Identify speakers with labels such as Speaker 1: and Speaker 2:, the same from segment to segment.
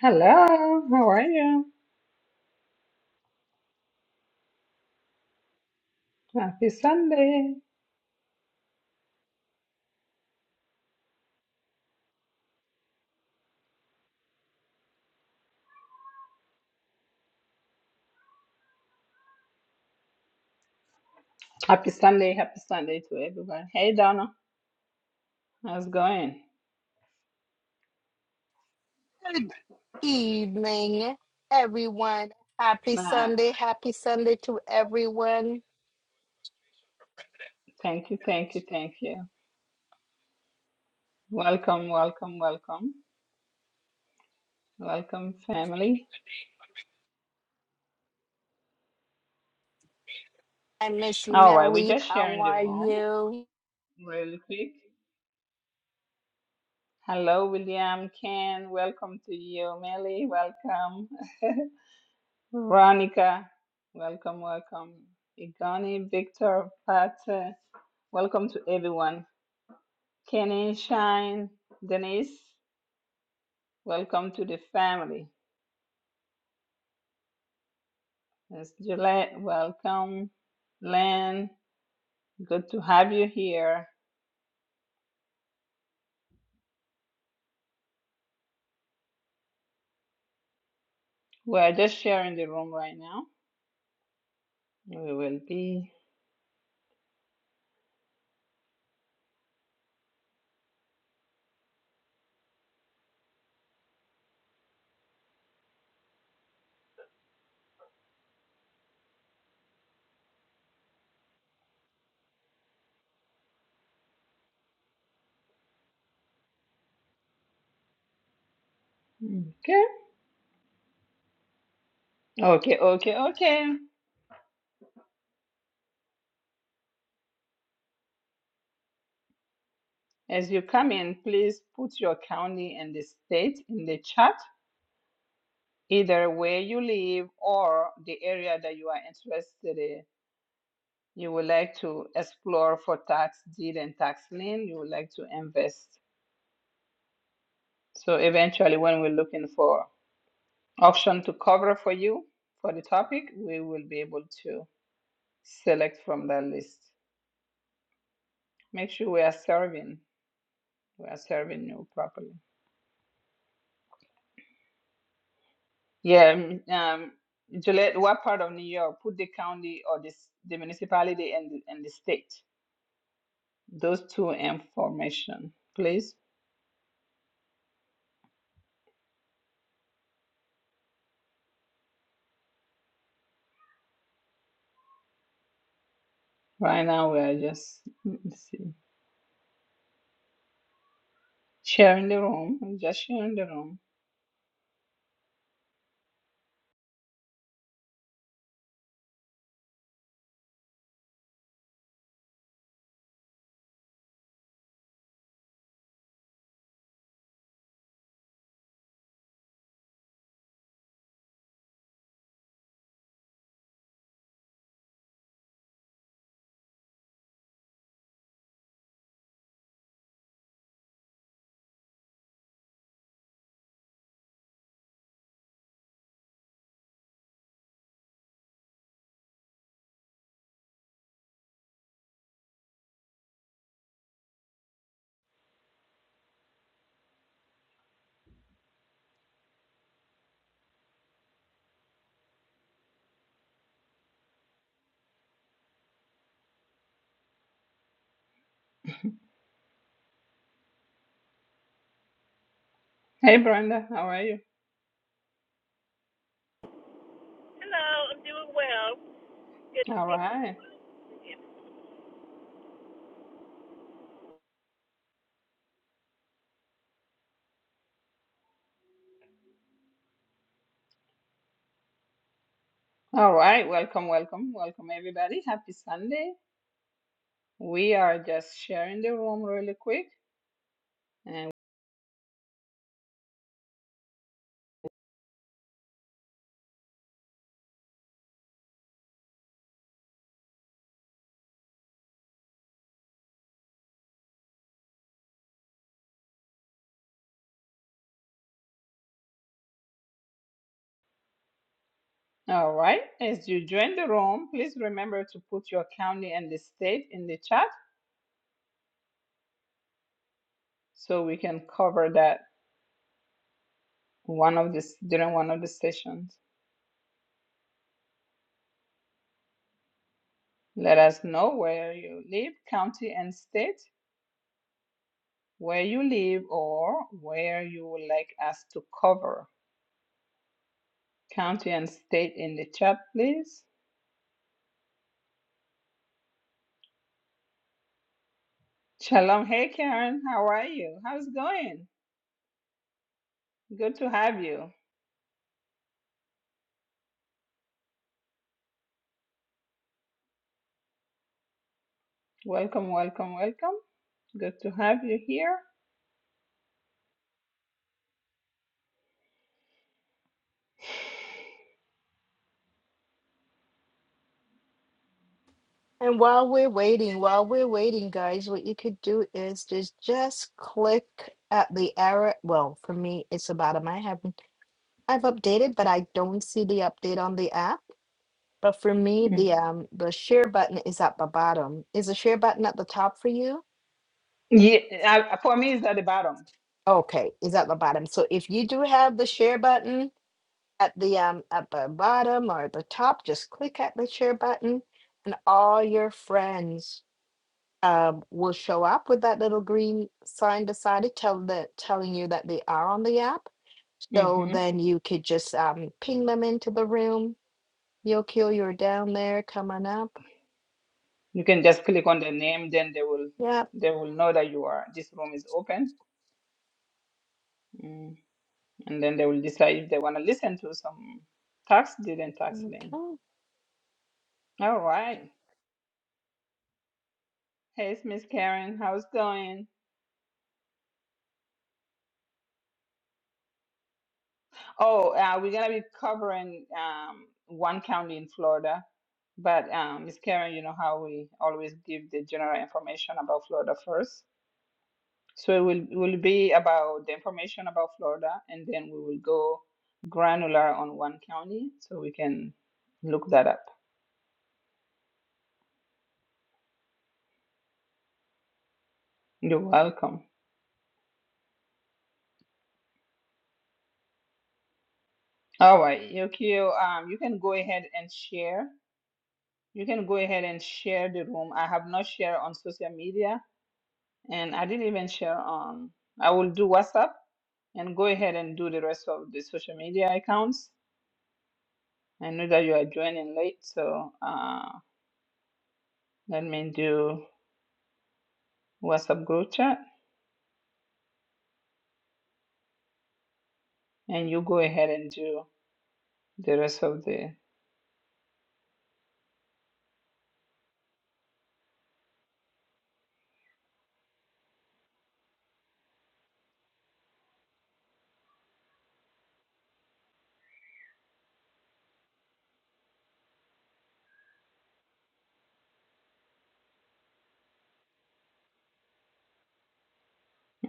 Speaker 1: Hello, how are you? Happy Sunday. Happy Sunday, happy Sunday to everyone. Hey Donna, how's it going?
Speaker 2: Good evening, everyone. Happy
Speaker 1: Nah,
Speaker 2: Sunday. Happy Sunday to everyone.
Speaker 1: thank you, thank you, thank you. Welcome, welcome, welcome. Welcome, family.
Speaker 2: And Miss
Speaker 1: All right, we're
Speaker 2: Melly,
Speaker 1: just
Speaker 2: how
Speaker 1: sharing the
Speaker 2: are
Speaker 1: room
Speaker 2: you?
Speaker 1: really quick. Hello, William, Ken, welcome to you. Melly, welcome. Veronica, welcome, welcome. Igani, Victor, Pat, uh, welcome to everyone. Kenny Shine, Denise, welcome to the family. Miss Gillette, welcome. Len, good to have you here. We're just sharing the room right now. We will be okay. Okay, okay, okay. As you come in, please put your county and the state in the chat, either where you live or the area that you are interested in. You would like to explore for tax deed and tax lien. You would like to invest So eventually, when we're looking for option to cover for you for the topic, we will be able to select from that list. Make sure we are serving, we are serving you properly. Yeah, mm, um, Juliet, what part of New York? Put the county or this the municipality and the- and the state. Those two information, please. Right now, we are just let me see, sharing the room, just sharing the room. Hey, Brenda, how are you?
Speaker 3: Hello, I'm doing well. Good to
Speaker 1: All
Speaker 3: see
Speaker 1: right.
Speaker 3: you.
Speaker 1: All right, welcome, welcome, welcome everybody. Happy Sunday. We are just sharing the room really quick. And all right, as you join the room, please remember to put your county and the state in the chat so we can cover that one of this during one of the sessions. Let us know where you live, county and state, where you live or where you would like us to cover. County and state in the chat, please. Shalom. Hey Karen, how are you? How's it going? Good to have you. Welcome, welcome, welcome. Good to have you here.
Speaker 2: And while we're waiting, while we're waiting, guys, what you could do is just just click at the arrow. Well, for me, it's the bottom. I haven't I've updated, but I don't see the update on the app. But for me,
Speaker 1: Mm.
Speaker 2: the um the share button is at the bottom. Is the share button at the top for you?
Speaker 1: Yeah, I, for me, it's at the bottom.
Speaker 2: Okay, is at the bottom. So if you do have the share button, at the um at the bottom or the top, just click at the share button, and all your friends um will show up with that little green sign beside it, tell the telling you that they are on the app. So
Speaker 1: hmm
Speaker 2: then you could just um ping them into the room. Yokio, you're down there, come on up.
Speaker 1: You can just click on the name, then they will
Speaker 2: Yep.
Speaker 1: they will know that you are this room is open, mm. and then they will decide if they want to listen to some tax deed and tax lien.
Speaker 2: Okay.
Speaker 1: All right. Hey, it's Miss Karen. How's it going? Oh, uh, we're gonna be covering um, one county in Florida, but um, Ms. Karen, you know how we always give the general information about Florida first. So it will will be about the information about Florida, and then we will go granular on one county, so we can look that up. You're welcome. All right, Yokio, um, you can go ahead and share. You can go ahead and share the room. I have not shared on social media, and I didn't even share on. I will do WhatsApp and go ahead and do the rest of the social media accounts. I know that you are joining late, so uh, let me do WhatsApp group chat, and you go ahead and do the rest of the.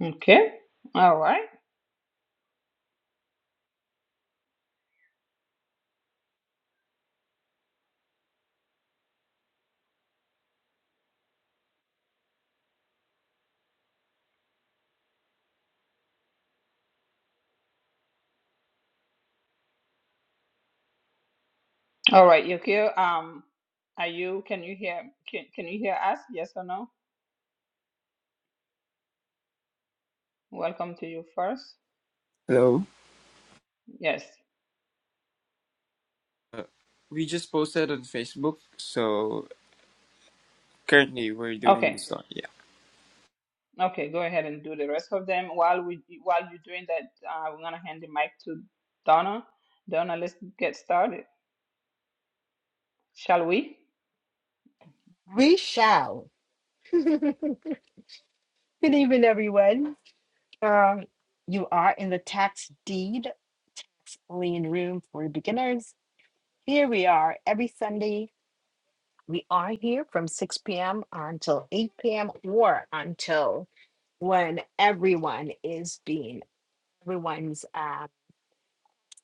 Speaker 1: Okay. All right. All right, Yukio. Um, are you? Can you hear? Can, can you hear us? Yes or no? Welcome to you first.
Speaker 4: Hello.
Speaker 1: Yes.
Speaker 4: Uh, we just posted on Facebook, so currently we're doing the
Speaker 1: Okay.
Speaker 4: song. Yeah.
Speaker 1: Okay. Go ahead and do the rest of them while we while you're doing that. Uh, we're gonna hand the mic to Donna. Donna, let's get started. Shall we?
Speaker 2: We shall. Good evening, everyone. Um, you are in the tax deed explain room for beginners. Here we are every Sunday We are here from 6 p.m. until 8 p.m. or until when everyone is being, everyone's uh,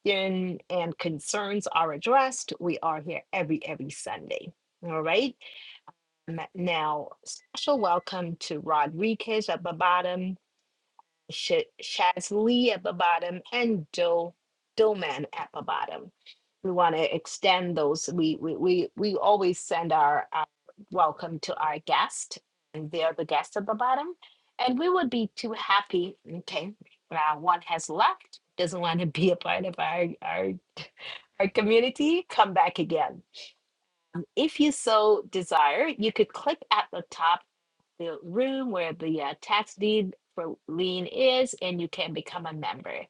Speaker 2: in and concerns are addressed. We are here every, every Sunday. All right. Now, special welcome to Rodriguez at the bottom. Sh- Shazli at the bottom and Do Doman at the bottom. We want to extend those. We we we we always send our, our welcome to our guest, and they're the guest at the bottom. And we would be too happy. Okay, uh, one has left, doesn't want to be a part of our our our community. Come back again if you so desire, you could click at the top the room where the uh, tax deed for lien is, and you can become a member.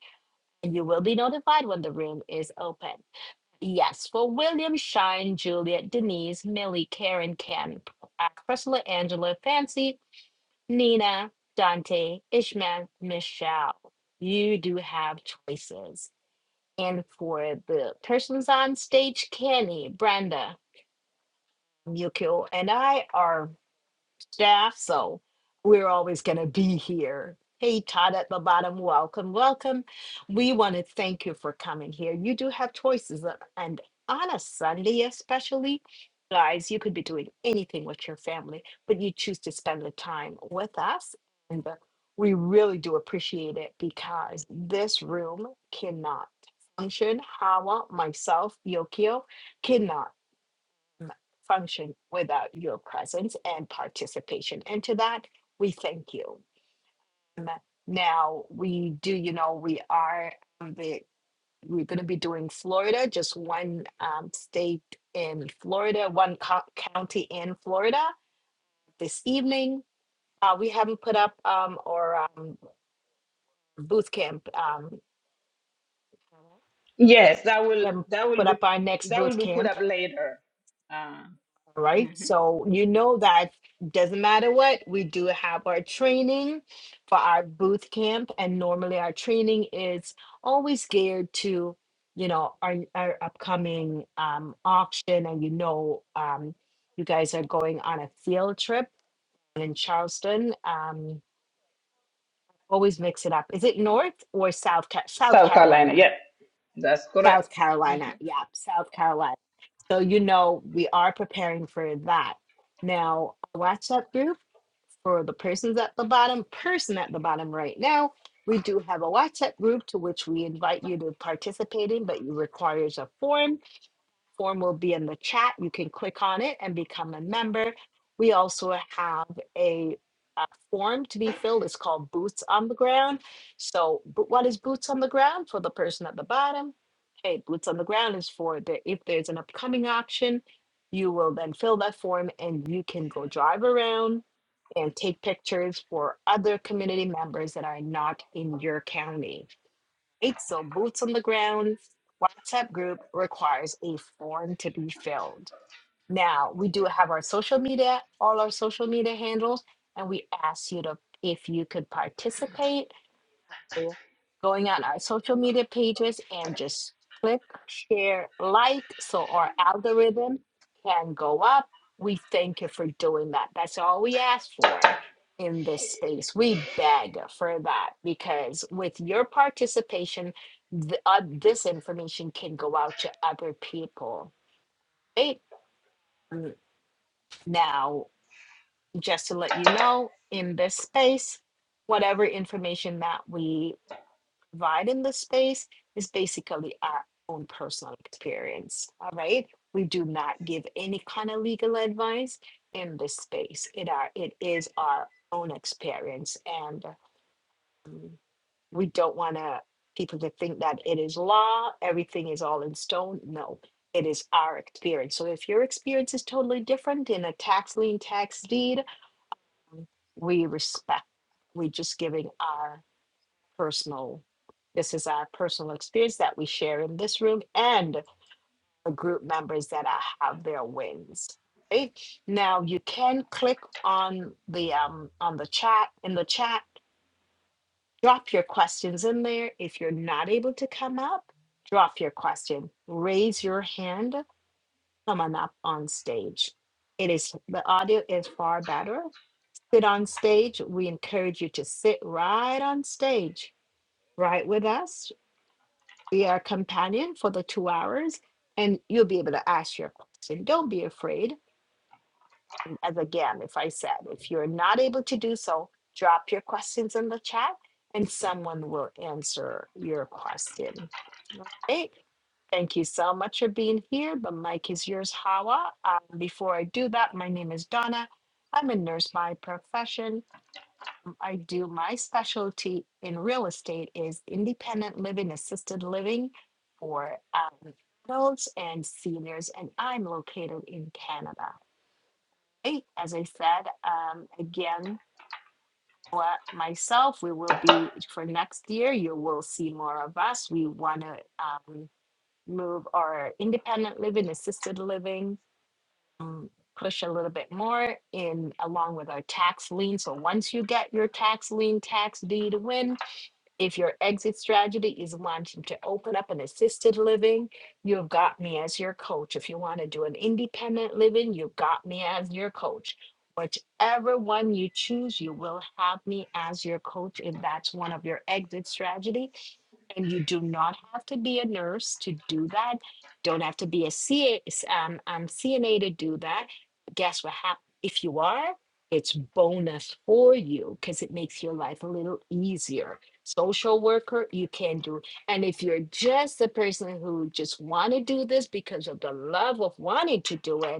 Speaker 2: And you will be notified when the room is open. Yes, for William, Shine, Juliet, Denise, Millie, Karen, Ken, uh, Priscilla, Angela, Fancy, Nina, Dante, Ishmael, Michelle. You do have choices. And for the persons on stage, Kenny, Brenda, Yukio, and I are staff. So we're always going to be here. Hey, Todd at the bottom, welcome, welcome. We want to thank you for coming here. You do have choices, uh, and on a Sunday, especially, guys, you could be doing anything with your family, but you choose to spend the time with us. And uh, we really do appreciate it because this room cannot function. Hawa, myself, Yokio cannot function without your presence and participation. And to that, we thank you. Um, Now, we do, you know, we are um, the we're going to be doing Florida, just one um, state in Florida, one co- county in Florida this evening. Uh, we haven't put up um, or um, booth camp. Um,
Speaker 1: Yes, that will
Speaker 2: we haven't
Speaker 1: that will
Speaker 2: put
Speaker 1: be
Speaker 2: up our next
Speaker 1: that
Speaker 2: boot
Speaker 1: will be put
Speaker 2: camp
Speaker 1: up later. Uh,
Speaker 2: right?
Speaker 1: mhm.
Speaker 2: So you know that doesn't matter what, we do have our training for our boot camp, and normally our training is always geared to, you know, our, our upcoming um, auction, and you know, um, you guys are going on a field trip in Charleston. Um, always mix it up. Is it North or South Ca- South
Speaker 1: South Carolina.
Speaker 2: Carolina?
Speaker 1: Yeah, that's correct.
Speaker 2: South Carolina,
Speaker 1: Mhm.
Speaker 2: yeah, South Carolina so you know we are preparing for that. Now, a WhatsApp group for the persons at the bottom, person at the bottom right now. We do have a WhatsApp group to which we invite you to participate in, but it requires a form. Form will be in the chat. You can click on it and become a member. We also have a, uh form to be filled. It's called Boots on the Ground. So, bo- what is Boots on the Ground for the person at the bottom? Hey, Boots on the Ground is for the if there's an upcoming auction, you will then fill that form and you can go drive around and take pictures for other community members that are not in your county. Eight, so boots on the ground WhatsApp group requires a form to be filled. Now, we do have our social media, all our social media handles, and we ask you to, if you could participate people going on our social media pages and just click, share, like so our algorithm can go up. We thank you for doing that. That's all we ask for in this space. We beg for that because with your participation, th- uh, this information can go out to other people. Right? Mm, Now, just to let you know, in this space, whatever information that we provide in the space is basically our own personal experience. All right. We do not give any kind of legal advice in this space. It are it is our own experience. And um, we don't want to people to think that it is law, everything is all in stone. No, it is our experience. So if your experience is totally different in a tax lien, tax deed, we respect. We're just giving our personal this is our personal experience that we share in this room and the group members that are, have their wins okay? now you can click on the um on the chat in the chat drop your questions in there if you're not able to come up drop your question raise your hand come on up on stage it is the audio is far better sit on stage we encourage you to sit right on stage right with us be our companion for the two hours and you'll be able to ask your question. Don't be afraid. As again, if I said, if you're not able to do so, drop your questions in the chat and someone will answer your question. All right. Thank you so much for being here. The mic is yours, Hawa. Um, before I do that, my name is Donna. I'm a nurse by profession I do my specialty in real estate is independent living, assisted living for um, adults and seniors, and I'm located in Canada. Hey, As I said, um, again, for myself, we will be for next year. You will see more of us. We want to um, move our independent living, assisted living. um, push a little bit more in along with our tax lien so once you get your tax lien tax deed win if your exit strategy is wanting to open up an assisted living, you've got me as your coach. If you want to do an independent living, you've got me as your coach. Whichever one you choose, you will have me as your coach if that's one of your exit strategy and you do not have to be a nurse to do that. Don't have to be a C A um, um, CNA to do that. Guess what happens? If you are, it's bonus for you because it makes your life a little easier. Social worker, you can do. And if you're just the person who just want to do this because of the love of wanting to do it,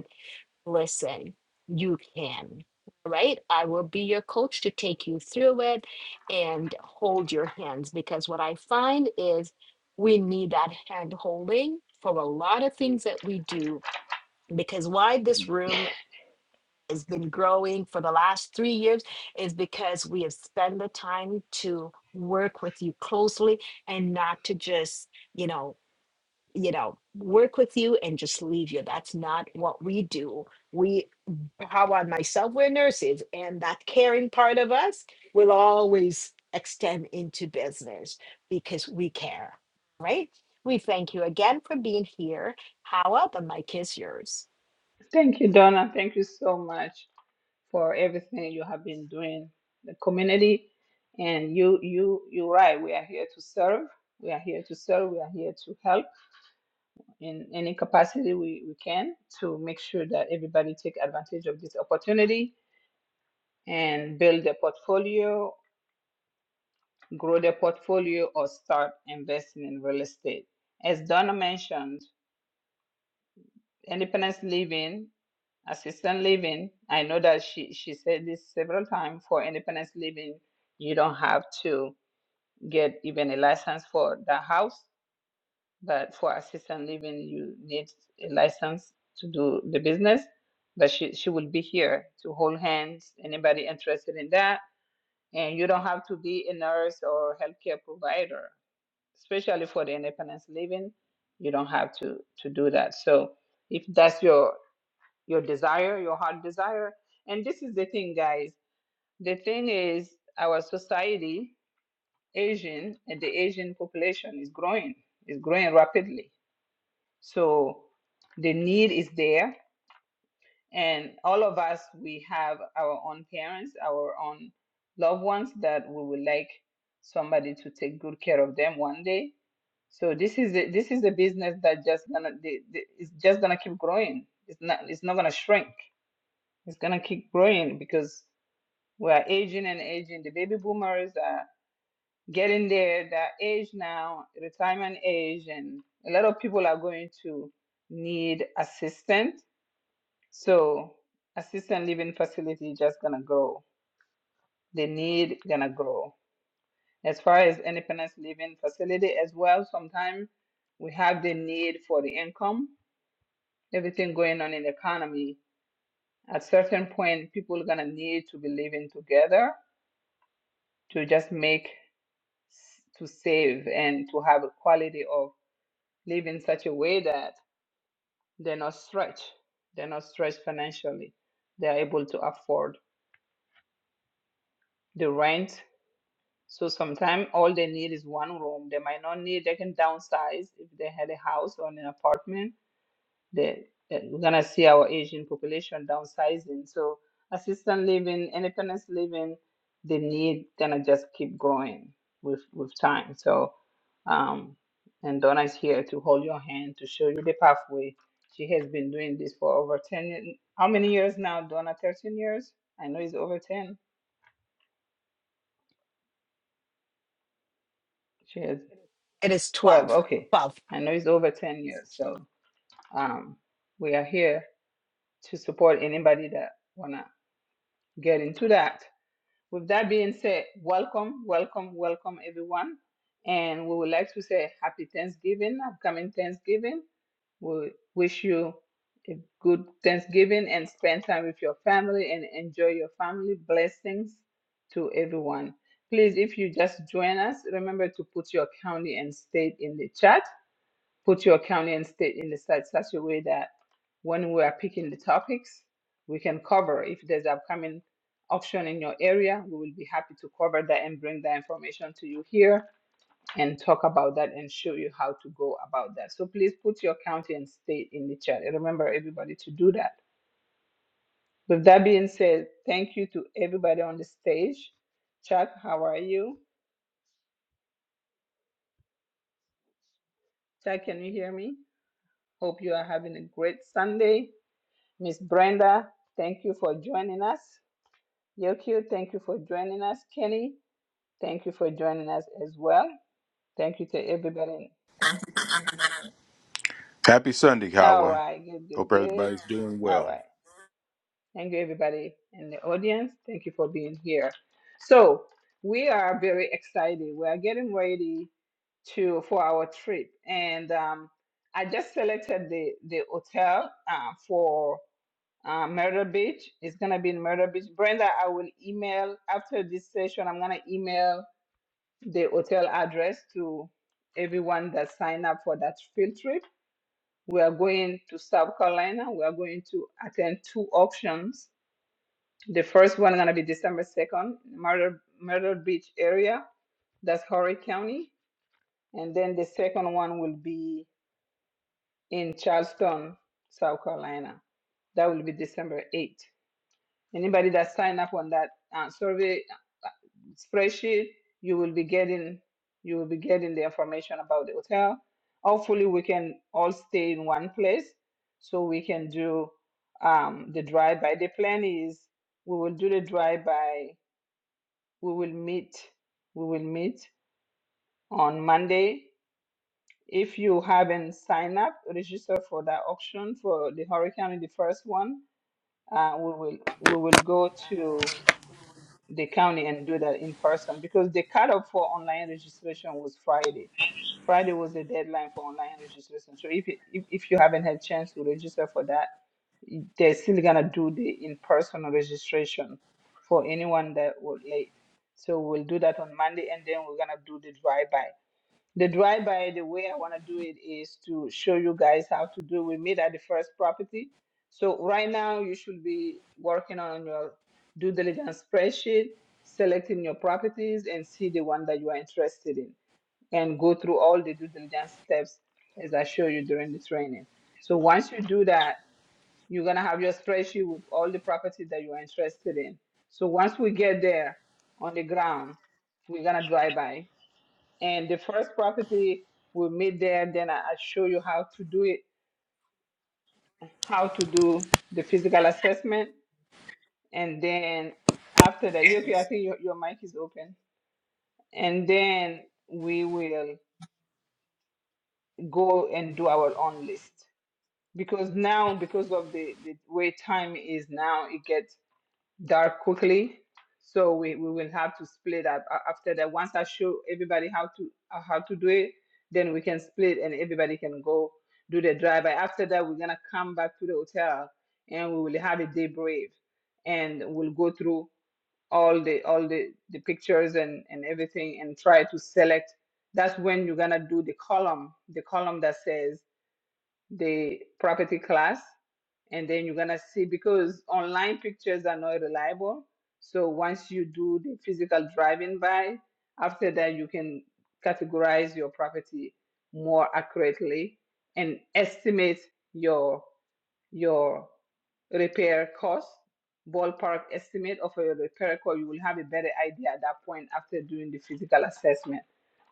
Speaker 2: listen, you can. All right. I will be your coach to take you through it and hold your hands because what I find is we need that hand holding for a lot of things that we do. Because why this room has been growing for the last three years is because we have spent the time to work with you closely and not to just, you know, you know, work with you and just leave you. That's not what we do. We, how on myself, we're nurses, and that caring part of us will always extend into business because we care, right? We thank you again for being here. Howa, the mic is yours.
Speaker 1: Thank you, Donna. Thank you so much for everything you have been doing the community. And you you you're right. We are here to serve. We are here to serve. We are here to help in any capacity we, we can to make sure that everybody take advantage of this opportunity and build a portfolio grow their portfolio, or start investing in real estate. As Donna mentioned, independence living, assistant living, I know that she, she said this several times for independence living, you don't have to get even a license for the house, but for assistant living, you need a license to do the business. But she, she will be here to hold hands, anybody interested in that. And you don't have to be a nurse or healthcare provider especially for the independence living you don't have to to do that so if that's your your desire your heart desire and this is the thing guys the thing is our society asian and the asian population is growing is growing rapidly so the need is there and all of us, we have our own parents, our own loved ones that we would like somebody to take good care of them one day. So this is a, this is a business that just gonna the- the- it's just gonna keep growing. It's not it's not gonna shrink. It's gonna keep growing because we are aging and aging. The baby boomers are getting there, that age now, retirement age, and a lot of people are going to need assistance so assisted living facility just gonna grow. The need gonna grow. As far as independence living facility as well, sometimes we have the need for the income. Everything going on in the economy. At certain point, people are gonna need to be living together to just make to save and to have a quality of live in such a way that they're not stretched. They're not stretched financially. They're able to afford the rent So sometimes all they need is one room. They might not need, they can downsize if they had a house or an apartment. They, uh, we're gonna see our Asian population downsizing. So assistant living, independence living, the need gonna just keep growing with with time. So um and Donna is here to hold your hand, to show you the pathway. She has been doing this for over 10, y- how many years now, Donna? 13 years? I know it's over 10. She has.
Speaker 2: It is
Speaker 1: 12,
Speaker 2: 12.
Speaker 1: okay.
Speaker 2: 12.
Speaker 1: I know it's over 10 years, so um, we are here to support anybody that wanna get into that. With that being said, welcome, welcome, welcome everyone. And we would like to say happy Thanksgiving, upcoming Thanksgiving. We wish you a good Thanksgiving and spend time with your family and enjoy your family blessings to everyone. Please, if you just join us, remember to put your county and state in the chat put your county and state in the slides such a way that when we are picking the topics, we can cover. If there's upcoming auction in your area, we will be happy to cover that and bring that information to you here and talk about that and show you how to go about that. So please put your county and state in the chat. And remember everybody to do that. With that being said, thank you to everybody on the stage. Chuck, how are you? Chuck, can you hear me? Hope you are having a great Sunday. Miss Brenda, thank you for joining us. Yokio, thank you for joining us. Kenny, thank you for joining us as well. Thank you to everybody.
Speaker 5: Happy Sunday,
Speaker 1: All
Speaker 5: Kawa.
Speaker 1: right, good, good,
Speaker 5: Hope
Speaker 1: good.
Speaker 5: everybody's doing
Speaker 1: All
Speaker 5: well.
Speaker 1: right. Thank you, everybody in the audience. Thank you for being here. So, we are very excited. We are getting ready to for our trip, and um, I just selected the the hotel uh, for uh, Murder Beach. It's gonna be in Murder Beach. Brenda, I will email after this session. I'm gonna email the hotel address to everyone that signed up for that field trip. We are going to South Carolina. We are going to attend two auctions. The first one gonna be December second, Murder Murder Beach area. That's Horry County, and then the second one will be in Charleston, South Carolina. That will be December eighth. Anybody that sign up on that uh, survey uh, spreadsheet, you will be getting you will be getting the information about the hotel. Hopefully, we can all stay in one place so we can do um, the drive by. The plan is we will do the drive by. We will meet. We will meet on Monday. If you haven't signed up, register for that auction for the hurricane, the first one. Uh, we will we will go to the county and do that in person because the cutoff for online registration was Friday. Friday was the deadline for online registration. So if you, if, if you haven't had chance to register for that, y- they're still gonna do the in-person registration for anyone that was late. So we'll do that on Monday, and then we're gonna do the drive-by. The drive by, the way I want to do it is to show you guys how to do. We meet at the first property. So right now you should be working on your due diligence spreadsheet, selecting your properties and see the one that you are interested in and go through all the due diligence steps as I show you during the training. So once you do that, you're going to have your spreadsheet with all the properties that you are interested in. So once we get there on the ground, we're going to drive by and the first property we'll meet there, then I- I'll show you how to do it, how to do the physical assessment. And then after that, Yoki, I think your, your mic is open. And then we will go and do our own list. Because now, because of the, the way time is now, it gets dark quickly. So we, we will have to split up A- after that. Once I show everybody how to uh, how to do it, then we can split and everybody can go do the drive. But after that, we're gonna come back to the hotel and we will have a debrief and we'll go through all the all the, the pictures and, and everything and try to select. That's when you're gonna do the column, the column that says the property class and then you're gonna see because online pictures are not reliable. So once you do the physical driving by, after that you can categorize your property more accurately and estimate your your repair cost, ballpark estimate of a repair cost, you will have a better idea at that point after doing the physical assessment.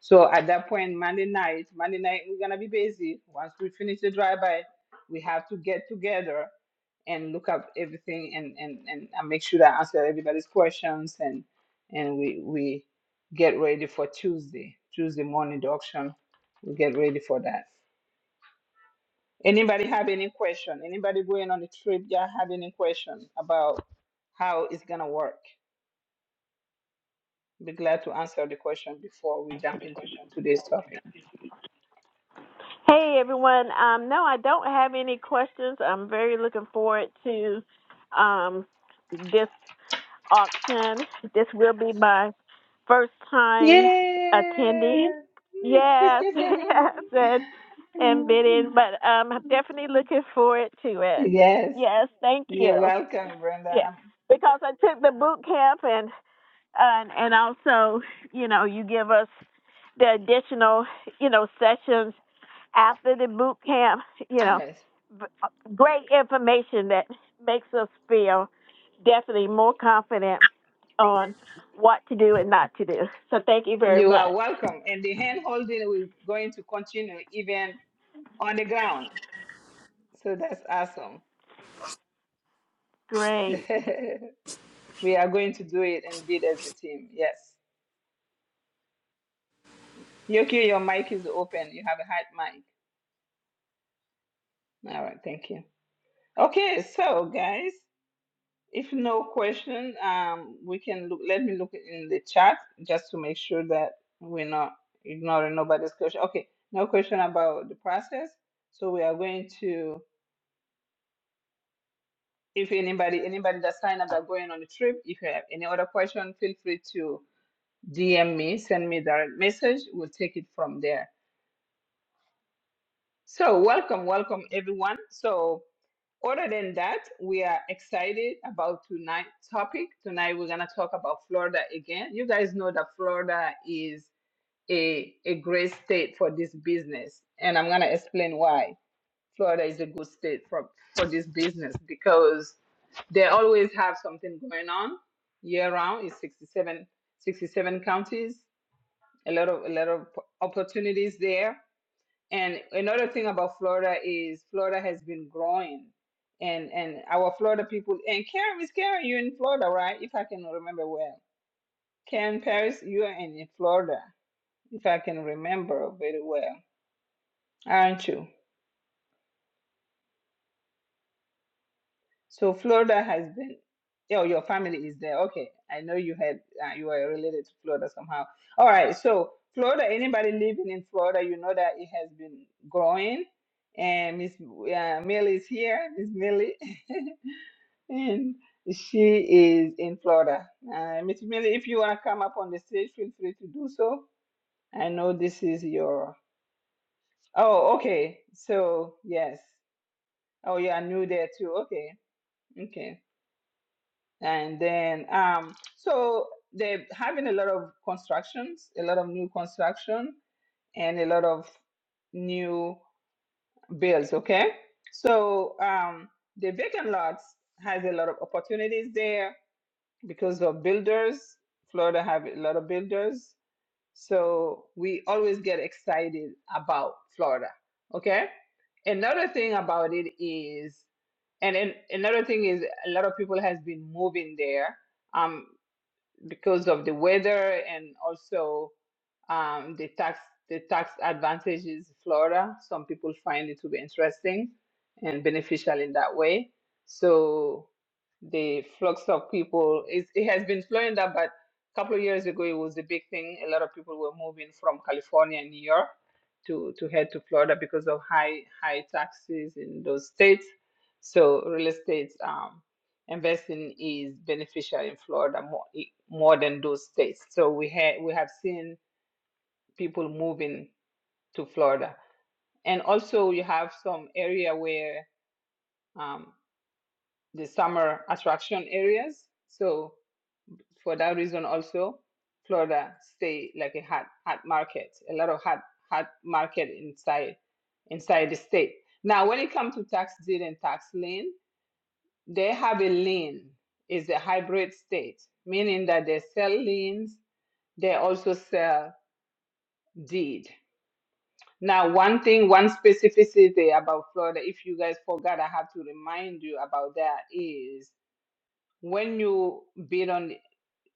Speaker 1: So at that point, Monday night, Monday night, we're gonna be busy. Once we finish the drive-by, we have to get together and look up everything and, and, and and make sure that I answer everybody's questions and and we we get ready for Tuesday. Tuesday morning the auction. We get ready for that. Anybody have any question? Anybody going on the trip, y'all have any question about how it's gonna work? Be glad to answer the question before we jump into the, today's topic.
Speaker 3: Hey everyone. Um, no, I don't have any questions. I'm very looking forward to um, this auction. This will be my first time attending.
Speaker 1: Yeah.
Speaker 3: Yes, yes, and and bidding, but um, I'm definitely looking forward to it.
Speaker 1: yes.
Speaker 3: Yes, thank
Speaker 1: You're
Speaker 3: you.
Speaker 1: welcome, Brenda.
Speaker 3: Yeah,
Speaker 1: Um,
Speaker 3: because I took the boot camp and. and and also you know you give us the additional you know sessions after the boot camp you know
Speaker 1: Yes.
Speaker 3: great information that makes us feel definitely more confident on what to do and not to do so thank you very
Speaker 1: You are
Speaker 3: much
Speaker 1: welcome. And the hand holding we're going to continue even on the ground. So that's awesome.
Speaker 3: great
Speaker 1: we are going to do it and build as a team. Yes. Yoki, your mic is open. You have a hot mic. All right, thank you. Okay, so guys, if no question, um, we can look. Let me look in the chat just to make sure that we're not ignoring nobody's question. Okay, no question about the process. So we are going to. If anybody, anybody that signed up that going on the trip, if you have any other question, feel free to DM me, send me direct message. We'll take it from there. So, welcome, welcome everyone. So, other than that, we are excited about tonight's topic. Tonight, we're going to talk about Florida again. You guys know that Florida is a, a great state for this business, and I'm going to explain why Florida is a good state for, for this business because they always have something going on year round. It's 67 67 counties, a lot of, a lot of opportunities there and another thing about Florida is Florida has been growing. And and our Florida people and Karen is Karen, you're in Florida, right? If I can remember well. Karen Paris, you are in Florida, if I can remember very well, aren't you? So Florida has been oh, your family is there. Okay. I know you had uh, you are related to Florida somehow. All right. So Florida, anybody living in Florida, you know that it has been growing. And Miss uh, Millie is here. Miss Millie. And she is in Florida. Uh, Miss Millie, if you want to come up on the stage, feel free to do so. I know this is your. Oh, okay. So yes. Oh, you are new there too. Okay. Okay. And then um, so they're having a lot of constructions, a lot of new construction, and a lot of new builds. Okay. So um, the vacant lots has a lot of opportunities there because of builders. Florida have a lot of builders, so we always get excited about Florida. Okay. Another thing about it is, and then another thing is, a lot of people has been moving there. Um because of the weather and also um, the tax the tax advantages in Florida. Some people find it to be interesting and beneficial in that way. So the flux of people is it has been slowing down, but a couple of years ago it was a big thing. A lot of people were moving from California and New York to to head to Florida because of high high taxes in those states. So real estate um, investing is beneficial in Florida more, more than those states. So we ha- we have seen people moving to Florida, and also you have some area where um, the summer attraction areas. So for that reason, also Florida stay like a hot hot market, a lot of hot hot market inside inside the state. Now, when it comes to tax deed and tax lien, They have a lean, is a hybrid state, meaning that they sell liens, they also sell deed. Now, one thing, one specificity about Florida, if you guys forgot, I have to remind you about that is when you bid on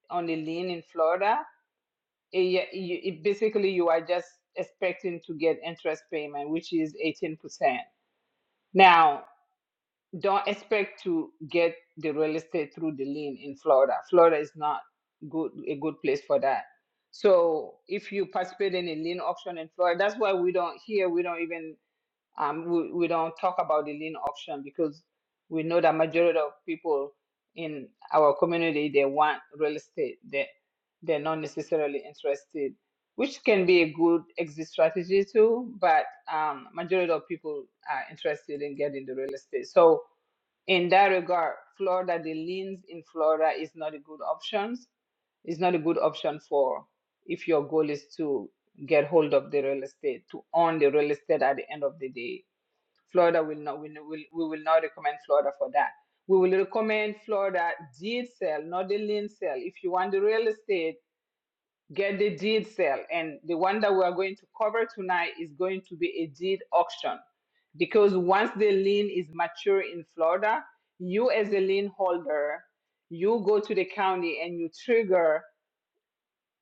Speaker 1: on a lien in Florida, it, it basically you are just expecting to get interest payment, which is 18%. Now, don't expect to get the real estate through the lien in Florida. Florida is not good a good place for that. So if you participate in a lien auction in Florida, that's why we don't here we don't even um we, we don't talk about the lien auction because we know that majority of people in our community they want real estate They they're not necessarily interested, which can be a good exit strategy too. But um majority of people are interested in getting the real estate. So in that regard, Florida, the liens in Florida is not a good option. It's not a good option for if your goal is to get hold of the real estate, to own the real estate at the end of the day. Florida will not, we will, we will not recommend Florida for that. We will recommend Florida deed sale, not the lien sale. If you want the real estate, get the deed sale. And the one that we are going to cover tonight is going to be a deed auction. Because once the lien is mature in Florida, you as a lien holder, you go to the county and you trigger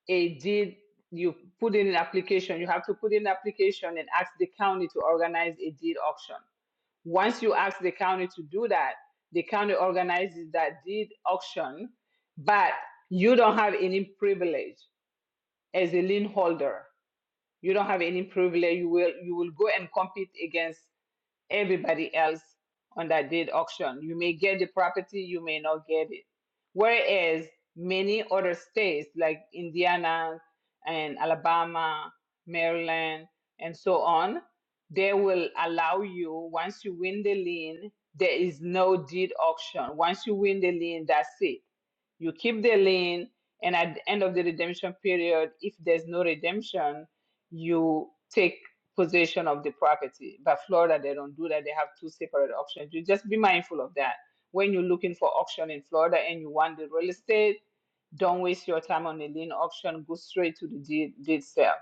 Speaker 1: a deed. You put in an application. You have to put in an application and ask the county to organize a deed auction. Once you ask the county to do that, the county organizes that deed auction, but you don't have any privilege as a lien holder you don't have any privilege you will you will go and compete against everybody else on that deed auction. You may get the property, you may not get it. Whereas many other states like Indiana and Alabama, Maryland, and so on, they will allow you, once you win the lien, there is no deed auction. Once you win the lien, that's it. You keep the lien, and at the end of the redemption period, if there's no redemption, you take possession of the property. But Florida, they don't do that. They have two separate auctions. You just be mindful of that. When you're looking for auction in Florida and you want the real estate, don't waste your time on the lien auction. Go straight to the deed, deed sale.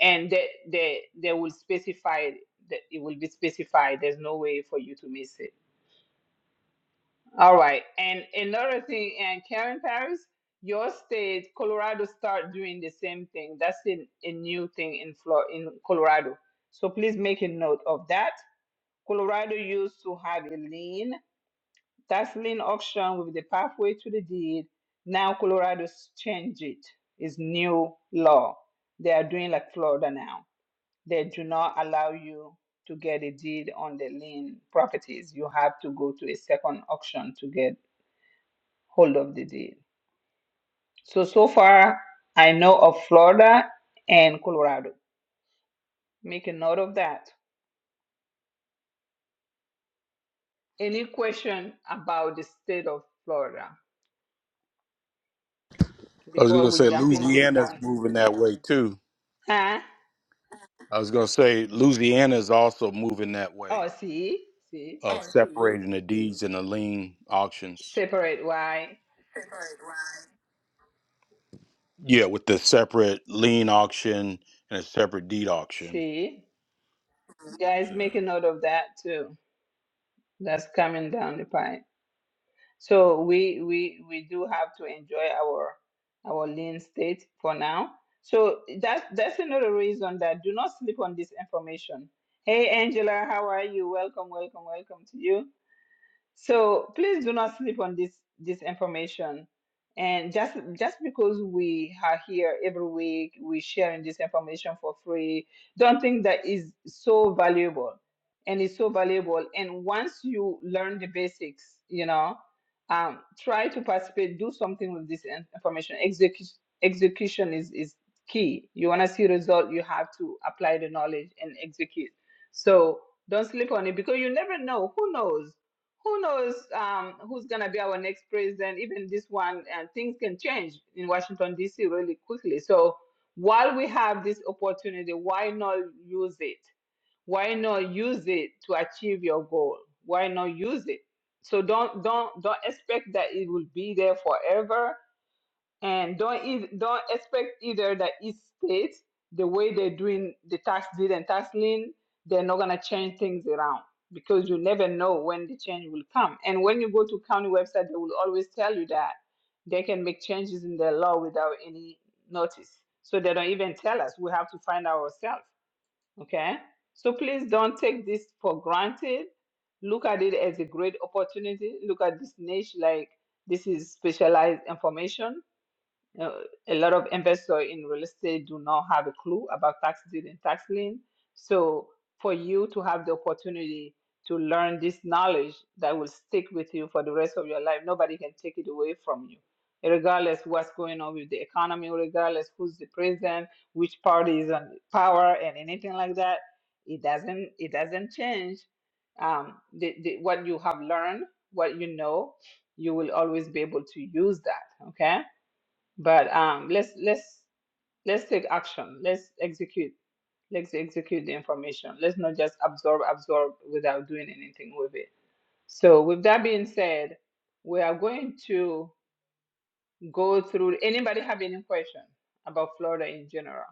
Speaker 1: And they, they, they will specify it. that It will be specified. There's no way for you to miss it. All right. And another thing, and Karen Paris, your state, Colorado, start doing the same thing. That's a, a new thing in Flor in Colorado. So please make a note of that. Colorado used to have a lien. That's lien auction with the pathway to the deed. Now Colorado's changed it. It's new law. They are doing like Florida now. They do not allow you to get a deed on the lien properties. You have to go to a second auction to get hold of the deal. So, so far, I know of Florida and Colorado. Make a note of that. Any question about the state of Florida
Speaker 5: I was going
Speaker 1: before
Speaker 5: to
Speaker 1: we
Speaker 5: say
Speaker 1: jump into the
Speaker 5: Louisiana's
Speaker 1: county?
Speaker 5: moving that way too.
Speaker 1: Huh?
Speaker 5: I was going to say Louisiana is also moving that way
Speaker 1: Oh, see, see,
Speaker 5: of separating the deeds and the lien auctions.
Speaker 1: separate why,
Speaker 5: Yeah, with the separate lien auction and a separate deed auction.
Speaker 1: see. Guys, make a note of that too. That's coming down the pipe. So we we we do have to enjoy our our lean state for now. So that that's another reason that do not sleep on this information. Hey Angela, how are you? Welcome, welcome, welcome to you. So please do not sleep on this this information. And just just because we are here every week, we sharing this information for free. Don't think that is so valuable, and it's so valuable. And once you learn the basics, you know, um, try to participate. Do something with this in- information. Execution execution is is key. You want to see result, you have to apply the knowledge and execute. So don't sleep on it because you never know. Who knows? who knows um, who's going to be our next president, even this one, and things can change in Washington, D.C. really quickly. So while we have this opportunity, why not use it? Why not use it to achieve your goal? Why not use it? So don't don't don't expect that it will be there forever and don't eith- don't expect either that each state the way they're doing the tax deed and tax lien they're not gonna change things around because you never know when the change will come and when you go to county website they will always tell you that they can make changes in the law without any notice so they don't even tell us we have to find out ourselves okay so please don't take this for granted look at it as a great opportunity look at this niche like this is specialized information uh, a lot of investors in real estate do not have a clue about tax deed and tax lien. So for you to have the opportunity to learn this knowledge that will stick with you for the rest of your life, nobody can take it away from you. Regardless what's going on with the economy, regardless who's the president, which party is on power, and anything like that, it doesn't it doesn't change. Um, the, the, what you have learned, what you know, you will always be able to use that. Okay but um, let's let's let's take action. Let's execute. Let's execute the information. Let's not just absorb, absorb without doing anything with it. So with that being said, we are going to go through. Anybody have any question about Florida in general?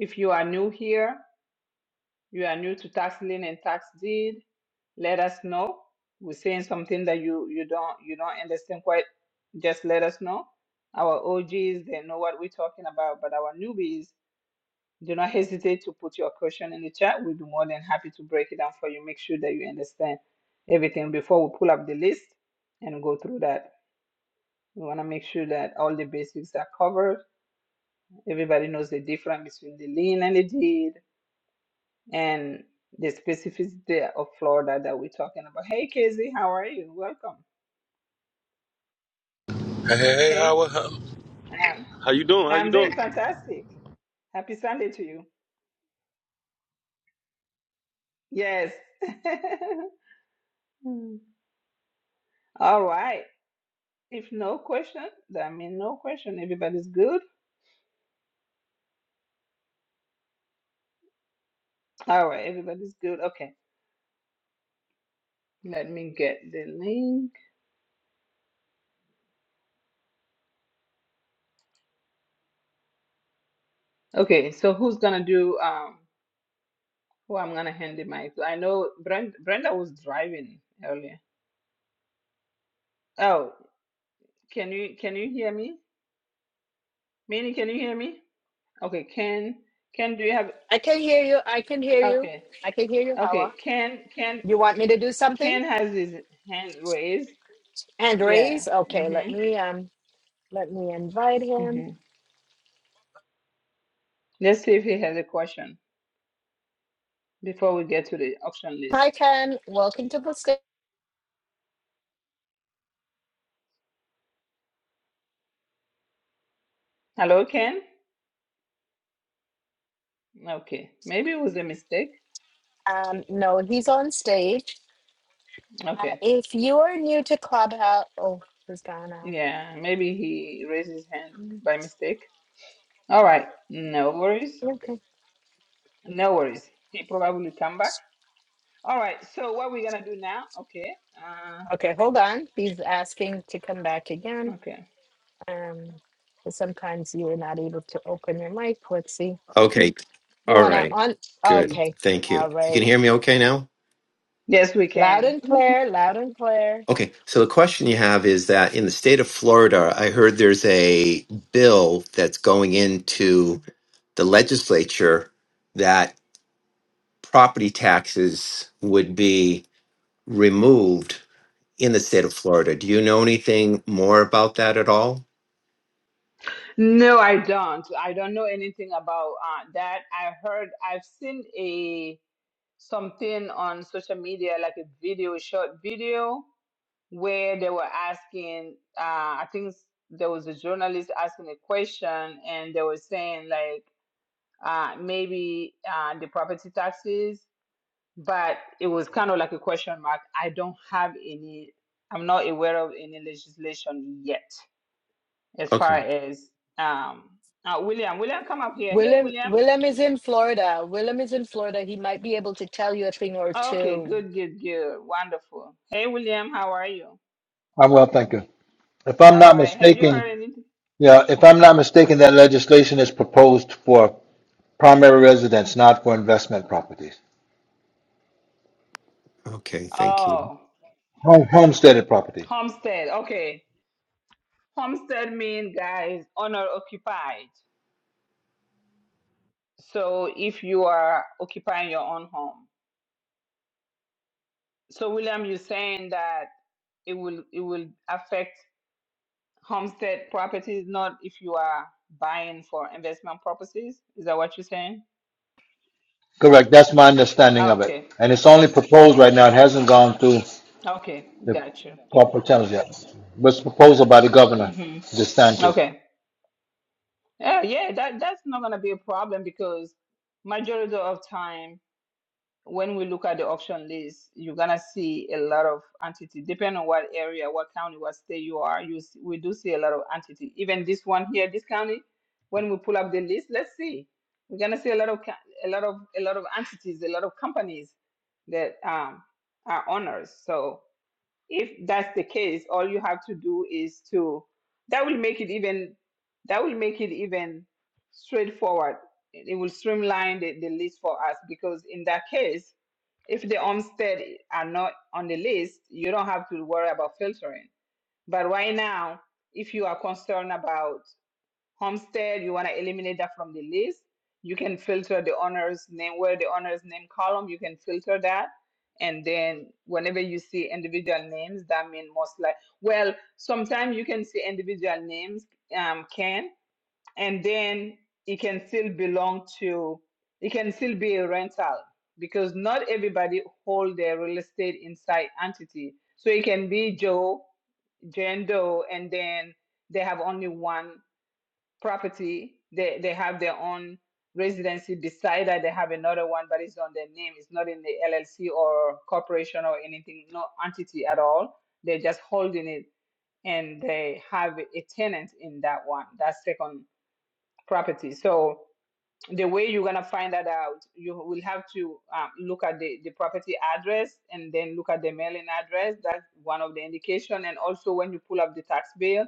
Speaker 1: If you are new here, you are new to tax lien and tax deed, let us know. We're saying something that you you don't you don't understand quite. Just let us know. Our OGs they know what we're talking about, but our newbies Do not hesitate to put your question in the chat. We'll be more than happy to break it down for you. Make sure that you understand everything before we pull up the list and go through that. We want to make sure that all the basics are covered. Everybody knows the difference between the lean and the deed and the specificity of Florida that we're talking about. Hey, Casey, how are you? Welcome.
Speaker 6: Hey, hey,
Speaker 1: Hey,
Speaker 6: Howard.
Speaker 1: uh, I'm doing fantastic. Happy Sunday to you. Yes. All right. If no question, I mean no question. Everybody's good. All right, everybody's good. Okay, let me get the link. Okay, so who's gonna do um who I'm gonna hand the mic to? I know Brenda Brenda was driving earlier. Oh, can you can you hear me? Minnie, can you hear me? Okay, Ken Ken do you have
Speaker 2: I can hear you. I can hear you.
Speaker 1: okay.
Speaker 2: I can hear you,
Speaker 1: Okay,
Speaker 2: Hawa.
Speaker 1: Ken Ken
Speaker 2: You want me to do something?
Speaker 1: Ken has his hand raised.
Speaker 2: And
Speaker 1: Yeah.
Speaker 2: raise? Okay, let
Speaker 1: Mm-hmm.
Speaker 2: me um let me invite him.
Speaker 1: Mm-hmm. Let's see if he has a question before we get to the auction list.
Speaker 2: Hi, Ken. Welcome to the stage.
Speaker 1: Hello, Ken? Okay. Maybe it was a mistake.
Speaker 2: Um, no, he's on stage. Uh,
Speaker 1: Okay.
Speaker 2: if you are new to Clubhouse, oh, he's gone now.
Speaker 1: Yeah, maybe he raised his hand
Speaker 2: Mm,
Speaker 1: by mistake. All right. No worries.
Speaker 2: Okay.
Speaker 1: No worries. He probably come back. All right. So what we're gonna do now? Okay. Uh,
Speaker 2: Okay, hold on. He's asking to come back again.
Speaker 1: okay.
Speaker 2: Um, sometimes you are not able to open your mic. Let's see.
Speaker 7: Okay.
Speaker 2: You
Speaker 7: All
Speaker 2: wanna
Speaker 7: right.
Speaker 2: on?
Speaker 7: Good.
Speaker 2: Okay.
Speaker 7: Thank you.
Speaker 2: All
Speaker 7: You can
Speaker 2: right.
Speaker 7: hear me okay now?
Speaker 1: Yes, we
Speaker 2: Loud
Speaker 1: can.
Speaker 2: and clear. Loud and clear.
Speaker 7: Okay. So the question you have is that in the state of Florida, I heard there's a bill that's going into the legislature that property taxes would be removed in the state of Florida. Do you know anything more about that at all?
Speaker 1: No, I don't. I don't know anything about uh, that. I heard. I've seen a. something on social media, like a video, a short video, where they were asking, uh, I think s- there was a journalist asking a question, and they were saying, like, uh, maybe uh, the property taxes, but it was kind of like a question mark. I don't have any, I'm not aware of any legislation yet as far
Speaker 7: Okay.
Speaker 1: as. Um, uh, William, William, come up here. Hey,
Speaker 2: Willem,
Speaker 1: William.
Speaker 2: Willem is in Florida. Willem is in Florida. He might be able to tell you a thing or
Speaker 1: Okay,
Speaker 2: two.
Speaker 1: good, good, good. Wonderful. Hey, William, how are you?
Speaker 8: I'm well, thank you. If I'm
Speaker 1: All
Speaker 8: not
Speaker 1: right. Have you heard
Speaker 8: mistaken,
Speaker 1: anything?
Speaker 8: yeah, if I'm not mistaken, that legislation is proposed for primary residence, not for investment properties.
Speaker 7: Okay. Thank you.
Speaker 1: Oh,
Speaker 8: Home, homesteaded property.
Speaker 1: homestead. Okay. Homestead means, guys, owner occupied. So if you are occupying your own home. So William, you're saying that it will it will affect homestead properties, not if you are buying for investment purposes. Is that what you're saying?
Speaker 8: Correct, that's my understanding
Speaker 1: Ah,
Speaker 8: of it.
Speaker 1: okay.
Speaker 8: And it's only proposed right now, it hasn't gone through
Speaker 1: Okay.
Speaker 8: the
Speaker 1: Gotcha.
Speaker 8: proper channels yet. But it's proposal by the governor,
Speaker 1: Mm-hmm.
Speaker 8: DeSantis,
Speaker 1: Okay. Yeah, yeah, that that's not gonna be a problem because majority of time when we look at the auction list, you're gonna see a lot of entity. Depending on what area, what county, what state you are, you s- we do see a lot of entity. Even this one here, this county, when we pull up the list, let's see, we're gonna see a lot of ca- a lot of a lot of entities, a lot of companies that um, are owners. So if that's the case, all you have to do is to that will make it even that will make it even straightforward. It it will streamline the, the list for us because in that case if the Olmsted are not on the list, you don't have to worry about filtering. But right now, if you are concerned about homestead, you want to eliminate that from the list, you can filter the owner's name, where the owner's name column, you can filter that. And then whenever you see individual names, that means most like, well, sometimes you can see individual names, um, Ken, and then it can still belong to it can still be a rental because not everybody hold their real estate inside entity so it can be joe jane doe and then they have only one property they, they have their own residency beside that they have another one but it's on their name it's not in the llc or corporation or anything no entity at all they're just holding it and they have a tenant in that one that second property. So the way you're gonna find that out, you will have to um, look at the, the property address and then look at the mailing address. That's one of the indication. And also when you pull up the tax bill,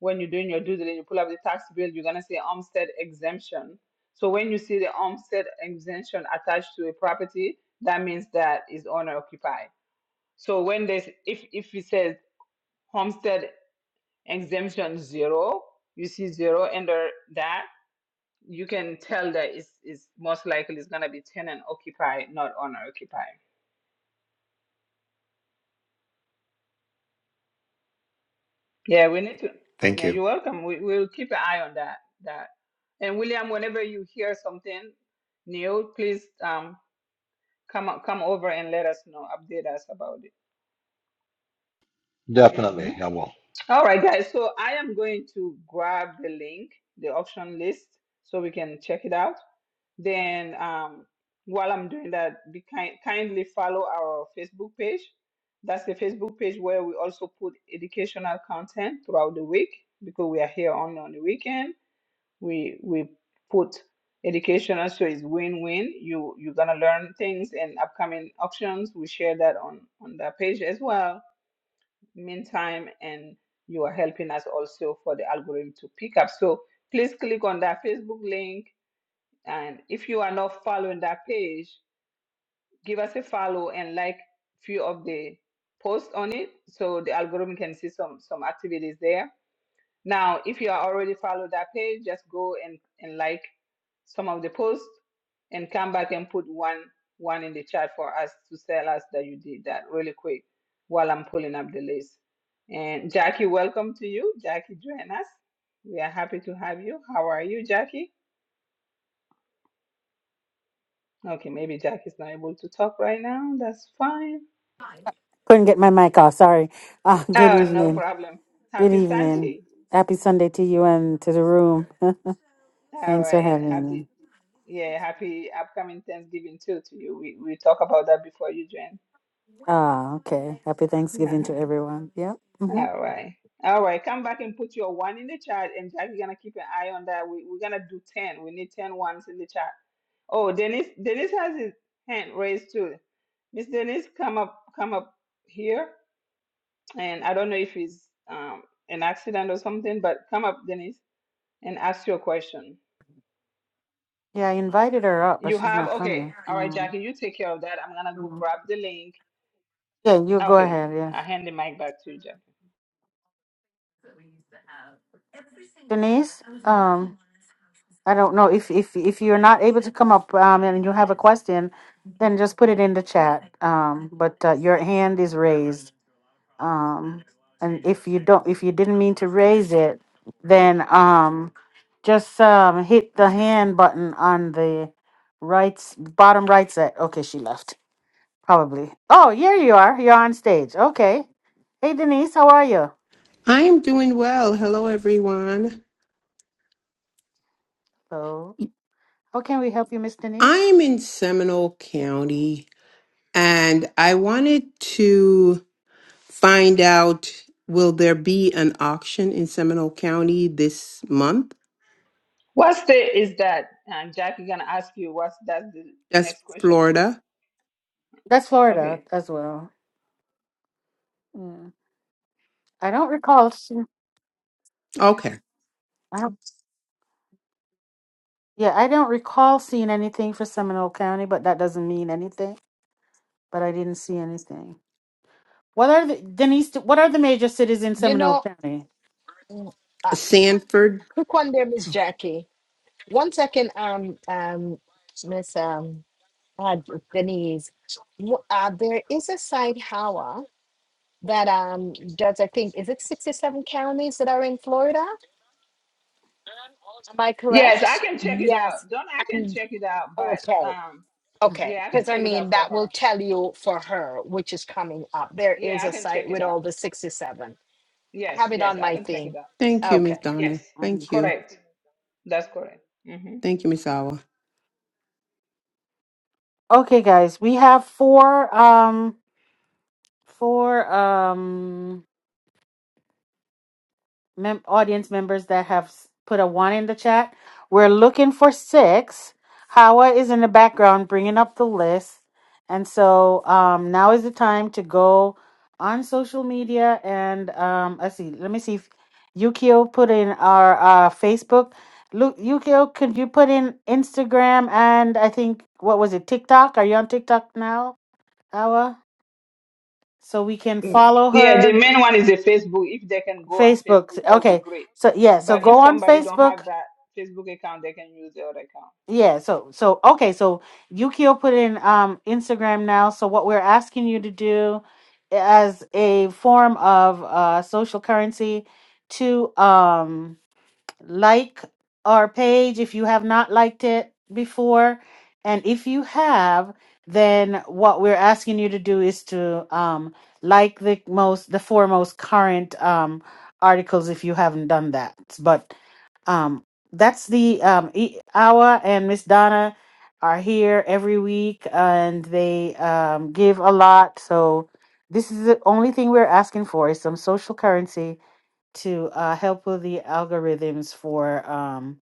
Speaker 1: when you're doing your due diligence, you pull up the tax bill, you're gonna see homestead exemption. So when you see the homestead exemption attached to a property, that means that is owner occupied. So when there's if if it says homestead exemption zero, you see zero under that you can tell that it's, it's most likely it's going to be tenant occupied, not owner occupied. Yeah, we need to.
Speaker 7: Thank
Speaker 1: Yeah,
Speaker 7: you.
Speaker 1: you're welcome. We, we'll keep an eye on that. That. And William, whenever you hear something new, please um come o- come over and let us know, update us about it. hmm
Speaker 8: definitely, I will.
Speaker 1: All right, guys. So I am going to grab the link, the auction list, so we can check it out. Then um, while I'm doing that, be kind, kindly follow our Facebook page. That's the Facebook page where we also put educational content throughout the week because we are here only on the weekend. We we put educational so it's win-win. You you're gonna learn things and upcoming auctions. We share that on on that page as well. Meantime, and you are helping us also for the algorithm to pick up. So please click on that Facebook link and if you are not following that page, give us a follow and like few of the posts on it so the algorithm can see some some activities there. Now, if you are already follow that page, just go and, and like some of the posts and come back and put one one in the chat for us to tell us that you did that really quick while I'm pulling up the list. And Jackie, welcome to you. Jackie, join us. We are happy to have you. How are you, Jackie? Okay, maybe Jack is not able to talk right now. That's fine.
Speaker 9: Couldn't get my mic off. Sorry. Uh, good
Speaker 1: Oh, no
Speaker 9: evening.
Speaker 1: problem.
Speaker 9: Good
Speaker 1: Happy
Speaker 9: evening.
Speaker 1: Sunday.
Speaker 9: Happy Sunday to you and to the room.
Speaker 1: All
Speaker 9: Thanks
Speaker 1: right,
Speaker 9: for
Speaker 1: and
Speaker 9: having me.
Speaker 1: happy, yeah, happy upcoming Thanksgiving too to you. We we talk about that before you join.
Speaker 9: Ah, okay. Happy Thanksgiving
Speaker 1: Uh-huh.
Speaker 9: to everyone. Yep. hmm
Speaker 1: All right. All right, come back and put your one in the chat, and Jack, you're gonna keep an eye on that. We, we're gonna do 10. We need 10 ones in the chat. Oh, Dennis, Dennis has his hand raised too. Miss Dennis, come up, come up here. and I don't know if it's um, an accident or something, but come up, Denise, and ask your question.
Speaker 9: Yeah, I invited her up, but
Speaker 1: You
Speaker 9: she's
Speaker 1: have,
Speaker 9: not
Speaker 1: okay.
Speaker 9: coming.
Speaker 1: All right,
Speaker 9: Um,
Speaker 1: Jackie, you take care of that. I'm going to go
Speaker 9: mhm.
Speaker 1: grab the link.
Speaker 9: yeah, you go
Speaker 1: Okay.
Speaker 9: ahead. Yeah,
Speaker 1: I hand the mic back to you, Jackie.
Speaker 9: Denise. Um, I don't know if if if you're not able to come up um, and you have a question, then just put it in the chat. Um, but uh, your hand is raised. um and if you don't if you didn't mean to raise it then um just um hit the hand button on the right s- bottom right side okay she left probably oh here you are you're on stage okay hey denise how are you
Speaker 10: I am doing well. Hello, everyone.
Speaker 9: hello how can we help you miss denise
Speaker 10: I'm in Seminole County and I wanted to find out will there be an auction in Seminole County this month?
Speaker 1: What state is that? And Jackie going to ask you what's that's the
Speaker 10: That's
Speaker 1: next question.
Speaker 10: Florida.
Speaker 9: that's florida
Speaker 1: Okay.
Speaker 9: as well Mm. i don't recall se-
Speaker 10: Okay.
Speaker 9: I don't, yeah i don't recall seeing anything for seminole county but that doesn't mean anything but i didn't see anything What are the Denise? What are the major cities in
Speaker 2: You
Speaker 9: Seminole
Speaker 2: know,
Speaker 9: County?
Speaker 10: Sanford.
Speaker 2: Quick one there, Miss
Speaker 10: Okay.
Speaker 2: Jackie. One second, um, um, Miss um, uh, Denise. W- Uh, there is a site, Hawa, that um does. I think is it sixty-seven counties that are in Florida? Am I
Speaker 1: Yes, I
Speaker 2: correct?
Speaker 1: can check it
Speaker 2: Yes.
Speaker 1: out. Don't I can
Speaker 2: And
Speaker 1: check it out, but
Speaker 2: okay,
Speaker 1: um,
Speaker 2: okay,
Speaker 1: yeah, I can
Speaker 2: because I
Speaker 1: check it out
Speaker 2: mean
Speaker 1: for
Speaker 2: that will
Speaker 1: her.
Speaker 2: tell you for her which is coming up. There
Speaker 1: Yeah,
Speaker 2: is
Speaker 1: I
Speaker 2: a
Speaker 1: can
Speaker 2: site
Speaker 1: check it
Speaker 2: with
Speaker 1: out.
Speaker 2: all the sixty-seven. I
Speaker 1: Yes,
Speaker 2: have it on
Speaker 1: yes, I
Speaker 2: my
Speaker 1: can check
Speaker 2: thing.
Speaker 1: it out.
Speaker 10: Thank you, Miss
Speaker 2: Okay,
Speaker 1: Yes,
Speaker 10: Donna. Thank you.
Speaker 1: correct. That's correct. Mhm.
Speaker 10: Thank you, Miss Awa.
Speaker 9: Okay, guys, we have four. Um, four. Um. mem- audience members that have s- put a one in the chat. We're looking for six. Hawa is in the background bringing up the list. And so um, now is the time to go on social media and um, let's see. Let me see if Yukio put in our uh, Facebook. Lu- Yukio, could you put in Instagram and I think what was it TikTok? Are you on TikTok now, Hawa? So we can
Speaker 1: Mm,
Speaker 9: follow
Speaker 1: Yeah, the
Speaker 9: her
Speaker 1: main one is the Facebook. If they can go on
Speaker 9: Facebook.
Speaker 1: Facebook, that would be
Speaker 9: Okay.
Speaker 1: great.
Speaker 9: So yeah. So
Speaker 1: But if
Speaker 9: go on
Speaker 1: somebody don't
Speaker 9: Facebook
Speaker 1: have that Facebook account, they can use the other account.
Speaker 9: Yeah, so so okay, so Yukio put in um Instagram now. So what we're asking you to do as a form of uh social currency to um like our page if you have not liked it before and if you have then what we're asking you to do is to um like the most the four most current um articles if you haven't done that. But um, that's the um, e- Awa and Miss Donna are here every week, and they um, give a lot. So this is the only thing we're asking for is some social currency to uh, help with the algorithms for um,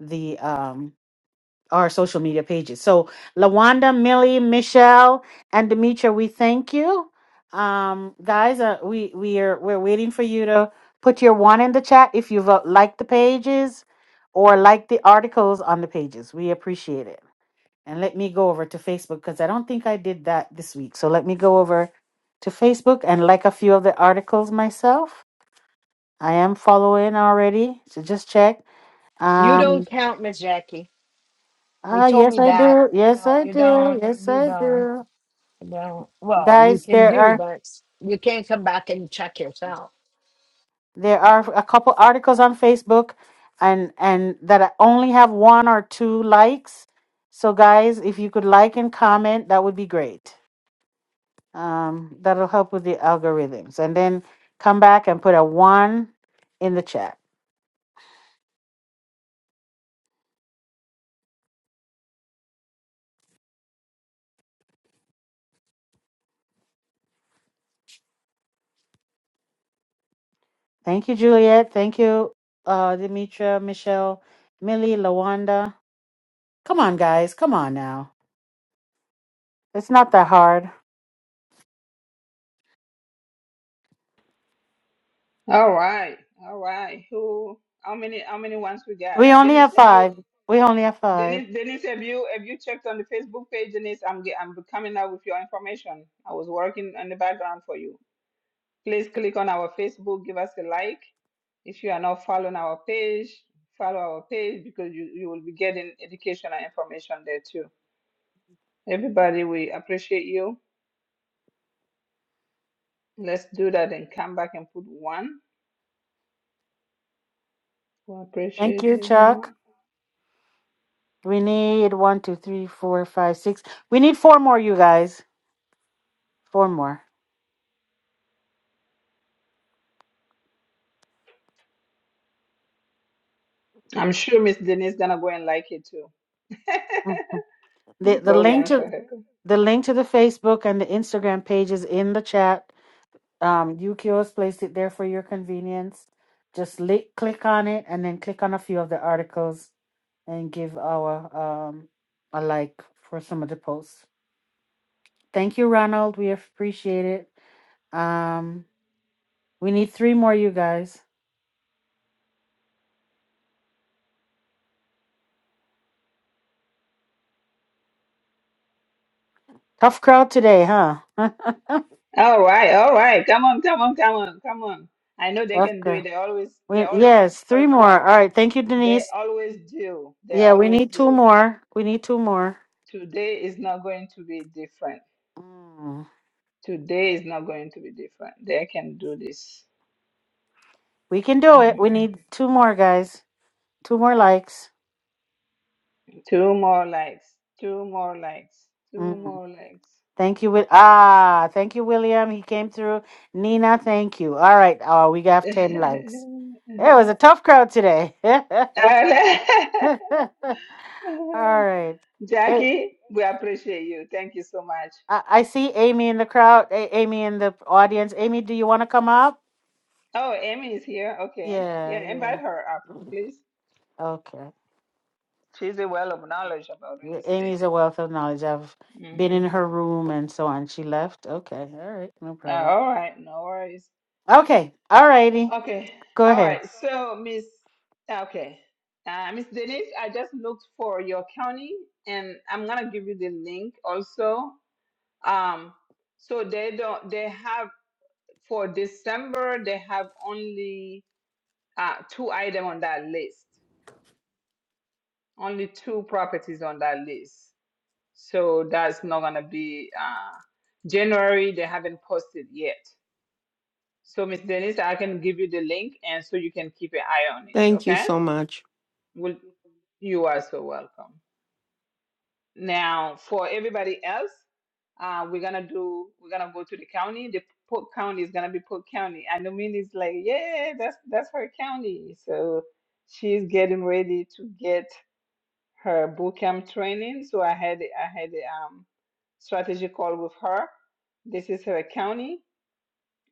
Speaker 9: the um, our social media pages. So, Lawanda, Millie, Michelle, and Demetra, we thank you, um, guys. Uh, we we are we're waiting for you to put your one in the chat if you've uh, liked the pages or liked the articles on the pages. We appreciate it. And let me go over to Facebook because I don't think I did that this week. So let me go over to Facebook and like a few of the articles myself. I am following already, so just check.
Speaker 2: you
Speaker 9: Um,
Speaker 2: don't count, Miss Jackie. They
Speaker 9: Ah,
Speaker 2: told
Speaker 9: yes,
Speaker 2: me
Speaker 9: I
Speaker 2: that,
Speaker 9: do.
Speaker 2: you
Speaker 9: Yes,
Speaker 2: know,
Speaker 9: I
Speaker 2: you
Speaker 9: do.
Speaker 2: don't,
Speaker 9: Yes,
Speaker 2: you
Speaker 9: I
Speaker 2: don't,
Speaker 9: do.
Speaker 2: you don't. Well, you
Speaker 9: Guys,
Speaker 2: can
Speaker 9: there
Speaker 2: do,
Speaker 9: are
Speaker 2: but you can't come back and check yourself.
Speaker 9: there are a couple articles on Facebook and and that only have one or two likes. So guys, if you could like and comment, that would be great. Um, that'll help with the algorithms. And then come back and put a one in the chat. Thank you, Juliet. Thank you, uh, Demetra, Michelle, Millie, Lawanda. Come on, guys. Come on now. It's not that hard.
Speaker 1: All right, all right. Who? How many? How many ones we got?
Speaker 9: We only
Speaker 1: Denise,
Speaker 9: have
Speaker 1: have you?
Speaker 9: five. We only have five.
Speaker 1: Denise, Denise, have you? Have you checked on the Facebook page, Denise? I'm ge- I'm coming up with your information. I was working on the background for you. Please click on our Facebook. Give us a like. If you are not following our page, follow our page because you you will be getting educational information there too. Everybody, we appreciate you. Let's do that and come back and put one. We
Speaker 9: Thank
Speaker 1: appreciate
Speaker 9: you, Chuck.
Speaker 1: everyone.
Speaker 9: We need one, two, three, four, five, six. We need four more, you guys. Four more.
Speaker 1: I'm sure Miss Denise gonna go and like it too
Speaker 9: Mm. The the
Speaker 1: before we
Speaker 9: link
Speaker 1: answer
Speaker 9: to
Speaker 1: her.
Speaker 9: the link to the Facebook and the Instagram page is in the chat. Um, Yukio has placed it there for your convenience. Just li- click on it and then click on a few of the articles and give our um a like for some of the posts. Thank you, Ronald. We appreciate it. Um, we need three more, you guys. Tough crowd today, huh? That's
Speaker 1: All right, all right. Come on, come on, come on, come on. I know they can do it.
Speaker 9: good.
Speaker 1: They always they
Speaker 9: We,
Speaker 1: always
Speaker 9: yes, three more. All
Speaker 1: perform.
Speaker 9: right. Thank you,
Speaker 1: They
Speaker 9: Denise.
Speaker 1: always do. They
Speaker 9: Yeah, we
Speaker 1: always
Speaker 9: need two
Speaker 1: do.
Speaker 9: more. We need two more.
Speaker 1: Today is not going to be different.
Speaker 9: Mm.
Speaker 1: Today is not going to be different. They can do this.
Speaker 9: We can do it.
Speaker 1: Mm.
Speaker 9: We need two more, guys. Two more likes.
Speaker 1: Two more likes. Two more likes. Two
Speaker 9: Mm.
Speaker 1: more likes.
Speaker 9: Thank you. Will. Ah, thank you, William. He came through. Nina, thank you. All right. Oh, we got 10 likes. It was a tough crowd today.
Speaker 1: Alright.
Speaker 9: All right. Hey,
Speaker 1: Jackie, we appreciate you. Thank you so much.
Speaker 9: I, I see Amy in the crowd, A- Amy in the audience. Amy, do you want to come up?
Speaker 1: Oh, Amy is here. Okay. Yeah,
Speaker 9: Yeah, yeah.
Speaker 1: invite her up, please.
Speaker 9: Okay.
Speaker 1: She's a well of knowledge about real
Speaker 9: Yeah,
Speaker 1: estate.
Speaker 9: Amy's a wealth of knowledge. I've been
Speaker 1: Mhm.
Speaker 9: in her room and so on. She left. Okay. All right. No
Speaker 1: Uh,
Speaker 9: problem.
Speaker 1: All right, no worries.
Speaker 9: Okay. All righty.
Speaker 1: Okay.
Speaker 9: Go
Speaker 1: All
Speaker 9: ahead.
Speaker 1: right. So, Miss, okay. Uh, Miss Denise, I just looked for your county and I'm going to give you the link also. Um, so they don't, they have for December, they have only uh, two item on that list, only two properties on that list. So that's not gonna be uh, January. They haven't posted yet. So Miss Denise, I can give you the link, and so you can keep an eye on it.
Speaker 10: Thank you
Speaker 1: Okay?
Speaker 10: so much.
Speaker 1: Well, you are so welcome. Now, for everybody else, uh, we're gonna do. We're gonna go to the county. The Polk County is gonna be Polk County. And Nomini's like, yeah, that's that's her county. So she's getting ready to get her boot camp training. So I had I had um strategy call with her. This is her county,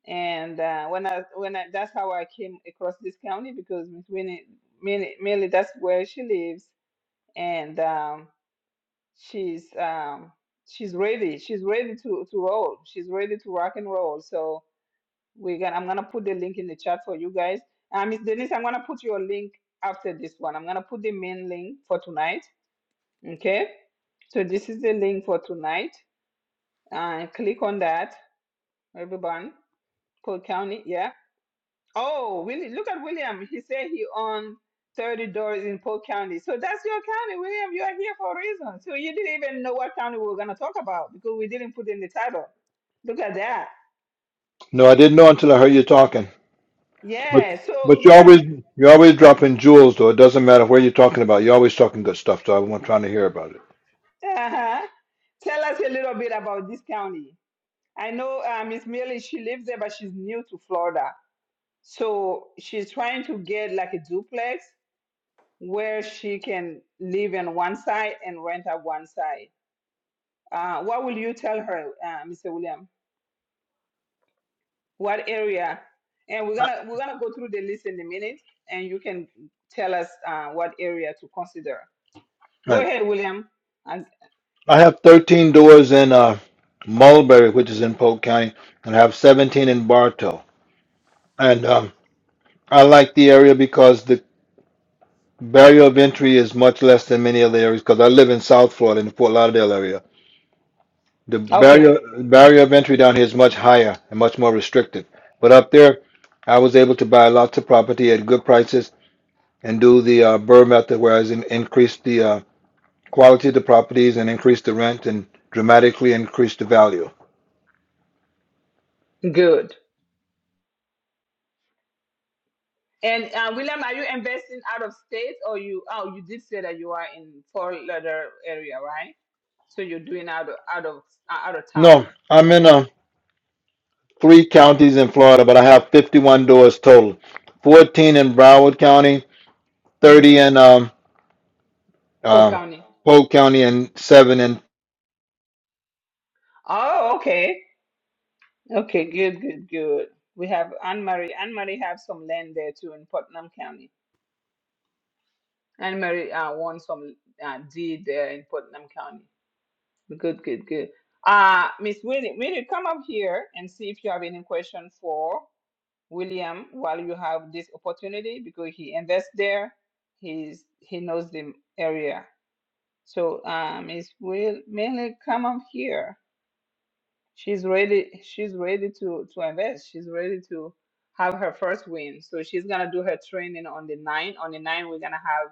Speaker 1: and uh, when I when I that's how I came across this county because Miss Winnie, mainly, mainly that's where she lives, and. um, she's um she's ready she's ready to to roll she's ready to rock and roll so we're gonna i'm gonna put the link in the chat for you guys um miss denise i'm gonna put your link after this one i'm gonna put the main link for tonight okay so this is the link for tonight uh click on that everyone Polk county yeah. Oh, William, look at William. He said he owned 30 doors in Polk County. So that's your county, William. You are here for a reason. So you didn't even know what county we were going to talk about because we didn't put in the title. Look at that.
Speaker 8: No, I didn't know until I heard you talking. But,
Speaker 1: Yeah. So,
Speaker 8: but you always,
Speaker 1: William,
Speaker 8: you're always dropping jewels though, it doesn't matter where you're talking about, you're always talking good stuff, so I'm trying to hear about it.
Speaker 1: uh-huh. tell us a little bit about this county. I know uh, Miss Millie, she lives there, but she's new to Florida. So she's trying to get like a duplex where she can live on one side and rent out one side. Uh, what will you tell her, uh, Mr. William? What area? And we're gonna we're gonna go through the list in a minute, and you can tell us uh, what area to consider. Go
Speaker 8: Right.
Speaker 1: ahead, William. And-
Speaker 8: I have 13 doors in uh, Mulberry, which is in Polk County, and I have 17 in Bartow. And um, I like the area because the barrier of entry is much less than many other areas because I live in South Florida in the Fort Lauderdale area. The barrier
Speaker 1: okay,
Speaker 8: barrier of entry down here is much higher and much more restricted. But up there, I was able to buy lots of property at good prices and do the uh, Burr method, where I in, increased the uh, quality of the properties and increased the rent and dramatically increased the value.
Speaker 1: good. And uh, William, are you investing out of state, or you? Oh, you did say that you are in Fort Lauderdale area, right? So you're doing out of out of uh, out of town,
Speaker 8: No, I'm in a three counties in Florida, but I have 51 doors total 14 in Broward County, 30
Speaker 1: hmm
Speaker 8: in um,
Speaker 1: Polk
Speaker 8: um,
Speaker 1: County.
Speaker 8: Polk County, and seven in.
Speaker 1: Oh, okay. Okay, good, good, good. We have Anne Marie. Anne Marie have some land there too in Putnam County. Anne Marie uh, won some uh, deed there in Putnam County. Good, good, good. Uh, Miss Winnie, Winnie, come up here and see if you have any question for William while you have this opportunity because he invests there. He's he knows the area. So, uh, Miss Will, mainly come up here. She's ready. She's ready to to invest. She's ready to have her first win. So she's gonna do her training on the nine. On the nine, we're gonna have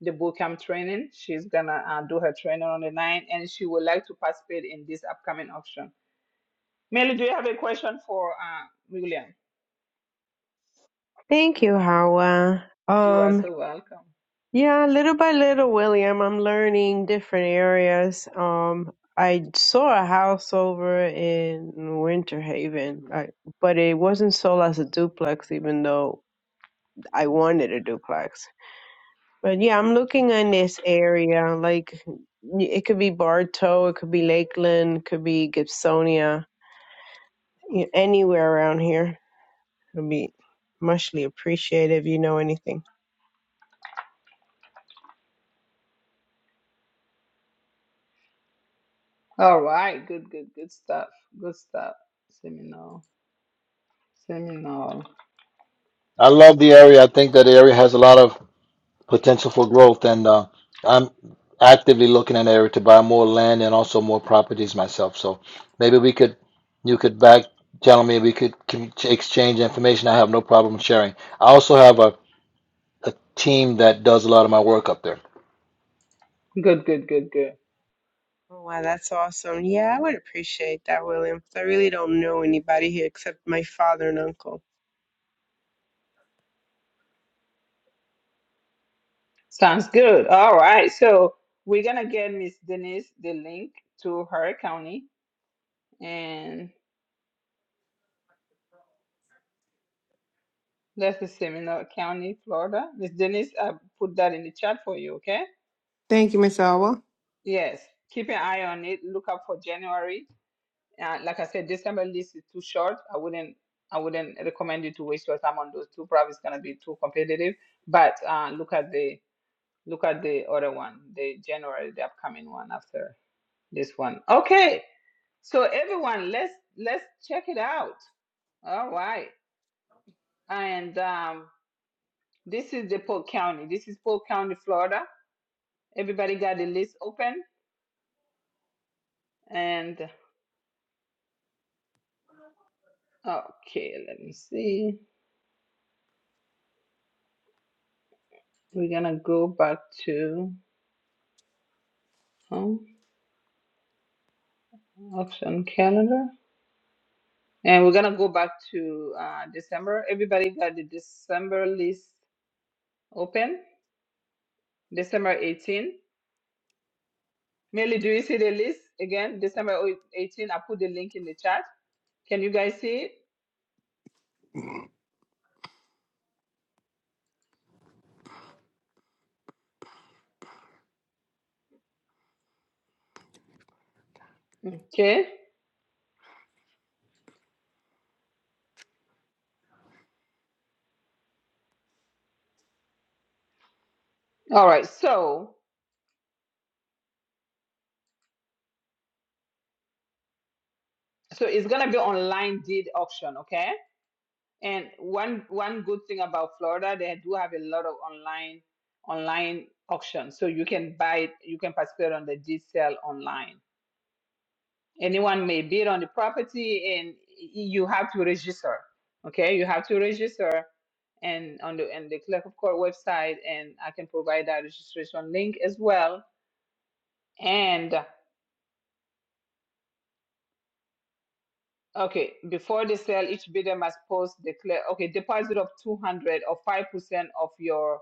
Speaker 1: the bootcamp training. She's gonna uh, do her training on the nine, and she would like to participate in this upcoming auction. Melly, do you have a question for uh, William?
Speaker 11: Thank you, Hawa.
Speaker 1: You are
Speaker 11: Um,
Speaker 1: so welcome.
Speaker 11: yeah, little by little, William, I'm learning different areas. Um, I saw a house over in Winter Haven, I, but it wasn't sold as a duplex, even though I wanted a duplex. But yeah, I'm looking in this area. Like, it could be Bartow, it could be Lakeland, it could be Gibsonia, y- anywhere around here. It'll be muchly appreciated if you know anything.
Speaker 1: All right. Good. Good. Good stuff. Good stuff. Seminal. Seminal.
Speaker 8: I love the area. I think that the area has a lot of potential for growth, and uh, I'm actively looking in the area to buy more land and also more properties myself. So maybe we could, you could back channel me, we could com- exchange information. I have no problem sharing. I also have a, a team that does a lot of my work up there.
Speaker 1: Good. Good. Good. Good.
Speaker 11: Oh, wow, that's awesome. Yeah, I would appreciate that, William, 'cause I really don't know anybody here except my father and uncle.
Speaker 1: Sounds good. All right. So we're gonna get Miss Denise the link to her county, and that's the Seminole County, Florida. Miss Denise, I put that in the chat for you. Okay.
Speaker 10: Thank you, Miss Awa.
Speaker 1: Yes. Keep an eye on it. Look out for January. Uh, like I said, December list is too short. I wouldn't. I wouldn't recommend you to waste your time on those two. Probably it's gonna be too competitive. But uh, look at the look at the other one, the January, the upcoming one after this one. Okay. So everyone, let's let's check it out. All right. And um, this is the Polk County. This is Polk County, Florida. Everybody got the list open. And okay, let me see. We're gonna go back to home option calendar, and we're gonna go back to uh, December. Everybody got the December list open. December 18. Merely, do you see the list again? December 18. I put the link in the chat. Can you guys see it? Okay. All right. So so it's gonna be online deed auction, okay? And one one good thing about Florida, they do have a lot of online online auctions. So you can buy you can participate on the deed sale online. Anyone may bid on the property and y- you have to register. Okay, you have to register and on the and the clerk of court website and I can provide that registration link as well. Okay, before the sale, each bidder must post declare okay deposit of two hundred or five percent of your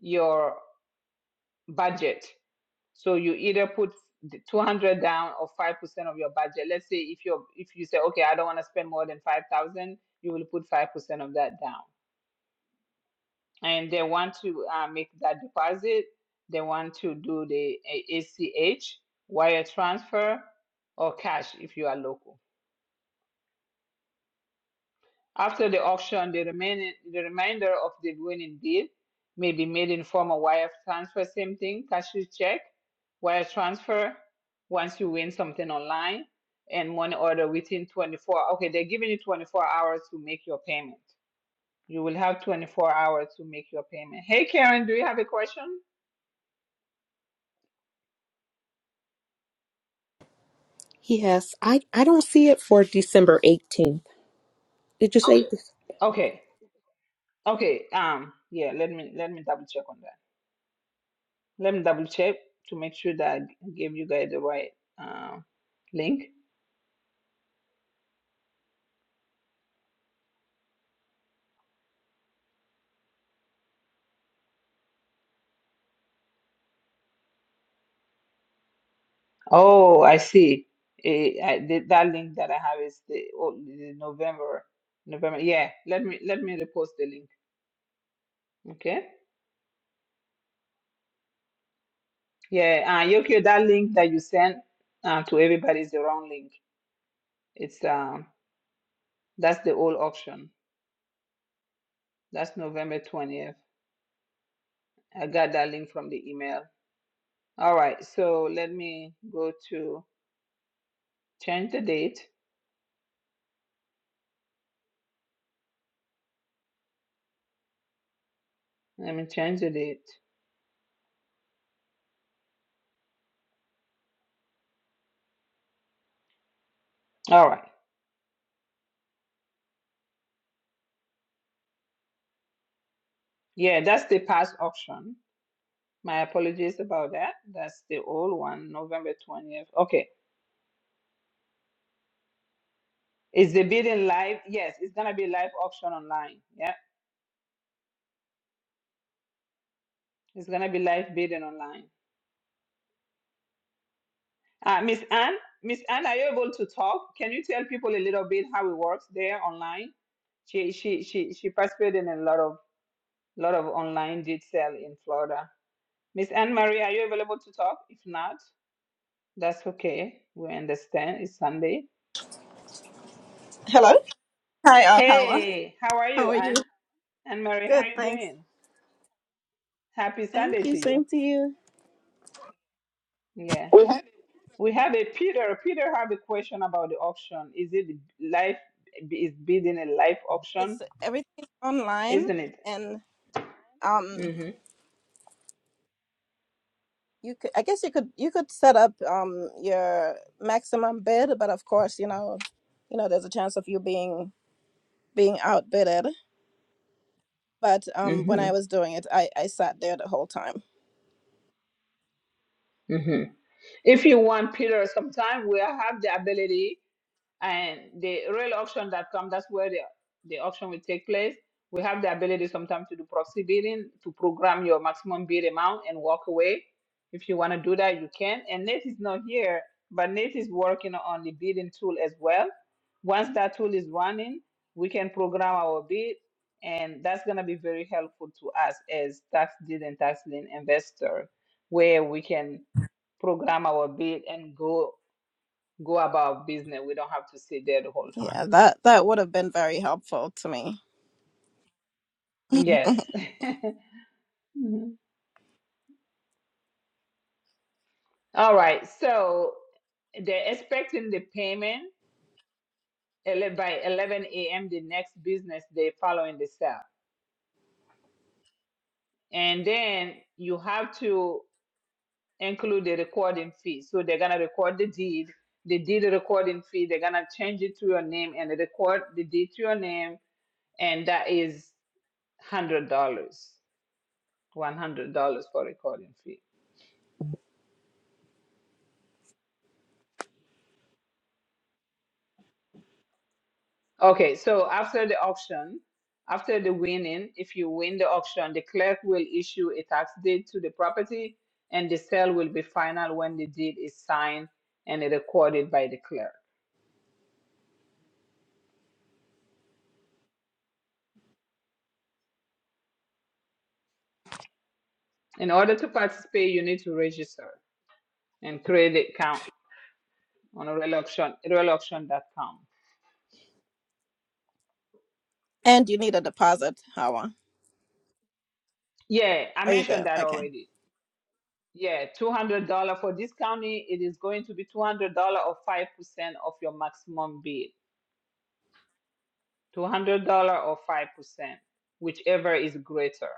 Speaker 1: your budget. So you either put two hundred down or five percent of your budget. Let's say if you if you say okay, I don't want to spend more than five thousand, you will put five percent of that down. And they want to uh, make that deposit. They want to do the A- ACH wire transfer or cash if you are local. After the auction, the, remaining, the remainder of the winning bid may be made in form of wire transfer, same thing, cashier check, wire transfer, once you win something online, and money order within 24. Okay, they're giving you 24 hours to make your payment. You will have 24 hours to make your payment. Hey, Karen, do you have a question?
Speaker 12: Yes, I, I don't see it for December 18th. Did you say?
Speaker 1: Okay, okay, um, yeah, let me let me double check on that. Let me double check to make sure that I gave you guys the right um link. Oh, I see. Eh, I, the, that link that I have is the, oh, the November, November. Yeah, let me let me repost the link. Okay. Yeah, uh, Yokio, that link that you sent uh, to everybody is the wrong link. It's um, that's the old auction. That's November 20th. I got that link from the email. All right, so let me go to change the date. Let me change the date. All right. Yeah, that's the past auction. My apologies about that. That's the old one, November 20th. Okay. Is the bidding live? Yes, it's going to be live auction online. Yeah, it's going to be live bidding online. Uh, Miss Anne, Miss Anne, are you able to talk? Can you tell people a little bit how it works there online? She she she she participated in a lot of lot of online deed sale in Florida. Miss Anne Marie, are you available to talk? If not, that's okay. We understand. It's Sunday.
Speaker 13: Hello. Hi, Alhawa.
Speaker 1: Hey, how are
Speaker 13: How
Speaker 1: you,
Speaker 13: are you?
Speaker 1: Anne? Anne Marie, how are
Speaker 13: Good,
Speaker 1: you
Speaker 13: thanks.
Speaker 1: doing? Happy
Speaker 13: Thank
Speaker 1: Sunday
Speaker 13: you.
Speaker 1: to
Speaker 13: Same
Speaker 1: you.
Speaker 13: to you.
Speaker 1: Yeah.
Speaker 13: We had-
Speaker 1: We have a Peter. Peter have a question about the auction. Is it life is bidding a live
Speaker 13: It's
Speaker 1: auction,
Speaker 13: everything's online,
Speaker 1: isn't it?
Speaker 13: and um,
Speaker 1: Mm-hmm.
Speaker 13: you could, I guess you could you could set up um your maximum bid, but of course, you know, you know, there's a chance of you being being outbidded. But um, when I
Speaker 1: Mm-hmm.
Speaker 13: was doing it, I I sat there the whole time.
Speaker 1: Mm-hmm. If you want Peter, sometime we have the ability. and the real auction that come that's where the, the auction will take place we have the ability sometimes to do proxy bidding to program your maximum bid amount and walk away if you want to do that you can and nate is not here but nate is working on the bidding tool as well once that tool is running we can program our bid and that's going to be very helpful to us as tax deed and tax lien investor where we can program our bid and go go about business. We don't have to sit there the whole
Speaker 13: Yeah,
Speaker 1: time.
Speaker 13: that that would have been very helpful to me. Mhm.
Speaker 1: Yes. Mhm. All right. So they're expecting the payment ele- by 11 a.m. the next business day following the sale. And then you have to include the recording fee. So they're going to record the deed, the deed recording fee. They're going to change it to your name and record the deed to your name. And that is $100, $100 for recording fee. Okay, so after the auction, after the winning, if you win the auction, the clerk will issue a tax deed to the property and the sale will be final when the deed is signed and recorded by the clerk. In order to participate, you need to register and create an account on real auction, real auction dot Com.
Speaker 13: And you need a deposit, Hawa.
Speaker 1: Yeah, I
Speaker 13: Are you there?
Speaker 1: mentioned that
Speaker 13: Okay.
Speaker 1: already. Yeah, $200 for this county, it is going to be $200 or 5% of your maximum bid. $200 or 5%, whichever is greater.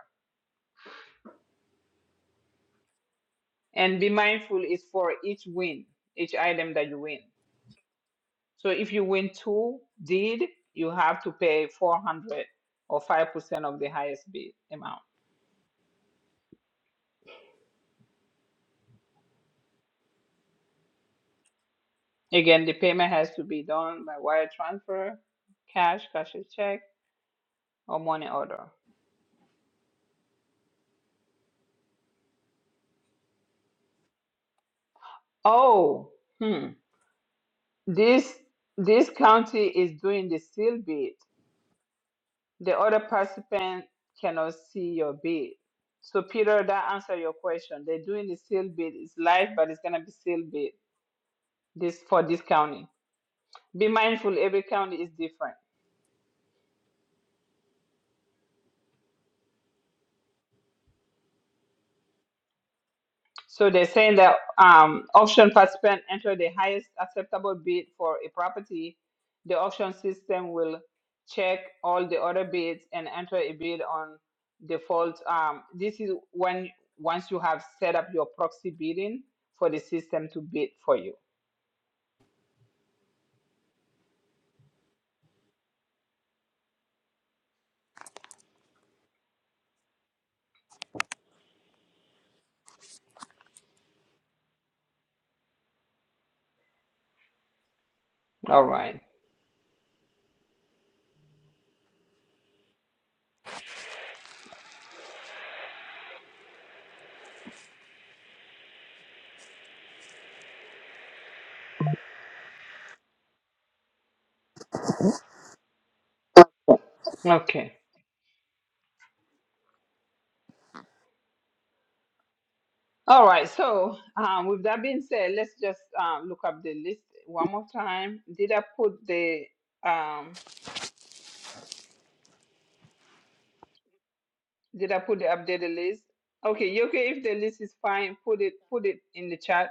Speaker 1: And be mindful is for each win, each item that you win. So if you win two deed, you have to pay 400 or 5% of the highest bid amount. Again, the payment has to be done by wire transfer, cash, cashier check, or money order. Oh, hmm. This this county is doing the seal bid. The other participant cannot see your bid. So Peter, that answer your question. They're doing the sealed bid. It's live, but it's gonna be sealed bid. This for this county. Be mindful, every county is different. So they're saying that um, auction participant enter the highest acceptable bid for a property. The auction system will check all the other bids and enter a bid on default. Um, this is when once you have set up your proxy bidding for the system to bid for you. All right. Okay. All right. So, um, with that being said, let's just um, look up the list one more time. Did I put the um, Did I put the updated list? Okay. You okay? If the list is fine, put it put it in the chat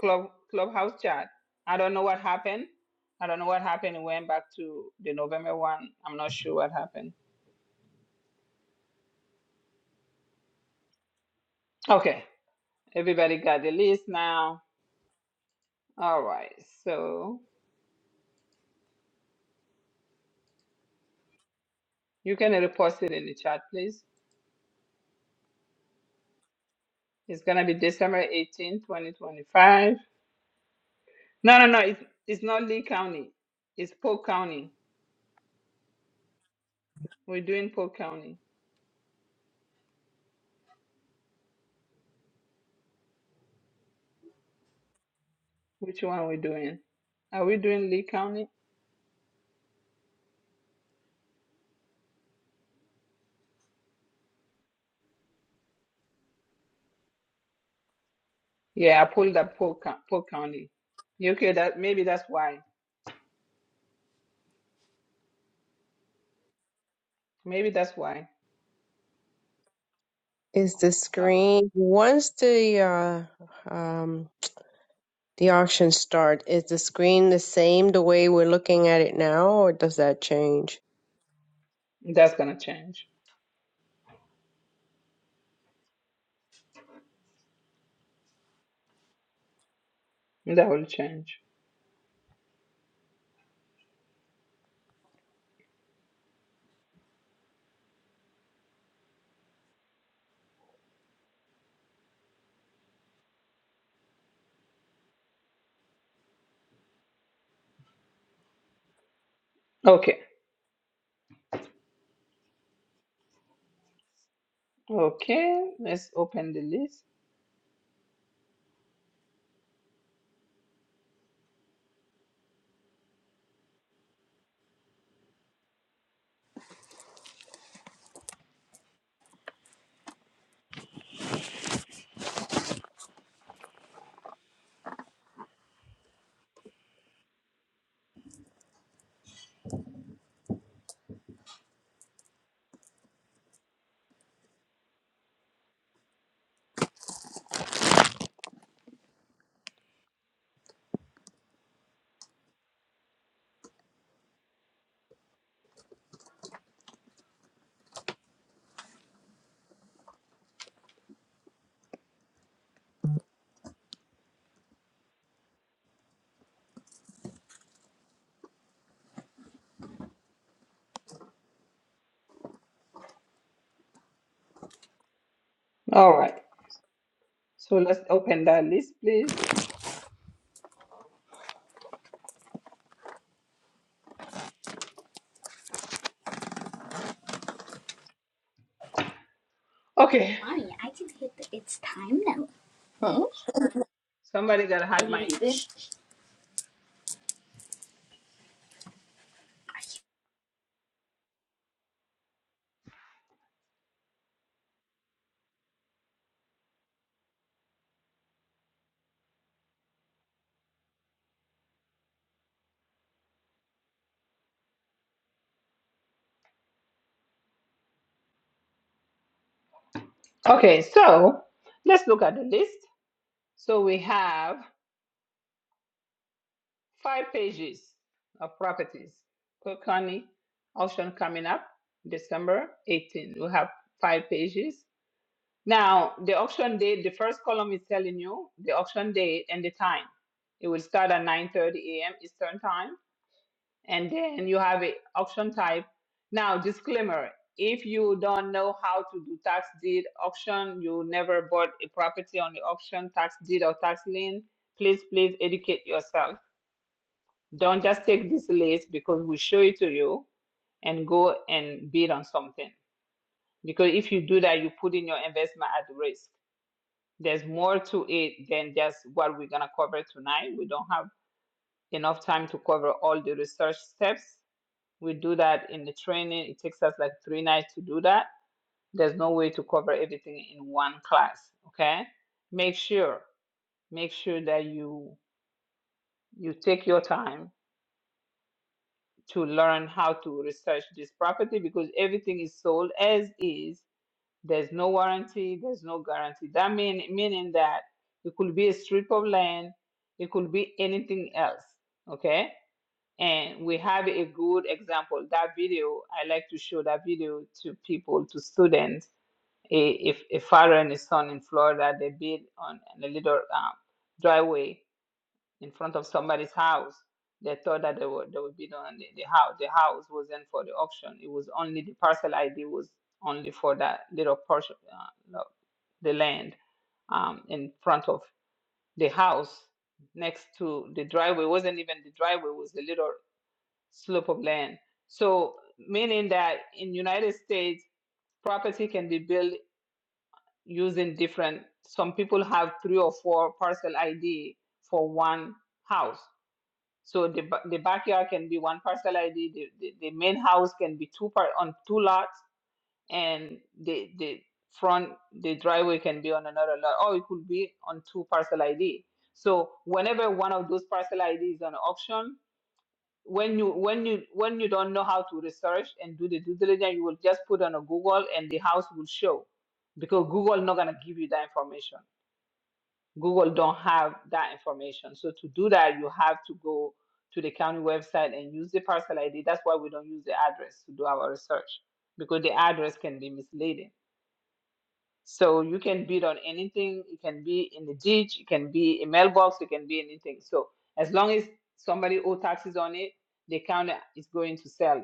Speaker 1: club clubhouse chat. I don't know what happened. I don't know what happened. It went back to the November one. I'm not sure what happened. Okay. Everybody got the list now. All right. So you can repost it in the chat, please. It's gonna be December 18, 2025. No, no, no. It's it's not Lee County. It's Polk County. We're doing Polk County. Which one are we doing? Are we doing Lee County? Yeah, I pulled up Polk, Co- Polk County. You Okay, that maybe that's why. Maybe that's why.
Speaker 11: Is the
Speaker 1: Oh,
Speaker 11: screen once the uh, um, the auction start, is the screen the same the way we're looking at it now, or does that change?
Speaker 1: that's gonna change. That will change. Okay. Okay. Let's open the list. All right. So let's open that list, please. Okay.
Speaker 13: Why? I can hit the, It's time now.
Speaker 1: Somebody got a
Speaker 13: I
Speaker 1: hot
Speaker 13: need
Speaker 1: mic.
Speaker 13: this.
Speaker 1: Okay. So let's look at the list. So we have five pages of properties. Cook County auction coming up December 18. We have five pages. Now, the auction date, the first column is telling you the auction date and the time. It will start at 9:30 a.m. Eastern Time, and then you have a auction type. Now, disclaimer: if you don't know how to do tax deed auction, you never bought a property on the auction tax deed or tax lien, please please educate yourself Don't just take this list because we show it to you and go and bid on something. Because if you do that, you put in your investment at risk. There's more to it than just what we're gonna cover tonight. We don't have enough time to cover all the research steps. We do that in the training. It takes us like three nights to do that. There's no way to cover everything in one class. Okay? Make sure, make sure that you you take your time to learn how to research this property because everything is sold as is. There's no warranty, there's no guarantee. That mean meaning that it could be a strip of land, it could be anything else. Okay? And we have a good example. That video, I like to show that video to people, to students. A, if a father and a son in Florida, they build on a little um, driveway in front of somebody's house. They thought that they would they would bid on the, the house. The house wasn't for the auction. It was only the parcel ID was only for that little portion, uh, the land um, in front of the house next to the driveway. It wasn't even the driveway. It was the little slope of land. So meaning that in United States, property can be built using different. Some people have three or four parcel ID for one house so the ba- the backyard can be one parcel ID. The, the, the main house can be two part on two lots, and the the front the driveway can be on another lot, or it could be on two parcel ID. So whenever one of those parcel ID is on auction, when you when you when you don't know how to research and do the due diligence, you will just put on a Google and the house will show, because Google not gonna give you that information. Google don't have that information. So to do that, you have to go to the county website and use the parcel ID. That's why we don't use the address to do our research because the address can be misleading. So you can bid on anything. It can be in the ditch. It can be a mailbox. It can be anything. So as long as somebody owes taxes on it, the county is going to sell it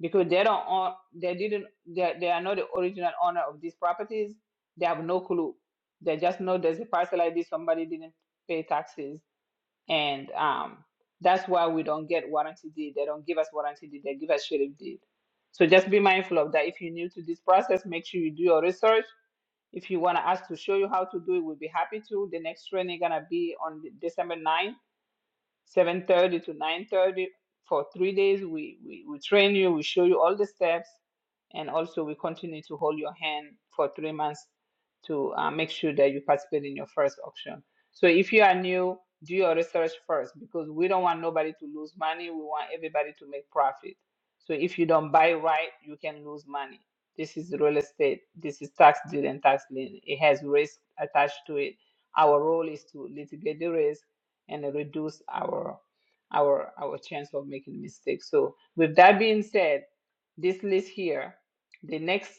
Speaker 1: because they don't own, they didn't they, they are not the original owner of these properties they have no clue they just know there's a parcel like this somebody didn't pay taxes and um that's why we don't get warranty deed they don't give us warranty deed they give us sheriff deed so just be mindful of that if you're new to this process make sure you do your research if you want us to show you how to do it we'll be happy to the next training gonna be on december 9th 7.30 to 9.30 for three days we, we we train you we show you all the steps and also we continue to hold your hand for three months to uh, make sure that you participate in your first auction so if you are new do your research first because we don't want nobody to lose money we want everybody to make profit so if you don't buy right you can lose money this is real estate this is tax deed and tax lien it has risk attached to it our role is to litigate the risk and it reduce our our our chance of making mistakes. So with that being said, this list here, the next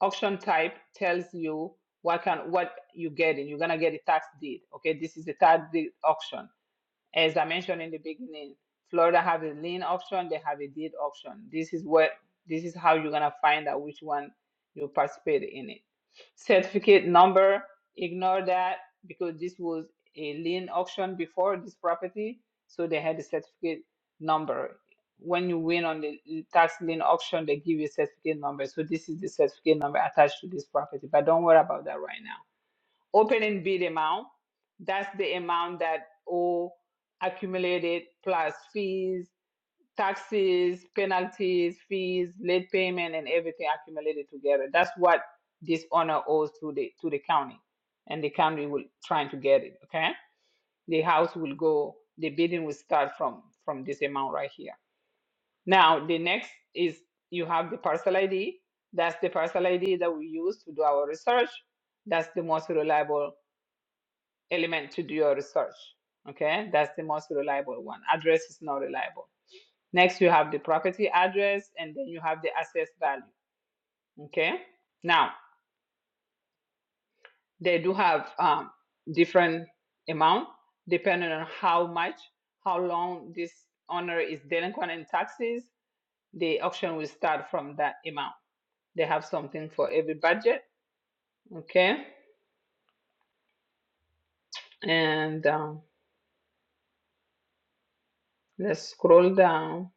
Speaker 1: auction type tells you what can what you getting. You're gonna get a tax deed. Okay, this is a tax deed auction as I mentioned in the beginning, Florida have a lien option, they have a deed option. This is what this is how you're gonna find out which one you participate in it. Certificate number, ignore that because this was a lien auction before this property, so they had the certificate number. When you win on the tax lien auction, they give you a certificate number. So this is the certificate number attached to this property. But don't worry about that right now open and bid amount. That's the amount that all accumulated plus fees, taxes, penalties, fees, late payment, and everything accumulated together. That's what this owner owes to the to the county, and the county will trying to get it. Okay, the house will go. The bidding will start from from this amount right here. Now the next is you have the parcel ID. That's the parcel ID that we use to do our research. That's the most reliable element to do your research. Okay, that's the most reliable one. Address is not reliable. Next, you have the property address, and then you have the assessed value. Okay, now they do have um, different amount depending on how much, how long this owner is delinquent in taxes. The auction will start from that amount. They have something for every budget. Okay, and um, let's scroll down.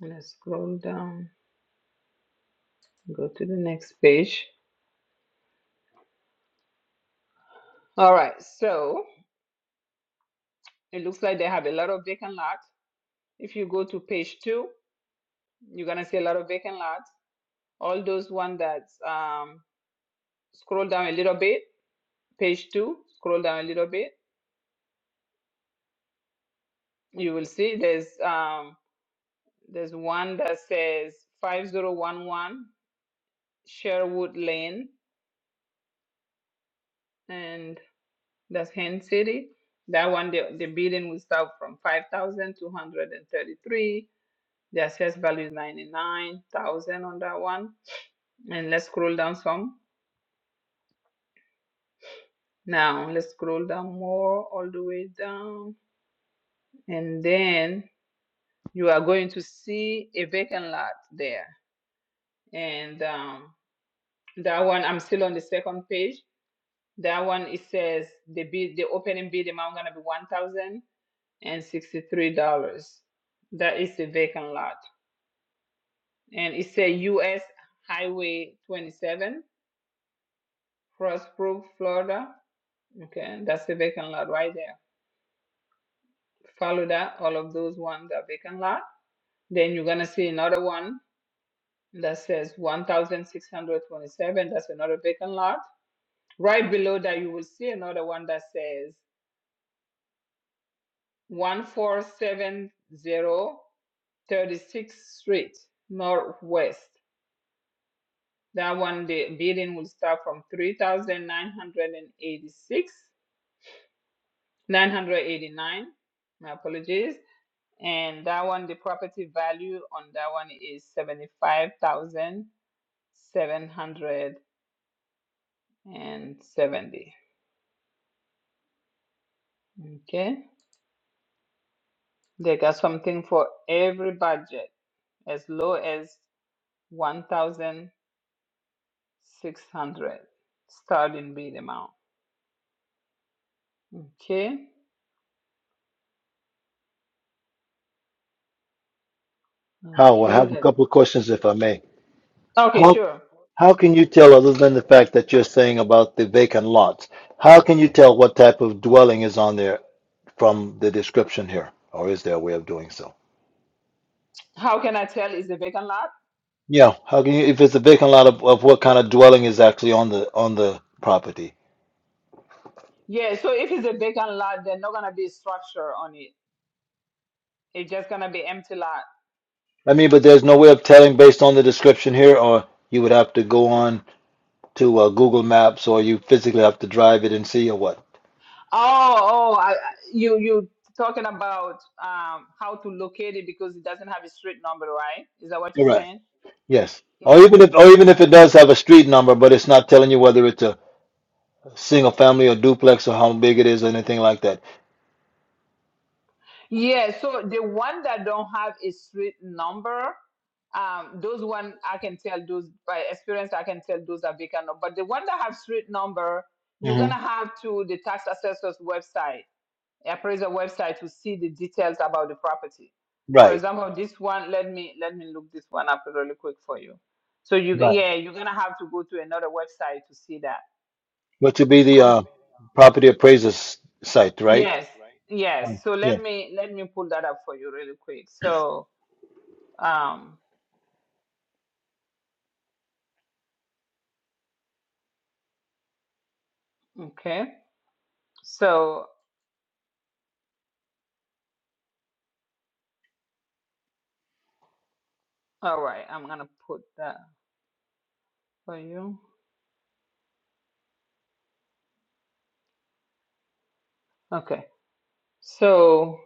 Speaker 1: Let's scroll down. Go to the next page. All right, so it looks like they have a lot of vacant lots. If you go to page two, you're gonna see a lot of vacant lots. All those one that um, scroll down a little bit, page two, scroll down a little bit, you will see there's um, there's one that says 5011 Sherwood Lane, and that's Hen City. That one, the, the bidding will start from 5,233. The assessed value is 99,000 on that one. and let's scroll down some now let's scroll down more all the way down and then you are going to see a vacant lot there and um, that one i'm still on the second page that one it says the bid the opening bid amount gonna be one thousand and sixty three dollars that is a vacant lot and it says us highway 27 frostproof florida okay that's a vacant lot right there follow that, all of those ones are vacant lot. Then you're gonna see another one that says one thousand six hundred twenty-seven, that's another vacant lot. Right below that, you will see another one that says one four seven zero thirty-sixth street, northwest. That one, the bidding will start from three thousand nine hundred and eighty-six, nine hundred eighty-nine, my apologies. And that one, the property value on that one is seventy-five thousand. 770. Okay. They got something for every budget as low as 1,600 starting bid amount. Okay.
Speaker 8: Howell, I
Speaker 1: Okay.
Speaker 8: have a
Speaker 1: Then.
Speaker 8: couple of questions if I may.
Speaker 1: Okay,
Speaker 8: How
Speaker 1: sure.
Speaker 8: how can you tell other than the fact that you're saying about the vacant lots? How can you tell what type of dwelling is on there from the description here? Or is there a way of doing so?
Speaker 1: How can I tell it's a vacant lot?
Speaker 8: Yeah, how can you if it's a vacant lot of, of what kind of dwelling is actually on the on the property?
Speaker 1: Yeah, so if it's a vacant lot, there's not gonna be structure on it. It's just gonna be empty lot.
Speaker 8: I mean, but there's no way of telling based on the description here, or you would have to go on to uh, Google Maps, or you physically have to drive it and see, or what?
Speaker 1: Oh, oh, I, I- you you talking about um how to locate it because it doesn't have a street number, right? Is that what you're
Speaker 8: Correct.
Speaker 1: saying?
Speaker 8: Yes. Or
Speaker 1: Yeah.
Speaker 8: even if, or even if it does have a street number, but it's not telling you whether it's a single family or duplex or how big it is or anything like that.
Speaker 1: Yeah, so the one that don't have a street number, um, those one I can tell those by experience I can tell those are vacant. But the one that have street number, you're
Speaker 8: hmm
Speaker 1: gonna have to the tax assessor's website appraisal website to see the details about the property. For
Speaker 8: Right,
Speaker 1: example, this one, let me let me look this one up really quick for you. So you
Speaker 8: right.
Speaker 1: yeah, you're gonna have to go to another website to see that.
Speaker 8: But to be the
Speaker 1: From
Speaker 8: uh, property appraiser's site, right?
Speaker 1: yes, yes.
Speaker 8: Um,
Speaker 1: So
Speaker 8: yeah.
Speaker 1: let me let me pull that up for you really quick. So um okay. So all right, I'm gonna put that for you. Okay. So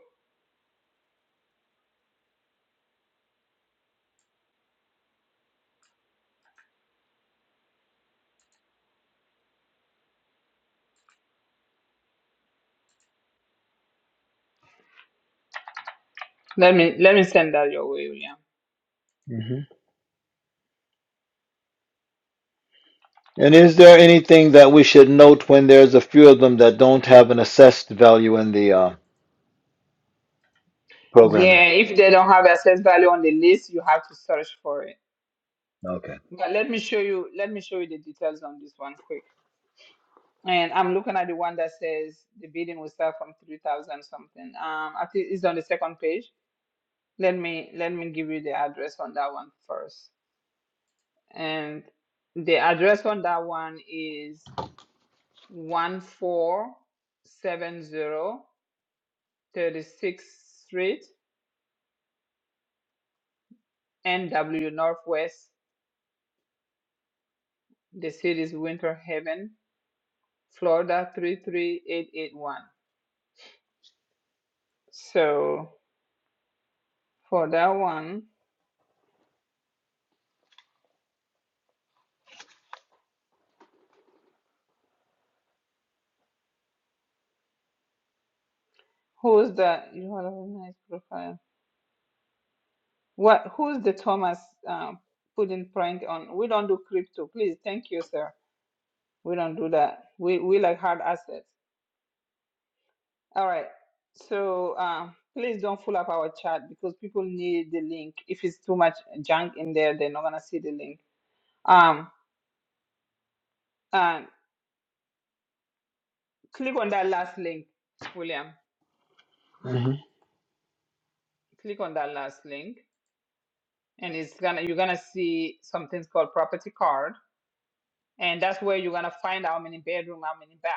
Speaker 1: let me let me send that your way, William.
Speaker 8: hmm And is there anything that we should note when there's a few of them that don't have an assessed value in the uh, programmer?
Speaker 1: Yeah, if they don't have assessed value on the list, you have to search for it.
Speaker 8: Okay.
Speaker 1: But let me show you let me show you the details on this one quick. And I'm looking at the one that says the bidding will start from three thousand something. Um, I think it's on the second page. Let me let me give you the address on that one first. And the address on that one is one four seven zero thirty sixth Street, NW Northwest. The city is Winter Haven, Florida three three eight eight one. So for that one. Who's the you have a nice profile? What who's the Thomas uh, putting prank on? We don't do crypto, please. Thank you, sir. We don't do that. We we like hard assets. All right. So uh, please don't fill up our chat because people need the link. If it's too much junk in there, they're not gonna see the link. Um, and click on that last link, William.
Speaker 8: hmm
Speaker 1: Click on that last link, and it's gonna you're gonna see something called property card and that's where you're gonna find how many bedroom, how many bath.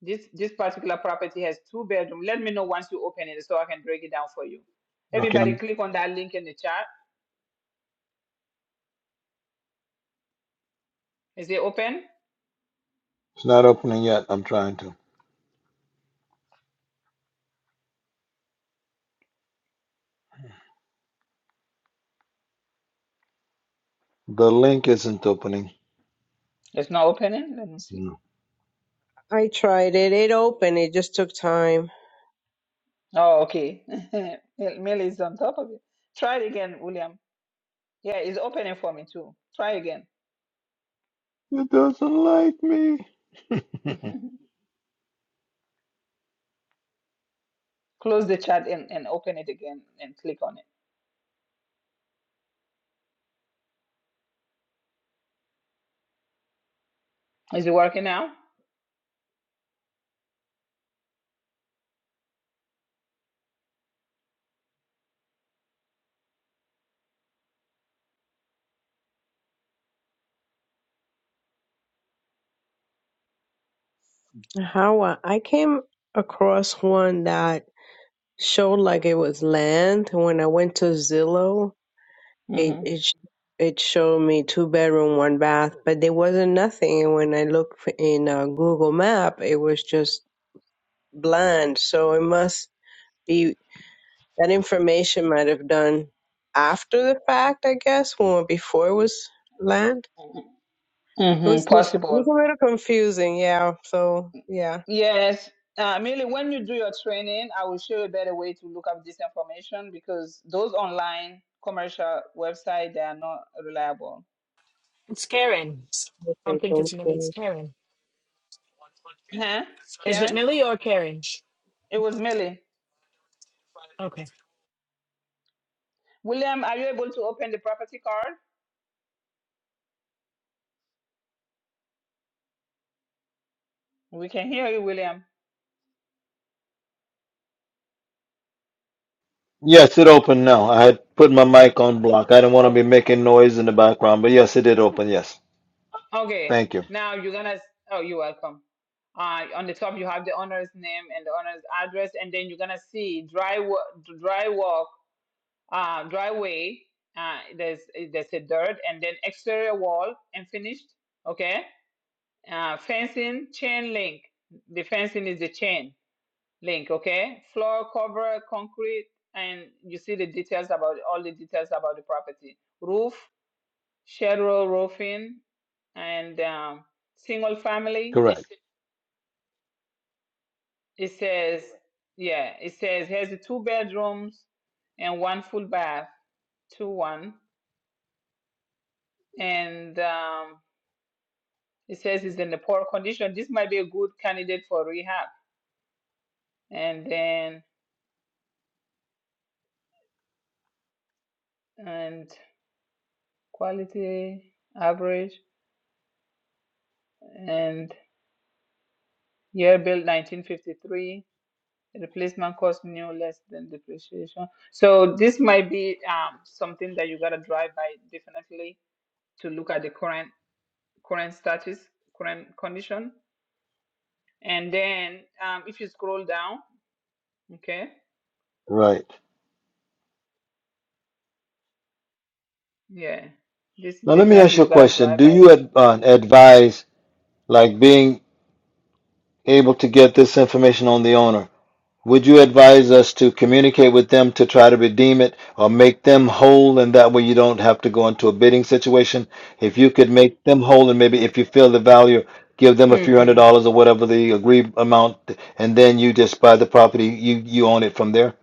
Speaker 1: This this particular property has two bedroom. Let me know once you open it so I can break it down for you.
Speaker 8: Okay,
Speaker 1: Everybody
Speaker 8: I'm,
Speaker 1: click on that link in the chat. Is it open?
Speaker 8: it's not opening yet. I'm trying to. The link isn't opening.
Speaker 1: It's not opening. Let me see.
Speaker 8: Hmm.
Speaker 11: I tried it. It opened. It just took time.
Speaker 1: Oh, okay. Mil- Millie is on top of it. Try it again, William. Yeah, it's opening for me too. Try again.
Speaker 8: It doesn't like me.
Speaker 1: Close the chat and, and open it again and click on it. Is it working now?
Speaker 11: How I I came across one that showed like it was land. When I went to Zillow, it
Speaker 1: Mm-hmm.
Speaker 11: it sh- it showed me two bedroom, one bath, but there wasn't nothing. And when I looked f- in uh, Google Map, it was just blind, so it must be that information might have done after the fact, I guess, or before it was land. It was
Speaker 1: Mm-hmm.
Speaker 11: it
Speaker 1: Possible.
Speaker 11: was a little confusing, yeah. So yeah.
Speaker 1: Yes. Uh, Millie, when you do your training, I will show you a better way to look up this information because those online commercial website they are not reliable.
Speaker 2: It's Karen. I
Speaker 11: Okay,
Speaker 2: don't think
Speaker 11: thank
Speaker 2: it's Millie. It's
Speaker 11: you.
Speaker 2: Karen.
Speaker 1: Huh?
Speaker 2: Is it
Speaker 1: Karen?
Speaker 2: Millie or Karen?
Speaker 1: It was Millie.
Speaker 2: Okay.
Speaker 1: William, are you able to open the property card? We can hear you, William.
Speaker 8: Yes, it opened now. I had put my mic on block. I didn't want to
Speaker 1: Okay.
Speaker 8: be making noise in the background, but yes, it did open. Yes.
Speaker 1: Okay.
Speaker 8: Thank you.
Speaker 1: Now you're gonna oh you're welcome. Uh, on the top you have the owner's name and the owner's address, and then you're gonna see drywall drywall uh, driveway. Uh, there's there's a dirt and then exterior wall and finished. Okay. Uh, fencing chain link. The fencing is the chain link. Okay. Floor cover concrete and you see the details about all the details about the property. Roof shed row roofing and um, single family.
Speaker 8: Correct.
Speaker 1: It says yeah. It says has the two bedrooms and one full bath. Two one and um, It says it's in a poor condition. This might be a good candidate for rehab. And then, and quality, average, and year built 1953. Replacement cost new less than depreciation. So this might be um, something that you gotta drive by definitely to look at the current current status, current condition. And then um, if you scroll down, okay,
Speaker 8: Right.
Speaker 1: yeah, this
Speaker 8: Now, let me ask
Speaker 1: definitely
Speaker 8: you a
Speaker 1: you gotta
Speaker 8: question.
Speaker 1: drive
Speaker 8: Do you
Speaker 1: by
Speaker 8: ad- uh, advise like being able to get this information on the owner? Would you advise us to communicate with them to try to redeem it or make them whole? And that way you don't have to go into a bidding situation. If you could make them whole and maybe if you feel the value, give them a few
Speaker 1: it.
Speaker 8: hundred
Speaker 1: hmm
Speaker 8: dollars or whatever the agreed amount, and then you just buy the property, you, you own it from there?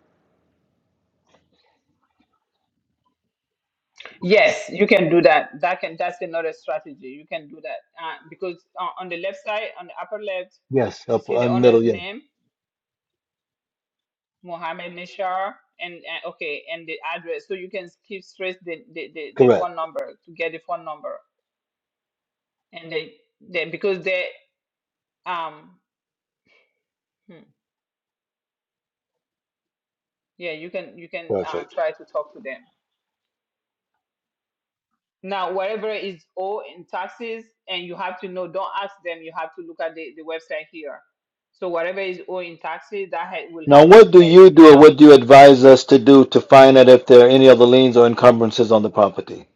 Speaker 1: Yes, you can do that. That can that's another strategy. You can do that uh, because on, on the left side, on the upper left,
Speaker 8: Yes,
Speaker 1: you
Speaker 8: up
Speaker 1: see the
Speaker 8: on
Speaker 1: owner's
Speaker 8: middle, yeah.
Speaker 1: name, Mohammed Nishar, and, and okay, and the address. So you can skip straight the, the, the, the
Speaker 8: Correct.
Speaker 1: phone number to get the phone number, and they, they because they um hmm, yeah you can you can uh,
Speaker 8: Perfect.
Speaker 1: try to talk to them. Now, whatever is owed in taxes, and you have to know, don't ask them, you have to look at the, the website here. So whatever is owed in taxes, that ha- will
Speaker 8: Now,
Speaker 1: have to be
Speaker 8: what do
Speaker 1: paid
Speaker 8: you
Speaker 1: to the
Speaker 8: do or what
Speaker 1: county.
Speaker 8: do you advise us to do to find out if there are any other liens or encumbrances on the property?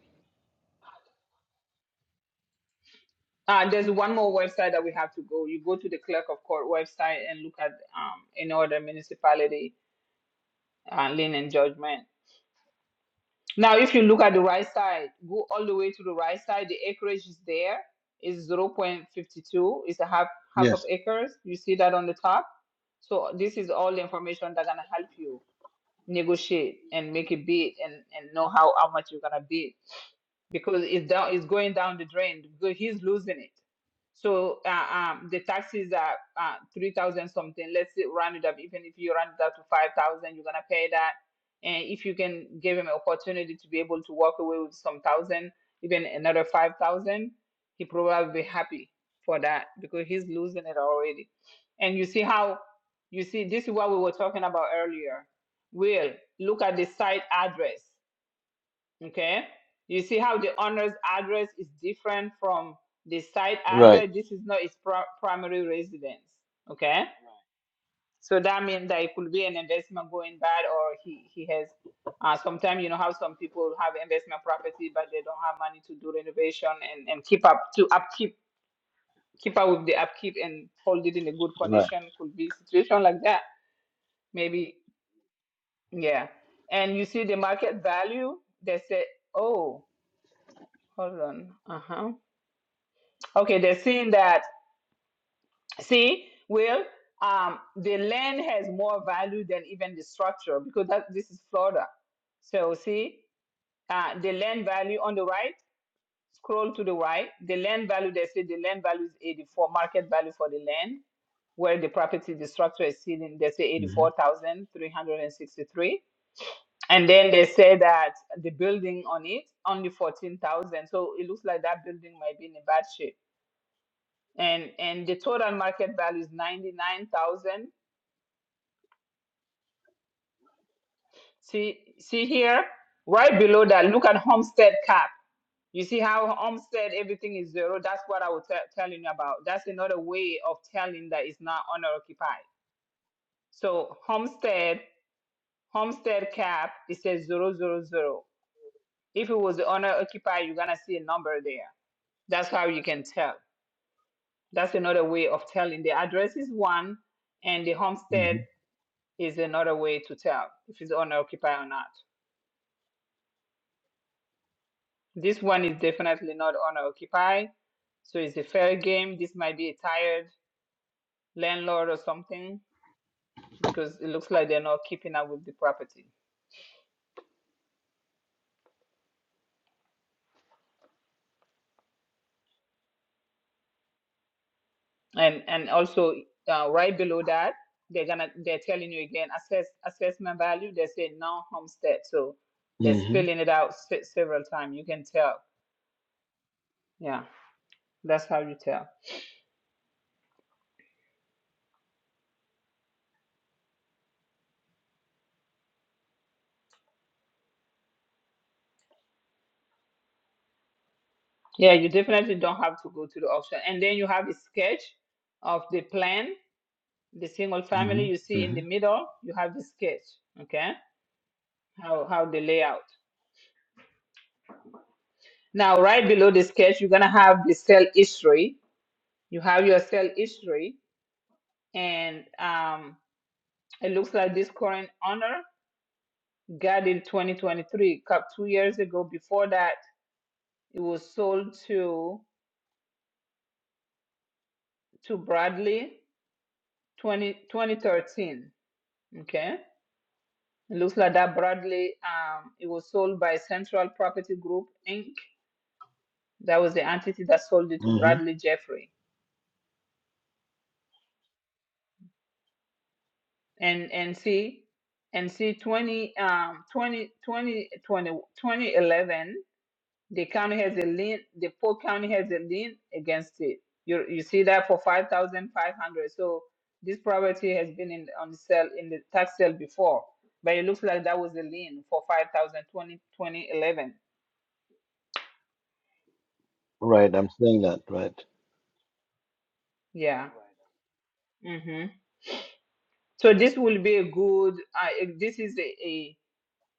Speaker 1: Uh, there's one more website that we have to go. You go to the clerk of court website and look at um, any other municipality uh, lien and judgment. Now, if you look at the right side, go all the way to the right side. The acreage is there. It's zero point 0.52. It's a half half of
Speaker 8: Yes.
Speaker 1: acres. You see that on the top. So this is all the information that's gonna help you negotiate and make a bid and and know how how much you're gonna bid because it's down it's going down the drain because he's losing it. So uh, um, the taxes are uh, three thousand something. Let's say round it up. Even if you round it up to five thousand, you're gonna pay that. And if you can give him an opportunity to be able to walk away with some thousand, even another five thousand, he probably be happy for that because he's losing it already. And you see how you see this is what we were talking about earlier. Will look at the site address Okay. You see how the owner's address is different from the site
Speaker 8: Right,
Speaker 1: address. This is not its pri- primary residence. Okay. So that means that it could be an investment going bad, or he he has. Uh, sometimes you know how some people have investment property, but they don't have money to do renovation and, and keep up to upkeep keep up with the upkeep and hold it in a good
Speaker 8: right.
Speaker 1: condition. Could be a situation like that. Maybe yeah. And you see the market value. They say, oh, hold on. Uh huh Okay, they're seeing that. See, Will, um, the land has more value than even the structure because that, this is Florida. So see, uh, the land value on the right. Scroll to the right. The land value. They say the land value is 84 market value for the land where the property, the structure is sitting. They say
Speaker 8: Mm-hmm.
Speaker 1: 84,363. And then they say that the building on it only 14,000. So it looks like that building might be in a bad shape and and the total market value is 99,000. See see here, right below that, look at homestead cap. You see how homestead everything is zero? That's what I was te- telling you about. That's another way of telling that it's not owner occupied. So homestead homestead cap it says zero zero zero. If it was the owner occupied, you're gonna see a number there. That's how you can tell. That's another way of telling. The address is one, and the homestead is another way to tell if it's owner occupy or not. This one is definitely not owner occupy, so it's a fair game. This might be a tired landlord or something because it looks like they're not keeping up with the property. And and also uh, right below that, they're gonna they're telling you again assess assessment value. They say non homestead, so they're
Speaker 8: Mm-hmm.
Speaker 1: spelling it out se- several times. You can tell. Yeah, that's how you tell. Yeah, you definitely don't have to go to the auction. And then you have a sketch of the plan the single family
Speaker 8: hmm
Speaker 1: you see in
Speaker 8: hmm
Speaker 1: the middle you have the sketch okay how how the layout now right below the sketch you're gonna have the cell history you have your cell history and um it looks like this current owner got it 2023 cup two years ago before that it was sold to to bradley 20, 2013 okay it looks like that bradley um it was sold by central property group inc That was the entity that sold it to
Speaker 8: hmm
Speaker 1: Bradley Jeffrey. And and see, and see 20, um, 20 20 20 2011. the county has a lien, the Polk County has a lien against it. You you see that for 5,500. So this property has been in on the sale in the tax sale before, but it looks like that was a lien for five thousand twenty twenty eleven.
Speaker 8: Right, I'm saying that. Right,
Speaker 1: Yeah. 2011. Yeah. hmm So this will be a good, uh, this is a,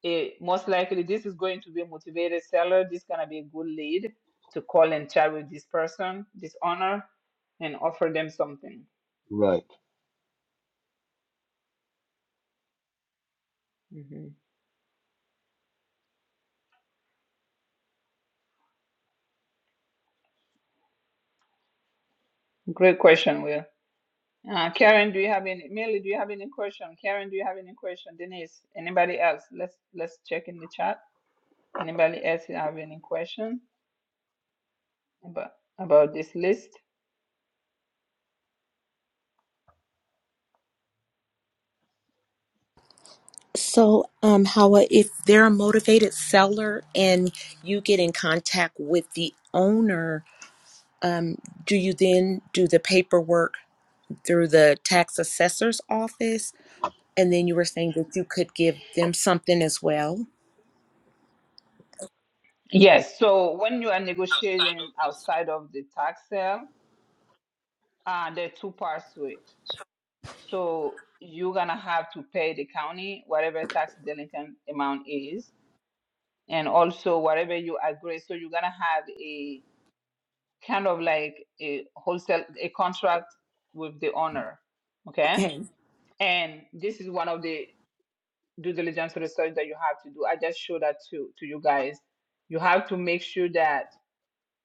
Speaker 1: eh, most likely this is going to be a motivated seller. This is gonna be a good lead to call and chat with this person, this owner, and offer them something.
Speaker 8: right.
Speaker 1: hmm Great question, Will. Uh, Karen, do you have any? Millie, do you have any question? Karen, do you have any question? Denise, anybody else? Let's let's check in the chat. Anybody else have any question about about this list?
Speaker 12: So, um, Hawa, if they're a motivated seller and you get in contact with the owner, um, do you then do the paperwork through the tax assessor's office? And then you were saying that you could give them something as well?
Speaker 1: Yes. So when you are negotiating outside of the tax sale, uh, there are two parts to it. So you're gonna have to pay the county whatever tax delinquent amount is, and also whatever you agree. So you're gonna have a kind of like a wholesale a contract with the owner, okay?
Speaker 12: Okay.
Speaker 1: And this is one of the due diligence research that you have to do. I just show that to to you guys. You have to make sure that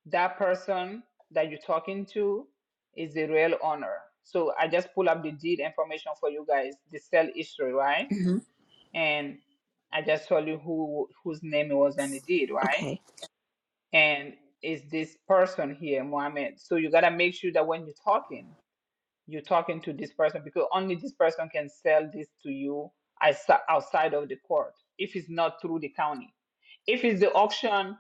Speaker 1: that person that you're talking to is the real owner. So I just pull up the deed information for you guys, the sale history, right?
Speaker 12: hmm
Speaker 1: and I just told you who whose name it was on the deed, right?
Speaker 12: Okay.
Speaker 1: And is this person here, Mohammed? So you gotta make sure that when you're talking, you're talking to this person because only this person can sell this to you as- outside of the court if it's not through the county. If it's the auction,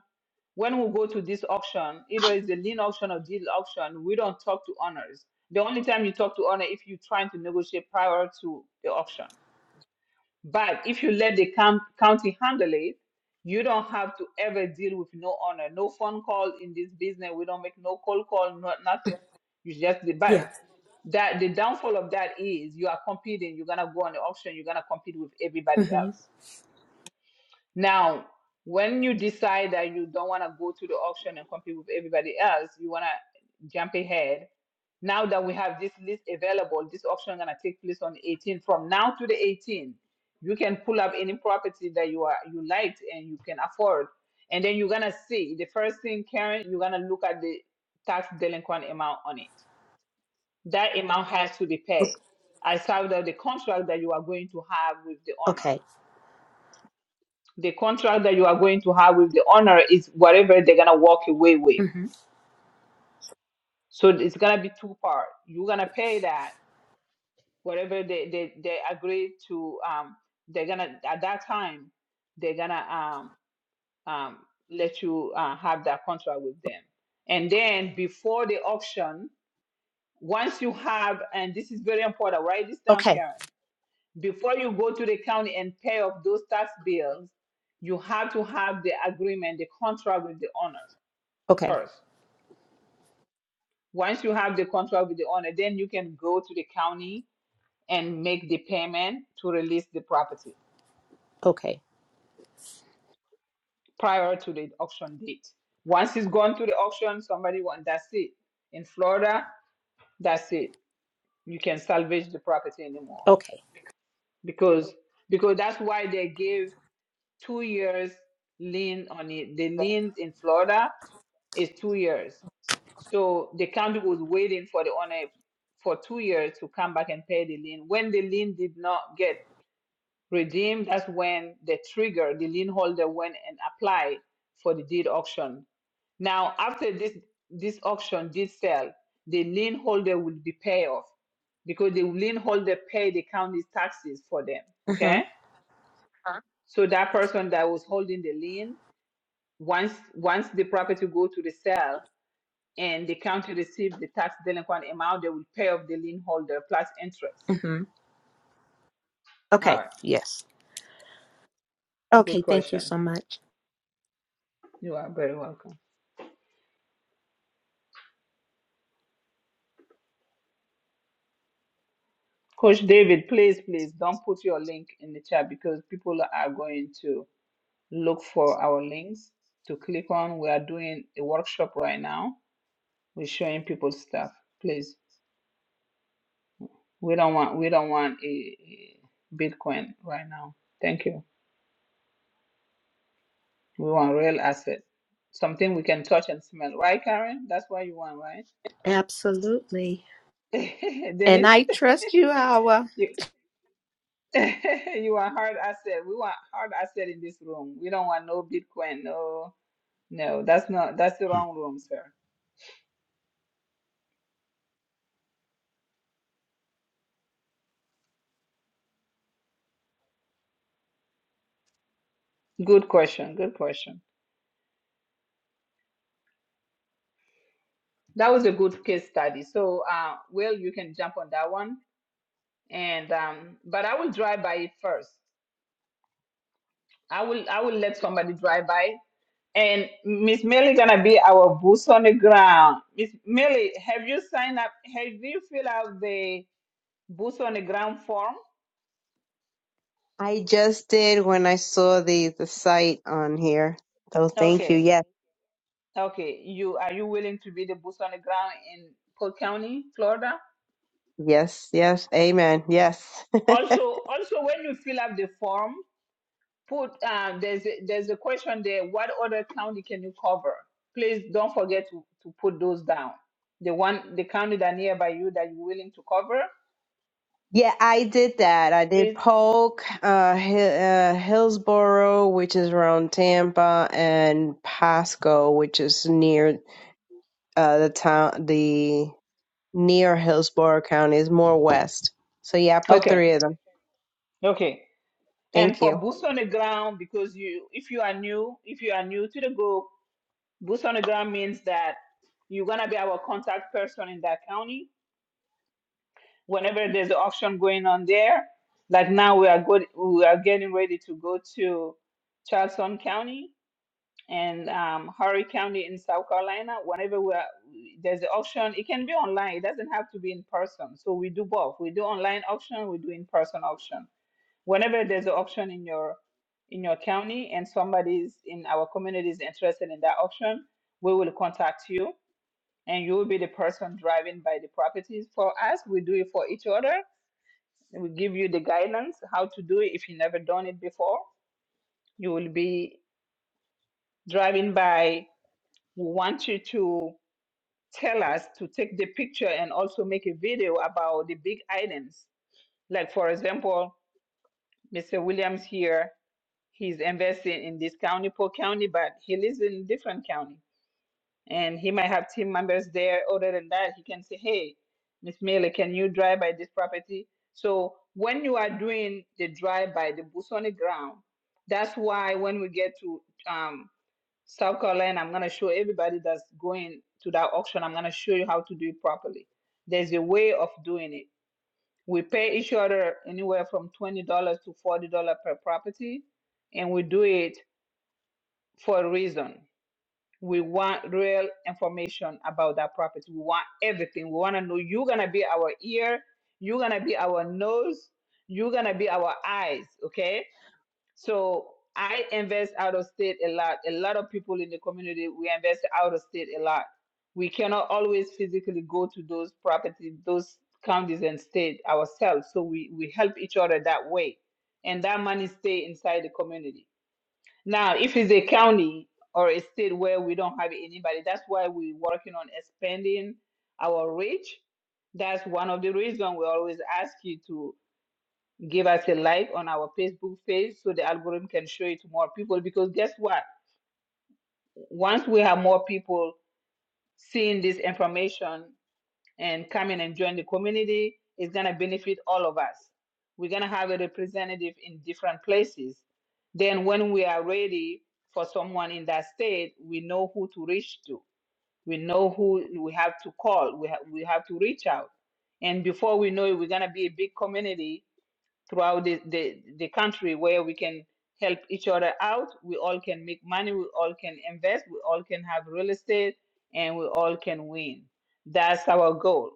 Speaker 1: when we go to this auction, either it's a lien auction or deed auction, we don't talk to owners. The only time you talk to owner if you're trying to negotiate prior to the auction but if you let the com- county handle it, you don't have to ever deal with no honor, no phone call in this business. We don't make no cold call, no, nothing. You just the but
Speaker 12: Yeah.
Speaker 1: that the downfall of that is you are competing. You're gonna go on the auction. You're gonna compete with everybody
Speaker 12: hmm
Speaker 1: else. Now, when you decide that you don't want to go to the auction and compete with everybody else, you want to jump ahead. Now that we have this list available, this auction going to take place on the 18th. From now to the 18th, you can pull up any property that you are you liked and you can afford, and then you're gonna see the first thing, Karen, you're gonna look at the tax delinquent amount on it. That amount has to be paid. I out of the contract that you are going to have with the owner
Speaker 12: Okay.
Speaker 1: the contract that you are going to have with the owner is whatever they're gonna walk away with.
Speaker 12: hmm
Speaker 1: So it's gonna be two part. You're gonna pay that whatever they they, they agree to. Um, they're gonna at that time they're gonna um um let you uh, have that contract with them. And then before the auction, once you have, and this is very important, write this down,
Speaker 12: Okay.
Speaker 1: Karen. Before you go to the county and pay off those tax bills, you have to have the agreement, the contract with the owner
Speaker 12: Okay.
Speaker 1: first. Once you have the contract with the owner, then you can go to the county and make the payment to release the property
Speaker 12: Okay.
Speaker 1: prior to the auction date. Once it's gone to the auction, somebody wants that's it. In Florida, that's it. You can salvage the property anymore
Speaker 12: Okay.
Speaker 1: because because that's why they give two years lien on it. The liens in Florida Is two years. So the county was waiting for the owner for two years to come back and pay the lien. When the lien did not get redeemed, that's when the trigger, the lien holder went and applied for the deed auction. Now, after this this auction did sell, the lien holder will be paid off because the lien holder paid the county's taxes for them.
Speaker 12: hmm
Speaker 1: Okay, so that person that was holding the lien, once once the property go to the sale, and the county receive the tax delinquent amount, they will pay off the lien holder plus interest.
Speaker 12: hmm
Speaker 1: All
Speaker 12: Okay.
Speaker 1: right,
Speaker 12: Yes. Okay,
Speaker 1: good
Speaker 12: thank you
Speaker 1: question.
Speaker 12: so much.
Speaker 1: You are very welcome. Coach David, please, please don't put your link in the chat because people are going to look for our links to click on. We are doing a workshop right now. We're showing people stuff. Please, we don't want we don't want a, a Bitcoin right now. Thank you. We want real asset, something we can touch and smell. Right, Karen? That's what you want, right?
Speaker 12: Absolutely. And
Speaker 1: Denise,
Speaker 12: I trust you, Awa.
Speaker 1: you, you want hard asset. We want hard asset in this room. We don't want no Bitcoin. No, no, that's not, that's the wrong room, sir. Good question. Good question. That was a good case study. So, uh, Will, you can jump on that one. And, um, but I will drive by it first. I will, I will let somebody drive by it. And Miss Millie gonna be our boots on the ground. Miss Millie, have you signed up? Have you filled out the boots on the ground form?
Speaker 11: I just did when I saw the the site on here. So thank you.
Speaker 1: Okay.
Speaker 11: Yes,
Speaker 1: Okay, you are you willing to be the boots on the ground in Polk County, Florida?
Speaker 11: yes, yes. Amen. Yes.
Speaker 1: Also, also when you fill up the form, put uh, there's a, there's a question there. What other county can you cover? Please don't forget to, to put those down. The one the county that nearby you that you're willing to cover,
Speaker 11: Yeah, I did that. I did
Speaker 1: please.
Speaker 11: Polk, uh, Hi- uh, Hillsboro, which is around Tampa, and Pasco, which is near uh, the town, the near Hillsborough County is more west. So yeah, I put
Speaker 1: Okay,
Speaker 11: three of them.
Speaker 1: okay. And
Speaker 11: Thank
Speaker 1: for
Speaker 11: you.
Speaker 1: boots on the ground, because you if you are new if you are new to the group, boots on the ground means that you're gonna be our contact person in that county whenever there's an auction going on there, like now we are good, we are getting ready to go to Charleston County and um, Horry County in South Carolina. Whenever we are, there's an auction, it can be online. It doesn't have to be in person. So we do both. We do online auction. We do in person auction. Whenever there's an auction in your in your county and somebody's in our community is interested in that auction, we will contact you and you will be the person driving by the properties for us. We do it for each other will give you the guidance how to do it if you never done it before. You will be driving by. We want you to tell us to take the picture and also make a video about the big items. Like for example, Mr. Williams here, he's investing in this county, Polk County, but he lives in different county. and he might have team members there. Other than that, he can say, "Hey, Miss Miller, can you drive by this property?" So when you are doing the drive by, the boots on the ground. That's why when we get to um, South Carolina, I'm gonna show everybody that's going to that auction. I'm gonna show you how to do it properly. There's a way of doing it. We pay each other anywhere from twenty dollars to forty dollars per property, and we do it for a reason we want real information about that property. We want everything. We want to know you're going to be our ear, you're going to be our nose, you're going to be our eyes, okay? So I invest out of state a lot. A lot of people in the community, we invest out of state a lot. We cannot always physically go to those properties, those counties and state ourselves. So we, we help each other that way. And that money stay inside the community. Now, if it's a county or a state where we don't have anybody, that's why we're working on expanding our reach. That's one of the reasons we always ask you to give us a like on our Facebook page so the algorithm can show it to more people. Because guess what? Once we have more people seeing this information, and come in and join the community. It's going to benefit all of us. We're going to have a representative in different places. Then, when we are ready for someone in that state, we know who to reach to. We know who we have to call. We, ha- we have to reach out. And before we know it, we're going to be a big community throughout the, the, the country where we can help each other out. We all can make money. We all can invest. We all can have real estate and we all can win. That's our goal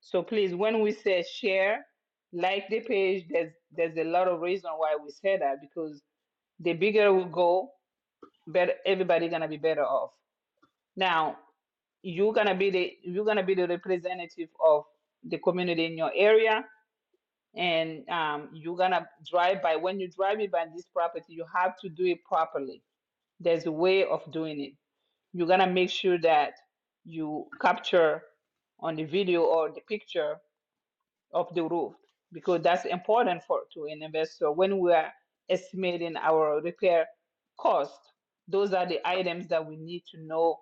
Speaker 1: so please, when we say share, like the page, there's there's a lot of reason why we say that because the bigger we go, better everybody gonna be better off. Now you're gonna be the you're gonna be the representative of the community in your area, and um, you're gonna drive by. When you drive by this property, you have to do it properly. There's a way of doing it. You're gonna make sure that you capture on the video or the picture of the roof because that's important for to an investor when we are estimating our repair cost. Those are the items that we need to know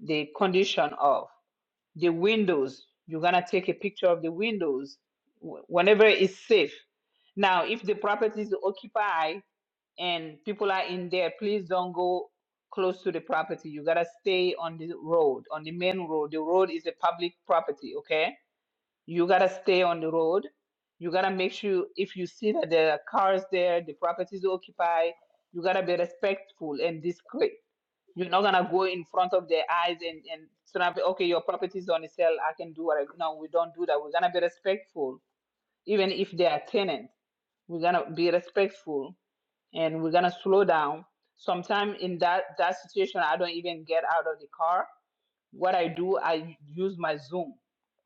Speaker 1: the condition of the windows. You're gonna take a picture of the windows wh- whenever it's safe. Now, if the property is occupied and people are in there, please don't go close to the property. You gotta stay on the road, on the main road. The road is a public property, okay? You gotta stay on the road. You gotta make sure if you see that there are cars there, the property is occupied, you gotta be respectful and discreet. You're not gonna go in front of their eyes and, and snap, okay, your property is on the sale, I can do whatever. No, we don't do that. We're gonna be respectful. Even if they are tenants, we're gonna be respectful and we're gonna slow down. Sometimes in that, that situation, I don't even get out of the car what I do, I use my Zoom.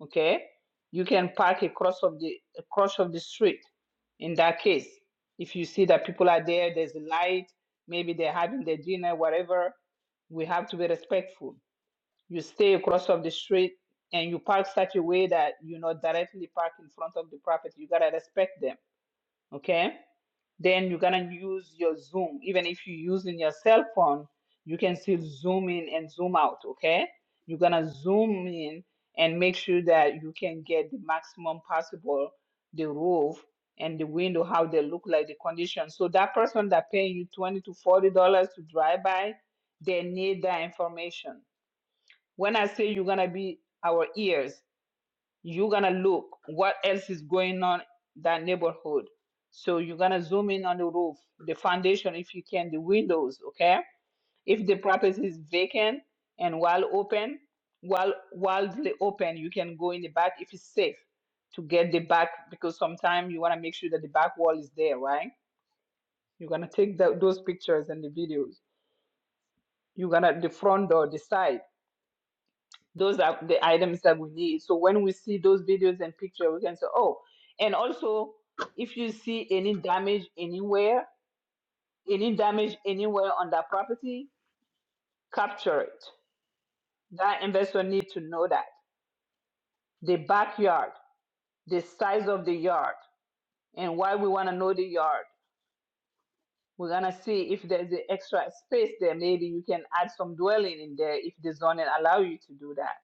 Speaker 1: Okay, you can park across of the across of the street. In that case, if you see that people are there, there's a light, maybe they're having their dinner, whatever. We have to be respectful. You stay across of the street and you park such a way that you not directly park in front of the property. You gotta respect them. Okay then you're gonna use your zoom even if you're using your cell phone you can still zoom in and zoom out okay you're gonna zoom in and make sure that you can get the maximum possible the roof and the window how they look like the condition so that person that paying you 20 to 40 dollars to drive by they need that information when i say you're gonna be our ears you're gonna look what else is going on that neighborhood so you're gonna zoom in on the roof the foundation if you can the windows okay if the property is vacant and while open while while they open you can go in the back if it's safe to get the back because sometimes you want to make sure that the back wall is there right you're gonna take tho- those pictures and the videos you're gonna the front door the side those are the items that we need. So when we see those videos and picture, we can say, oh, and also if you see any damage anywhere, any damage anywhere on that property, capture it. That investor need to know that the backyard, the size of the yard, and why we want to know the yard. We're gonna see if there's an extra space there. Maybe you can add some dwelling in there if the zoning allow you to do that.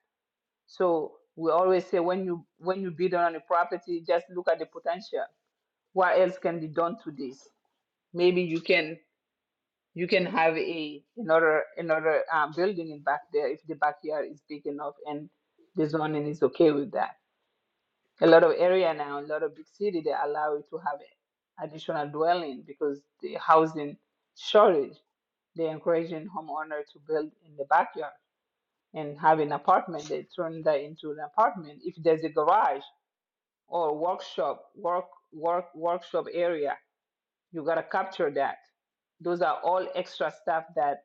Speaker 1: So we always say when you when you bid on a property, just look at the potential what else can be done to this? Maybe you can you can have a another another um, building in back there if the backyard is big enough and the zoning is okay with that. A lot of area now, a lot of big city, they allow you to have additional dwelling because the housing shortage. They're encouraging homeowner to build in the backyard and have an apartment. They turn that into an apartment if there's a garage or workshop work work workshop area You gotta capture that. Those are all extra stuff that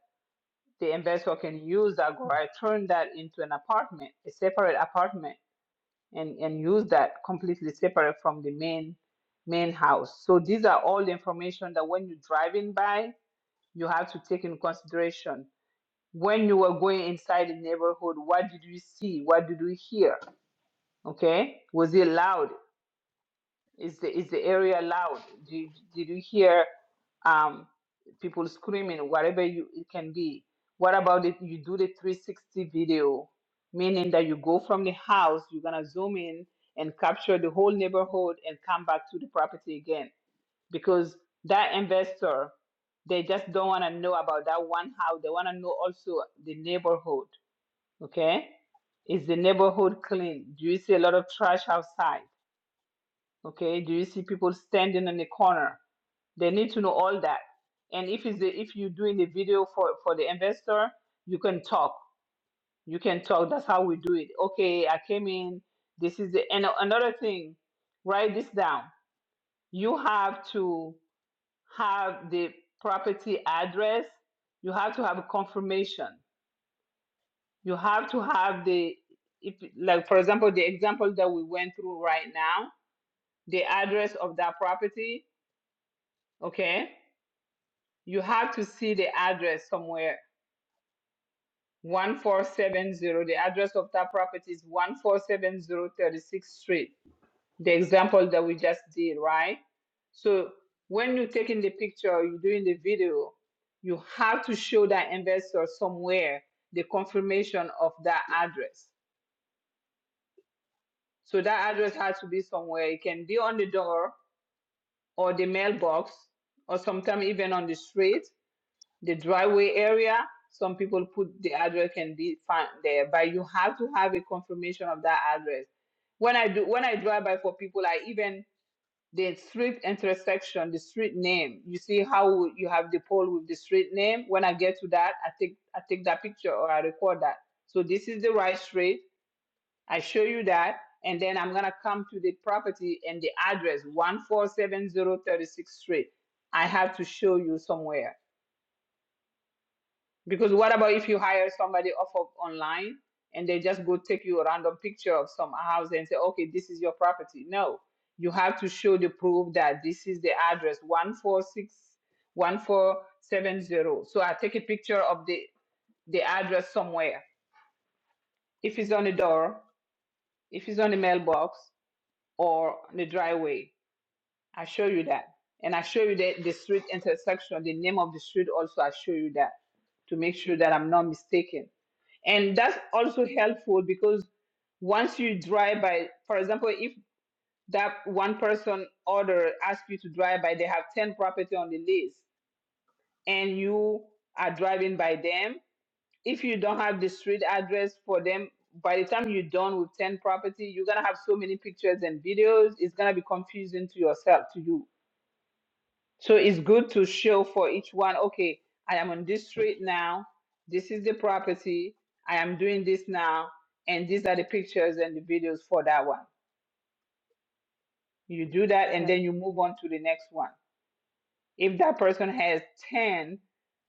Speaker 1: the investor can use that go I turn that into an apartment, a separate apartment and, and use that completely separate from the main main house. So these are all the information that when you're driving by, you have to take in consideration. When you were going inside the neighborhood, what did you see? What did you hear? Okay. Was it loud? Is the is the area loud? Did did you hear um, people screaming? Whatever you it can be. What about if you do the 360 video, meaning that you go from the house, you're gonna zoom in and capture the whole neighborhood and come back to the property again because that investor they just don't want to know about that one house. They want to know also the neighborhood. Okay, is the neighborhood clean? Do you see a lot of trash outside? okay do you see people standing in the corner they need to know all that and if it's the, if you're doing the video for for the investor you can talk you can talk that's how we do it okay i came in this is the and another thing write this down you have to have the property address you have to have a confirmation you have to have the if like for example the example that we went through right now the address of that property okay you have to see the address somewhere. 1470. The address of that property is 1470 Street, the example that we just did, right? So when you're taking the picture, you're doing the video, you have to show that investor somewhere the confirmation of that address. So that address has to be somewhere. It can be on the door or the mailbox or sometimes even on the street the driveway area. Some people put the address can be found there, but you have to have a confirmation of that address. When I do, when I drive by for people, I even the street intersection, the street name. You see how you have the pole with the street name. When I get to that, I take I take that picture or I record that. So this is the right street. I show you that, and then I'm gonna come to the property and the address one four seven zero thirty six street. I have to show you somewhere because what about if you hire somebody off of online and they just go take you a random picture of some house and say, okay, this is your property? No, you have to show the proof that this is the address 146 1470. So I take a picture of the, the address somewhere. If it's on the door, if it's on the mailbox or on the driveway, I show you that. And I show you the, the street intersection, the name of the street also, I show you that to make sure that I'm not mistaken and that's also helpful because once you drive by for example if that one person order asks you to drive by they have 10 property on the list and you are driving by them if you don't have the street address for them by the time you're done with 10 property you're going to have so many pictures and videos it's going to be confusing to yourself to you so it's good to show for each one, okay, I am on this street now. This is the property. I am doing this now. And these are the pictures and the videos for that one. You do that and then you move on to the next one. If that person has 10,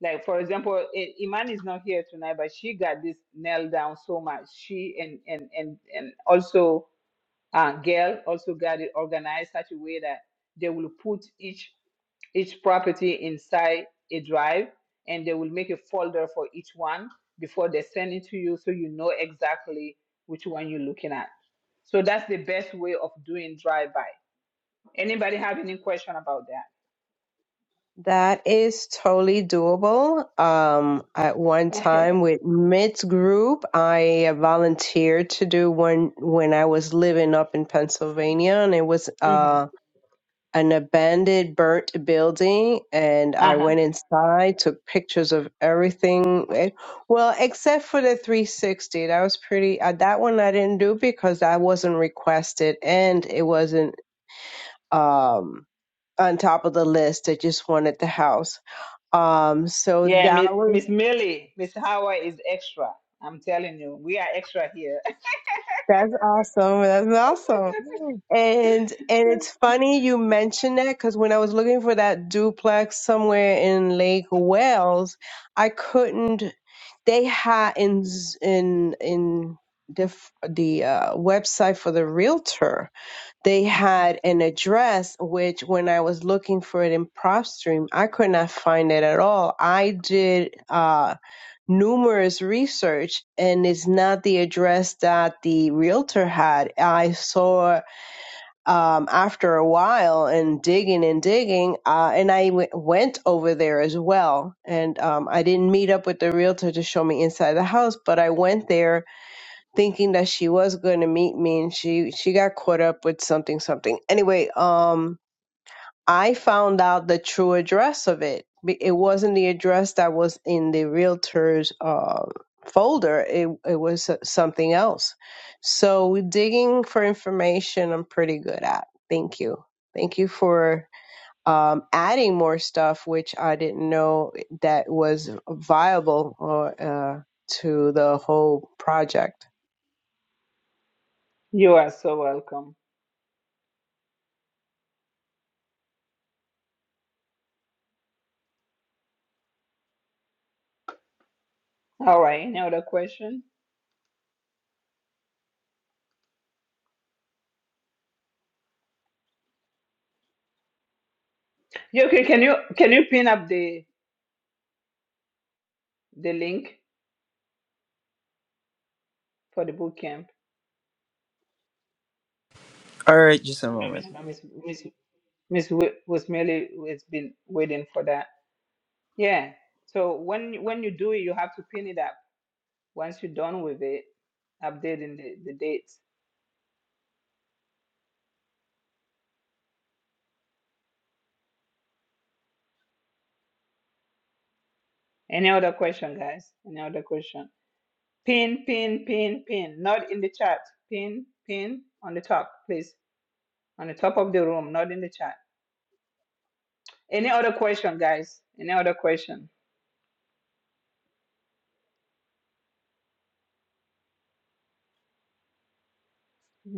Speaker 1: like for example, I- Iman is not here tonight, but she got this nailed down so much. She and and and and also uh, Gail also got it organized such a way that they will put each each property inside a drive and they will make a folder for each one before they send it to you so you know exactly which one you're looking at so that's the best way of doing drive by anybody have any question about
Speaker 11: That is totally doable. Um, at one time
Speaker 1: that
Speaker 11: with Mitt's group, I volunteered to do one when I was living up in Pennsylvania, and it was
Speaker 1: hmm
Speaker 11: uh an abandoned burnt building and I
Speaker 1: uh-huh
Speaker 11: went inside, took pictures of everything. eh, Well, except for the 360. That was pretty uh, that one I didn't do because I wasn't requested and it wasn't um on top of the list. I just wanted the house. Um so
Speaker 1: yeah
Speaker 11: that
Speaker 1: Mi-
Speaker 11: was.
Speaker 1: miss millie miss howard is extra i'm telling you we are extra here
Speaker 11: That's awesome. That's awesome. And and it's funny you mentioned that because when I was looking for that duplex somewhere in Lake Wales, I couldn't. They had in Z- in in the f- the uh, website for the realtor, they had an address which when I was looking for it in PropStream, I could not find it at all. I did. Uh, numerous research and it's not the address that the realtor had. I saw um, after a while and digging and digging, uh, and I w- went over there as well. And um, I didn't meet up with the realtor to show me inside the house, but I went there thinking that she was going to meet me, and she she got caught up with something something. Anyway, um, I found out the true address of it. Be- It wasn't the address that was in the realtor's uh, folder. It it was uh, something else. So digging for information, I'm pretty good at. Thank you. Thank you for um, adding more stuff, which I didn't know that was viable or, uh, to the whole project.
Speaker 1: you are so welcome all right any other question Yoki, can you can you pin up the the link for the boot camp.
Speaker 4: All right, just a moment.
Speaker 1: I know Miss Miss Miss Wi- was merely has been waiting for that. Yeah. So when when you do it, you have to pin it up. Once you're done with it, updating the, the dates. Any other question, guys? Any other question? Pin, pin, pin, pin. Not in the chat. Pin, pin on the top, please. On the top of the room, not in the chat. Any other question, guys? Any other question?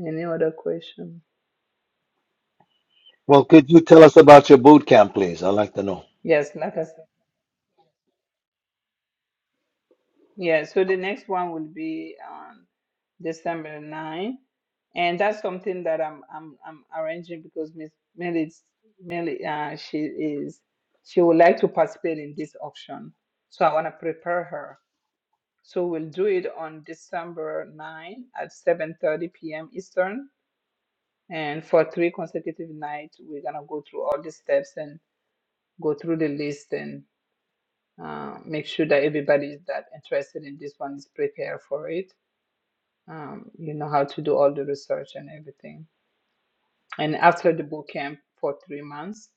Speaker 1: Any other question?
Speaker 8: Well, could you tell us about your boot camp, please? I'd like to know.
Speaker 1: Yes, like I said. Yeah, so the next one will be on December 9, and that's something that I'm I'm I'm arranging because Miss Millie Millie uh, she is she would like to participate in this auction, so I want to prepare her. So we'll do it on December 9 at 7:30 p.m. Eastern, and for three consecutive nights, we're gonna go through all the steps and go through the list and uh, make sure that everybody that interested in this one is prepared for it um, you know how to do all the research and everything. And after the boot camp for three months,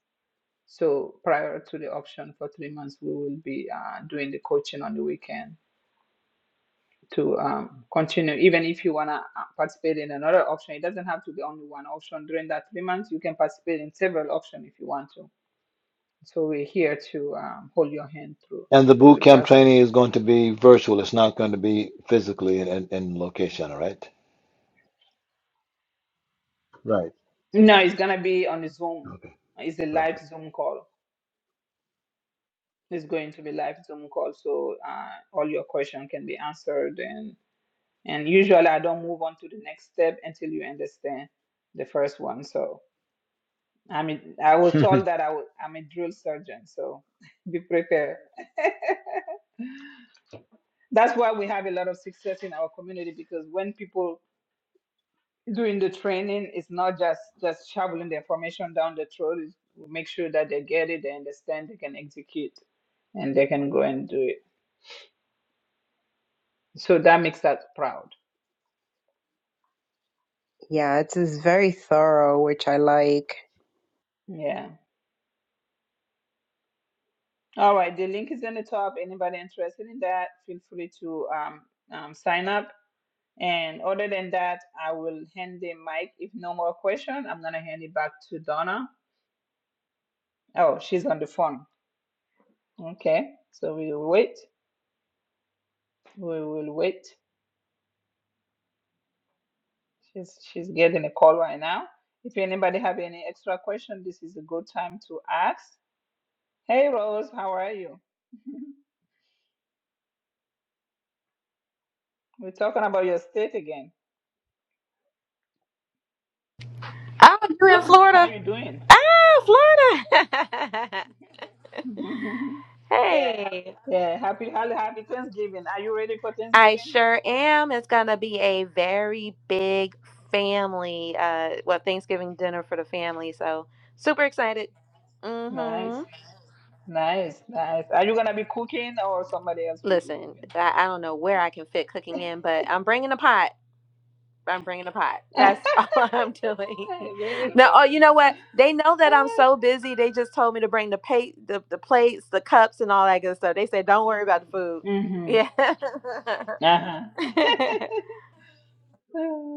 Speaker 1: so prior to the option for three months, we will be uh, doing the coaching on the weekend to um, continue. Even if you wanna uh, participate in another option, it doesn't have to be only one option. During that three months, you can participate in several options if you want to. So we're here to um, hold your hand through
Speaker 8: And the
Speaker 1: through
Speaker 8: boot
Speaker 1: the
Speaker 8: camp training
Speaker 1: process.
Speaker 8: is going to be virtual. It's not going to be physically in, in, in location, all right? Right.
Speaker 1: No, it's gonna be on Zoom.
Speaker 8: Okay.
Speaker 1: It's a live
Speaker 8: Perfect.
Speaker 1: Zoom call. It's going to be live Zoom call, so uh, all your question can be answered. And and usually I don't move on to the next step until you understand the first one. So I mean, I was told that I was, I'm a drill surgeon, so be prepared. That's why we have a lot of success in our community because when people doing the training, it's not just just shoveling the information down the throat. It's we make sure that they get it, they understand, they can execute, and they can go and do it. So that makes us proud.
Speaker 11: Yeah, it's, it's very thorough, which I like.
Speaker 1: Yeah. All right, the link is in the top. Anybody interested in that, feel free to um, um, sign up. And other than that, I will hand the mic. If no more question, I'm gonna hand it back to Donna. Oh, she's on the phone. Okay, so we will wait. We will wait. She's she's getting a call right now. If anybody have any extra question, this is a good time to ask. Hey Rose, how are you? We're talking about your state again.
Speaker 14: I was you in
Speaker 1: How are
Speaker 14: Florida.
Speaker 1: you doing?
Speaker 14: Ah, Florida. hey.
Speaker 1: Yeah, happy, happy, happy Thanksgiving. Are you ready for
Speaker 14: I
Speaker 1: Thanksgiving?
Speaker 14: sure am. It's going to be a very big family, uh, well, Thanksgiving dinner for the family. So super excited.
Speaker 1: Nice,
Speaker 14: Mm-hmm.
Speaker 1: nice, nice. Are you gonna be cooking or somebody else will be
Speaker 14: Listen,
Speaker 1: cooking?
Speaker 14: I, I don't know where I can fit cooking in, but I'm bringing a pot. I'm bringing a pot. That's all I'm doing.
Speaker 1: Very
Speaker 14: No, oh,
Speaker 1: bad.
Speaker 14: you know what? They know that I'm so busy. They just told me to bring the pay, the, the plates, the cups, and all that good stuff. They said, "Don't worry about the food."
Speaker 1: Mm-hmm.
Speaker 14: Yeah,
Speaker 1: Uh-huh.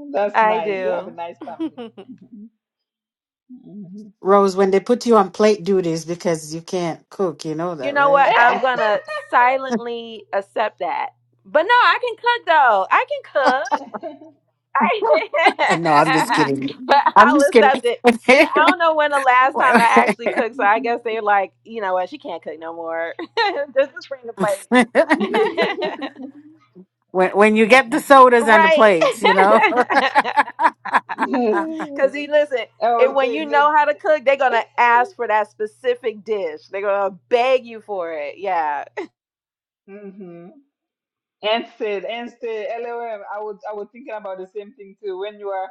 Speaker 1: That's
Speaker 14: I
Speaker 1: nice. You have a
Speaker 14: do.
Speaker 1: nice family. hmm
Speaker 9: Rose, when they put you on plate duties because you can't cook, you know
Speaker 14: you
Speaker 9: that,
Speaker 14: know
Speaker 9: right?
Speaker 14: what? I'm gonna silently accept that. But no, I can cook though. I Right.
Speaker 9: I know, I'm just kidding.
Speaker 14: but
Speaker 9: I'm
Speaker 14: I'll
Speaker 9: just kidding.
Speaker 14: accept it. You know, I don't know when the last time I actually cooked, so I guess they're like, you know what, she can't cook no more. Just bring the plate,
Speaker 9: when, when you get the sodas and the
Speaker 14: right.
Speaker 9: plates, you know.
Speaker 14: Cause you listen,
Speaker 1: I
Speaker 14: and
Speaker 1: was
Speaker 14: when you
Speaker 1: saying
Speaker 14: know how to cook, they're
Speaker 1: that.
Speaker 14: gonna ask for that specific dish. They're gonna beg you for it. Yeah.
Speaker 1: Mm-hmm. Instead, instead, LOM. I was I was thinking about the same thing too. When you are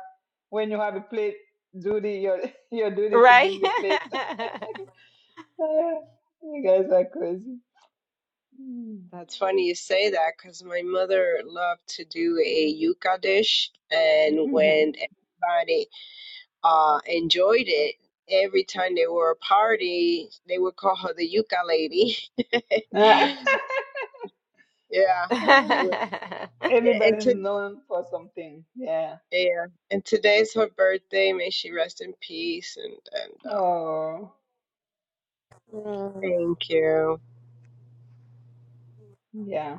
Speaker 1: when you have a plate duty, your your duty to
Speaker 14: Right?
Speaker 1: bring the plate. you guys are crazy.
Speaker 11: That's funny you say that because my mother loved to do a yuca dish, and
Speaker 1: Mm-hmm.
Speaker 11: when everybody uh, enjoyed it, every time they were a party, they would call her the yuca lady. Yeah, it was, yeah, and
Speaker 1: Everybody's
Speaker 11: to,
Speaker 1: known for something. Yeah.
Speaker 11: yeah, and today's her birthday. May she rest in peace. And and um,
Speaker 1: Oh,
Speaker 14: Mm.
Speaker 11: thank you,
Speaker 1: yeah.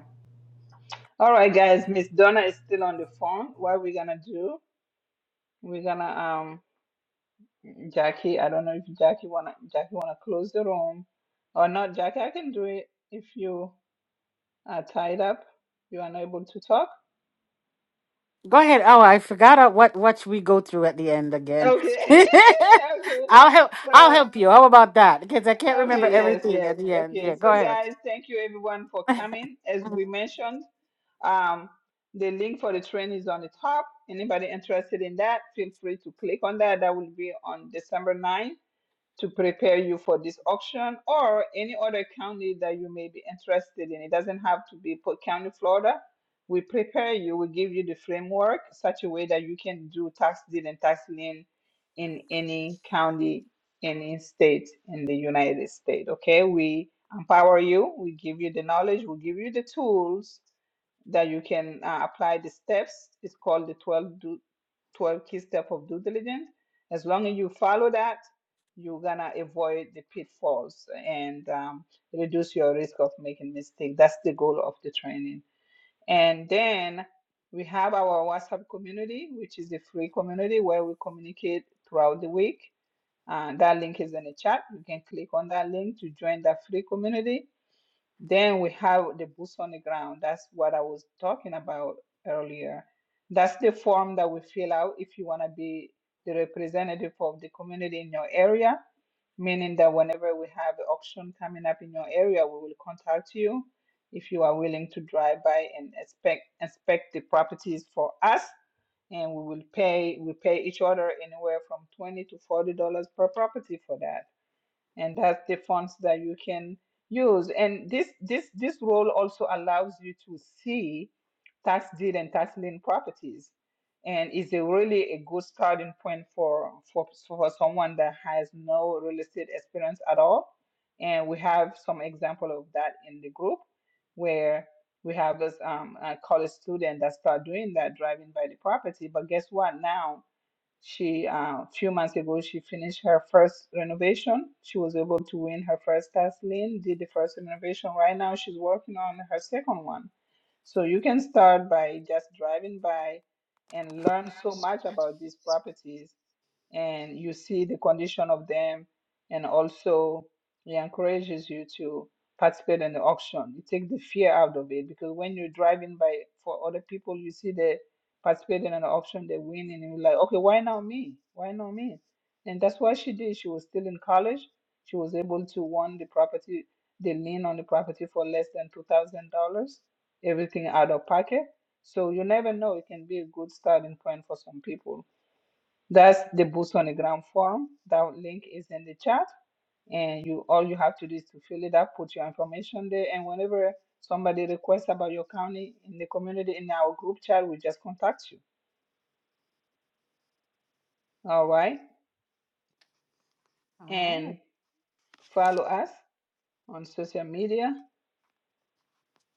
Speaker 1: All right, guys. Miss Donna is still on the phone. What we gonna do? We're gonna um. Jackie, I don't know if Jackie wanna Jackie wanna close the room or not. Jackie, I can do it if you are tied up. You are not able to talk.
Speaker 9: Go ahead. Oh, I forgot uh, what what we go through at the end again.
Speaker 1: Okay. okay.
Speaker 9: I'll help. I'll
Speaker 1: So
Speaker 9: help you. How about that? Because I can't remember
Speaker 1: okay,
Speaker 9: Okay,
Speaker 1: yes,
Speaker 9: everything at
Speaker 1: yes.
Speaker 9: the okay. end. Yeah,
Speaker 1: Okay.
Speaker 9: go
Speaker 1: So
Speaker 9: ahead.
Speaker 1: guys, thank you everyone for coming. As we
Speaker 9: Mhm.
Speaker 1: mentioned, um the link for the train is on the top. Anybody interested in that, feel free to click on that. That will be on December 9th. to prepare you for this auction or any other county that you may be interested in. It doesn't have to be Polk County, Florida. We prepare you, we give you the framework such a way that you can do tax deed and tax lien in any county, any state in the United States. Okay, we empower you, we give you the knowledge, we give you the tools that you can uh, apply the steps. It's called the 12, do, 12 key step of due diligence. As long as you follow that, you're gonna avoid the pitfalls and um, reduce your risk of making mistake. That's the goal of the training. And then we have our WhatsApp community, which is a free community where we communicate throughout the week. Uh, that link is in the chat. You can click on that link to join that free community then we have the boots on the ground. That's what I was talking about earlier. That's the form that we fill out if you want to be the representative of the community in your area, meaning that whenever we have an auction coming up in your area, we will contact you if you are willing to drive by and inspect inspect the properties for us. And we will pay we pay each other anywhere from twenty to forty dollars per property for that and that's the fonts that you can use and this this this role also allows you to see tax deed and tax lien properties and is a really a good starting point for for for someone that has no real estate experience at all and we have some example of that in the group where we have this um, a college student that start doing that driving by the property but guess what now she uh, a few months ago she finished her first renovation. She was able to win her first task lien, did the first renovation. Right now she's working on her second one. So you can start by just driving by and learn so much about these properties and you see the condition of them and also it encourages you to participate in the auction you take the fear out of it because when you're driving by for other people you see they participating in an auction they win and you're like okay why not me why not me and that's what she did she was still in college she was able to won the property the lien on the property for less than $2000 everything out of pocket so you never know it can be a good starting point for some people that's the boost on the Ground form. That link is in the chat, and you all you have to do is to fill it up, put your information there, and whenever somebody requests about your county in the community in our group chat, we just contact you. All right,
Speaker 9: All right.
Speaker 1: and follow us on social media.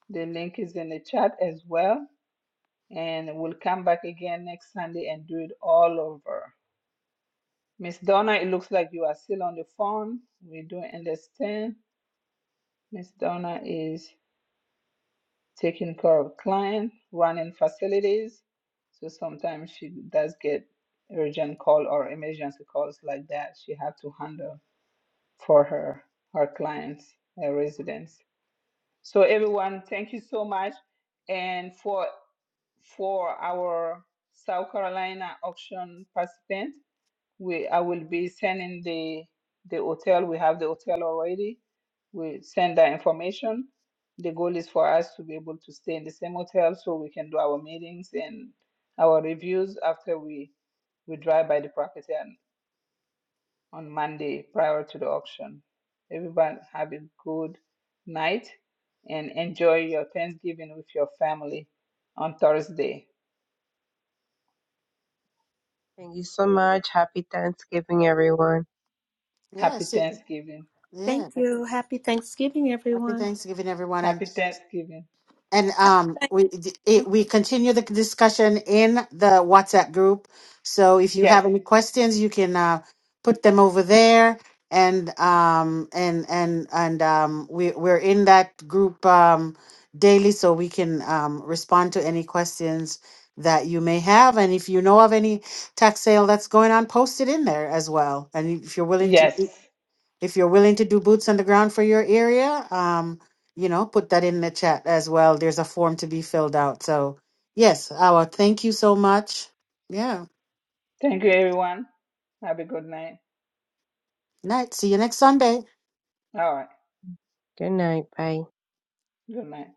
Speaker 1: The link is in the chat as well, and we'll come back again next Sunday and do it all over. Miss Donna, it looks like you are still on the phone. We do not understand. Miss Donna is taking care of client, running facilities. So sometimes she does get urgent call or emergency calls like that. She have to handle for her her clients, her residents. So everyone, thank you so much. And for for our South Carolina auction participants we I will be sending the the hotel. We have the hotel already. We send that information. The goal is for us to be able to stay in the same hotel so we can do our meetings and our reviews after we we drive by the property on, on Monday prior to the auction. Everyone have a good night and enjoy your Thanksgiving with your family on Thursday.
Speaker 11: thank you so much. Happy Thanksgiving, everyone.
Speaker 9: Yeah.
Speaker 1: Happy
Speaker 9: See.
Speaker 1: Thanksgiving.
Speaker 12: Thank
Speaker 9: Yeah.
Speaker 12: you. Happy Thanksgiving,
Speaker 9: Happy
Speaker 12: everyone.
Speaker 9: Thanksgiving, everyone. And.
Speaker 1: Happy Thanksgiving.
Speaker 9: and um we it, we continue the discussion in the WhatsApp group. So if you have
Speaker 1: Yes.
Speaker 9: any questions, you can uh, put them over there and um and and and um we we're in that group um daily so we can um respond to any questions that you may have and if you know of any tax sale that's going on post it in there as well and if you're willing to
Speaker 1: Yes.
Speaker 9: if you're willing to do boots on the ground for your area, um, you know, put that in the chat as well. There's a form to be filled out. So, yes, our thank you so much. Yeah.
Speaker 1: Thank you, everyone. Have a good night.
Speaker 9: Night. See you next Sunday.
Speaker 1: All right.
Speaker 11: Good night. Bye.
Speaker 1: Good night.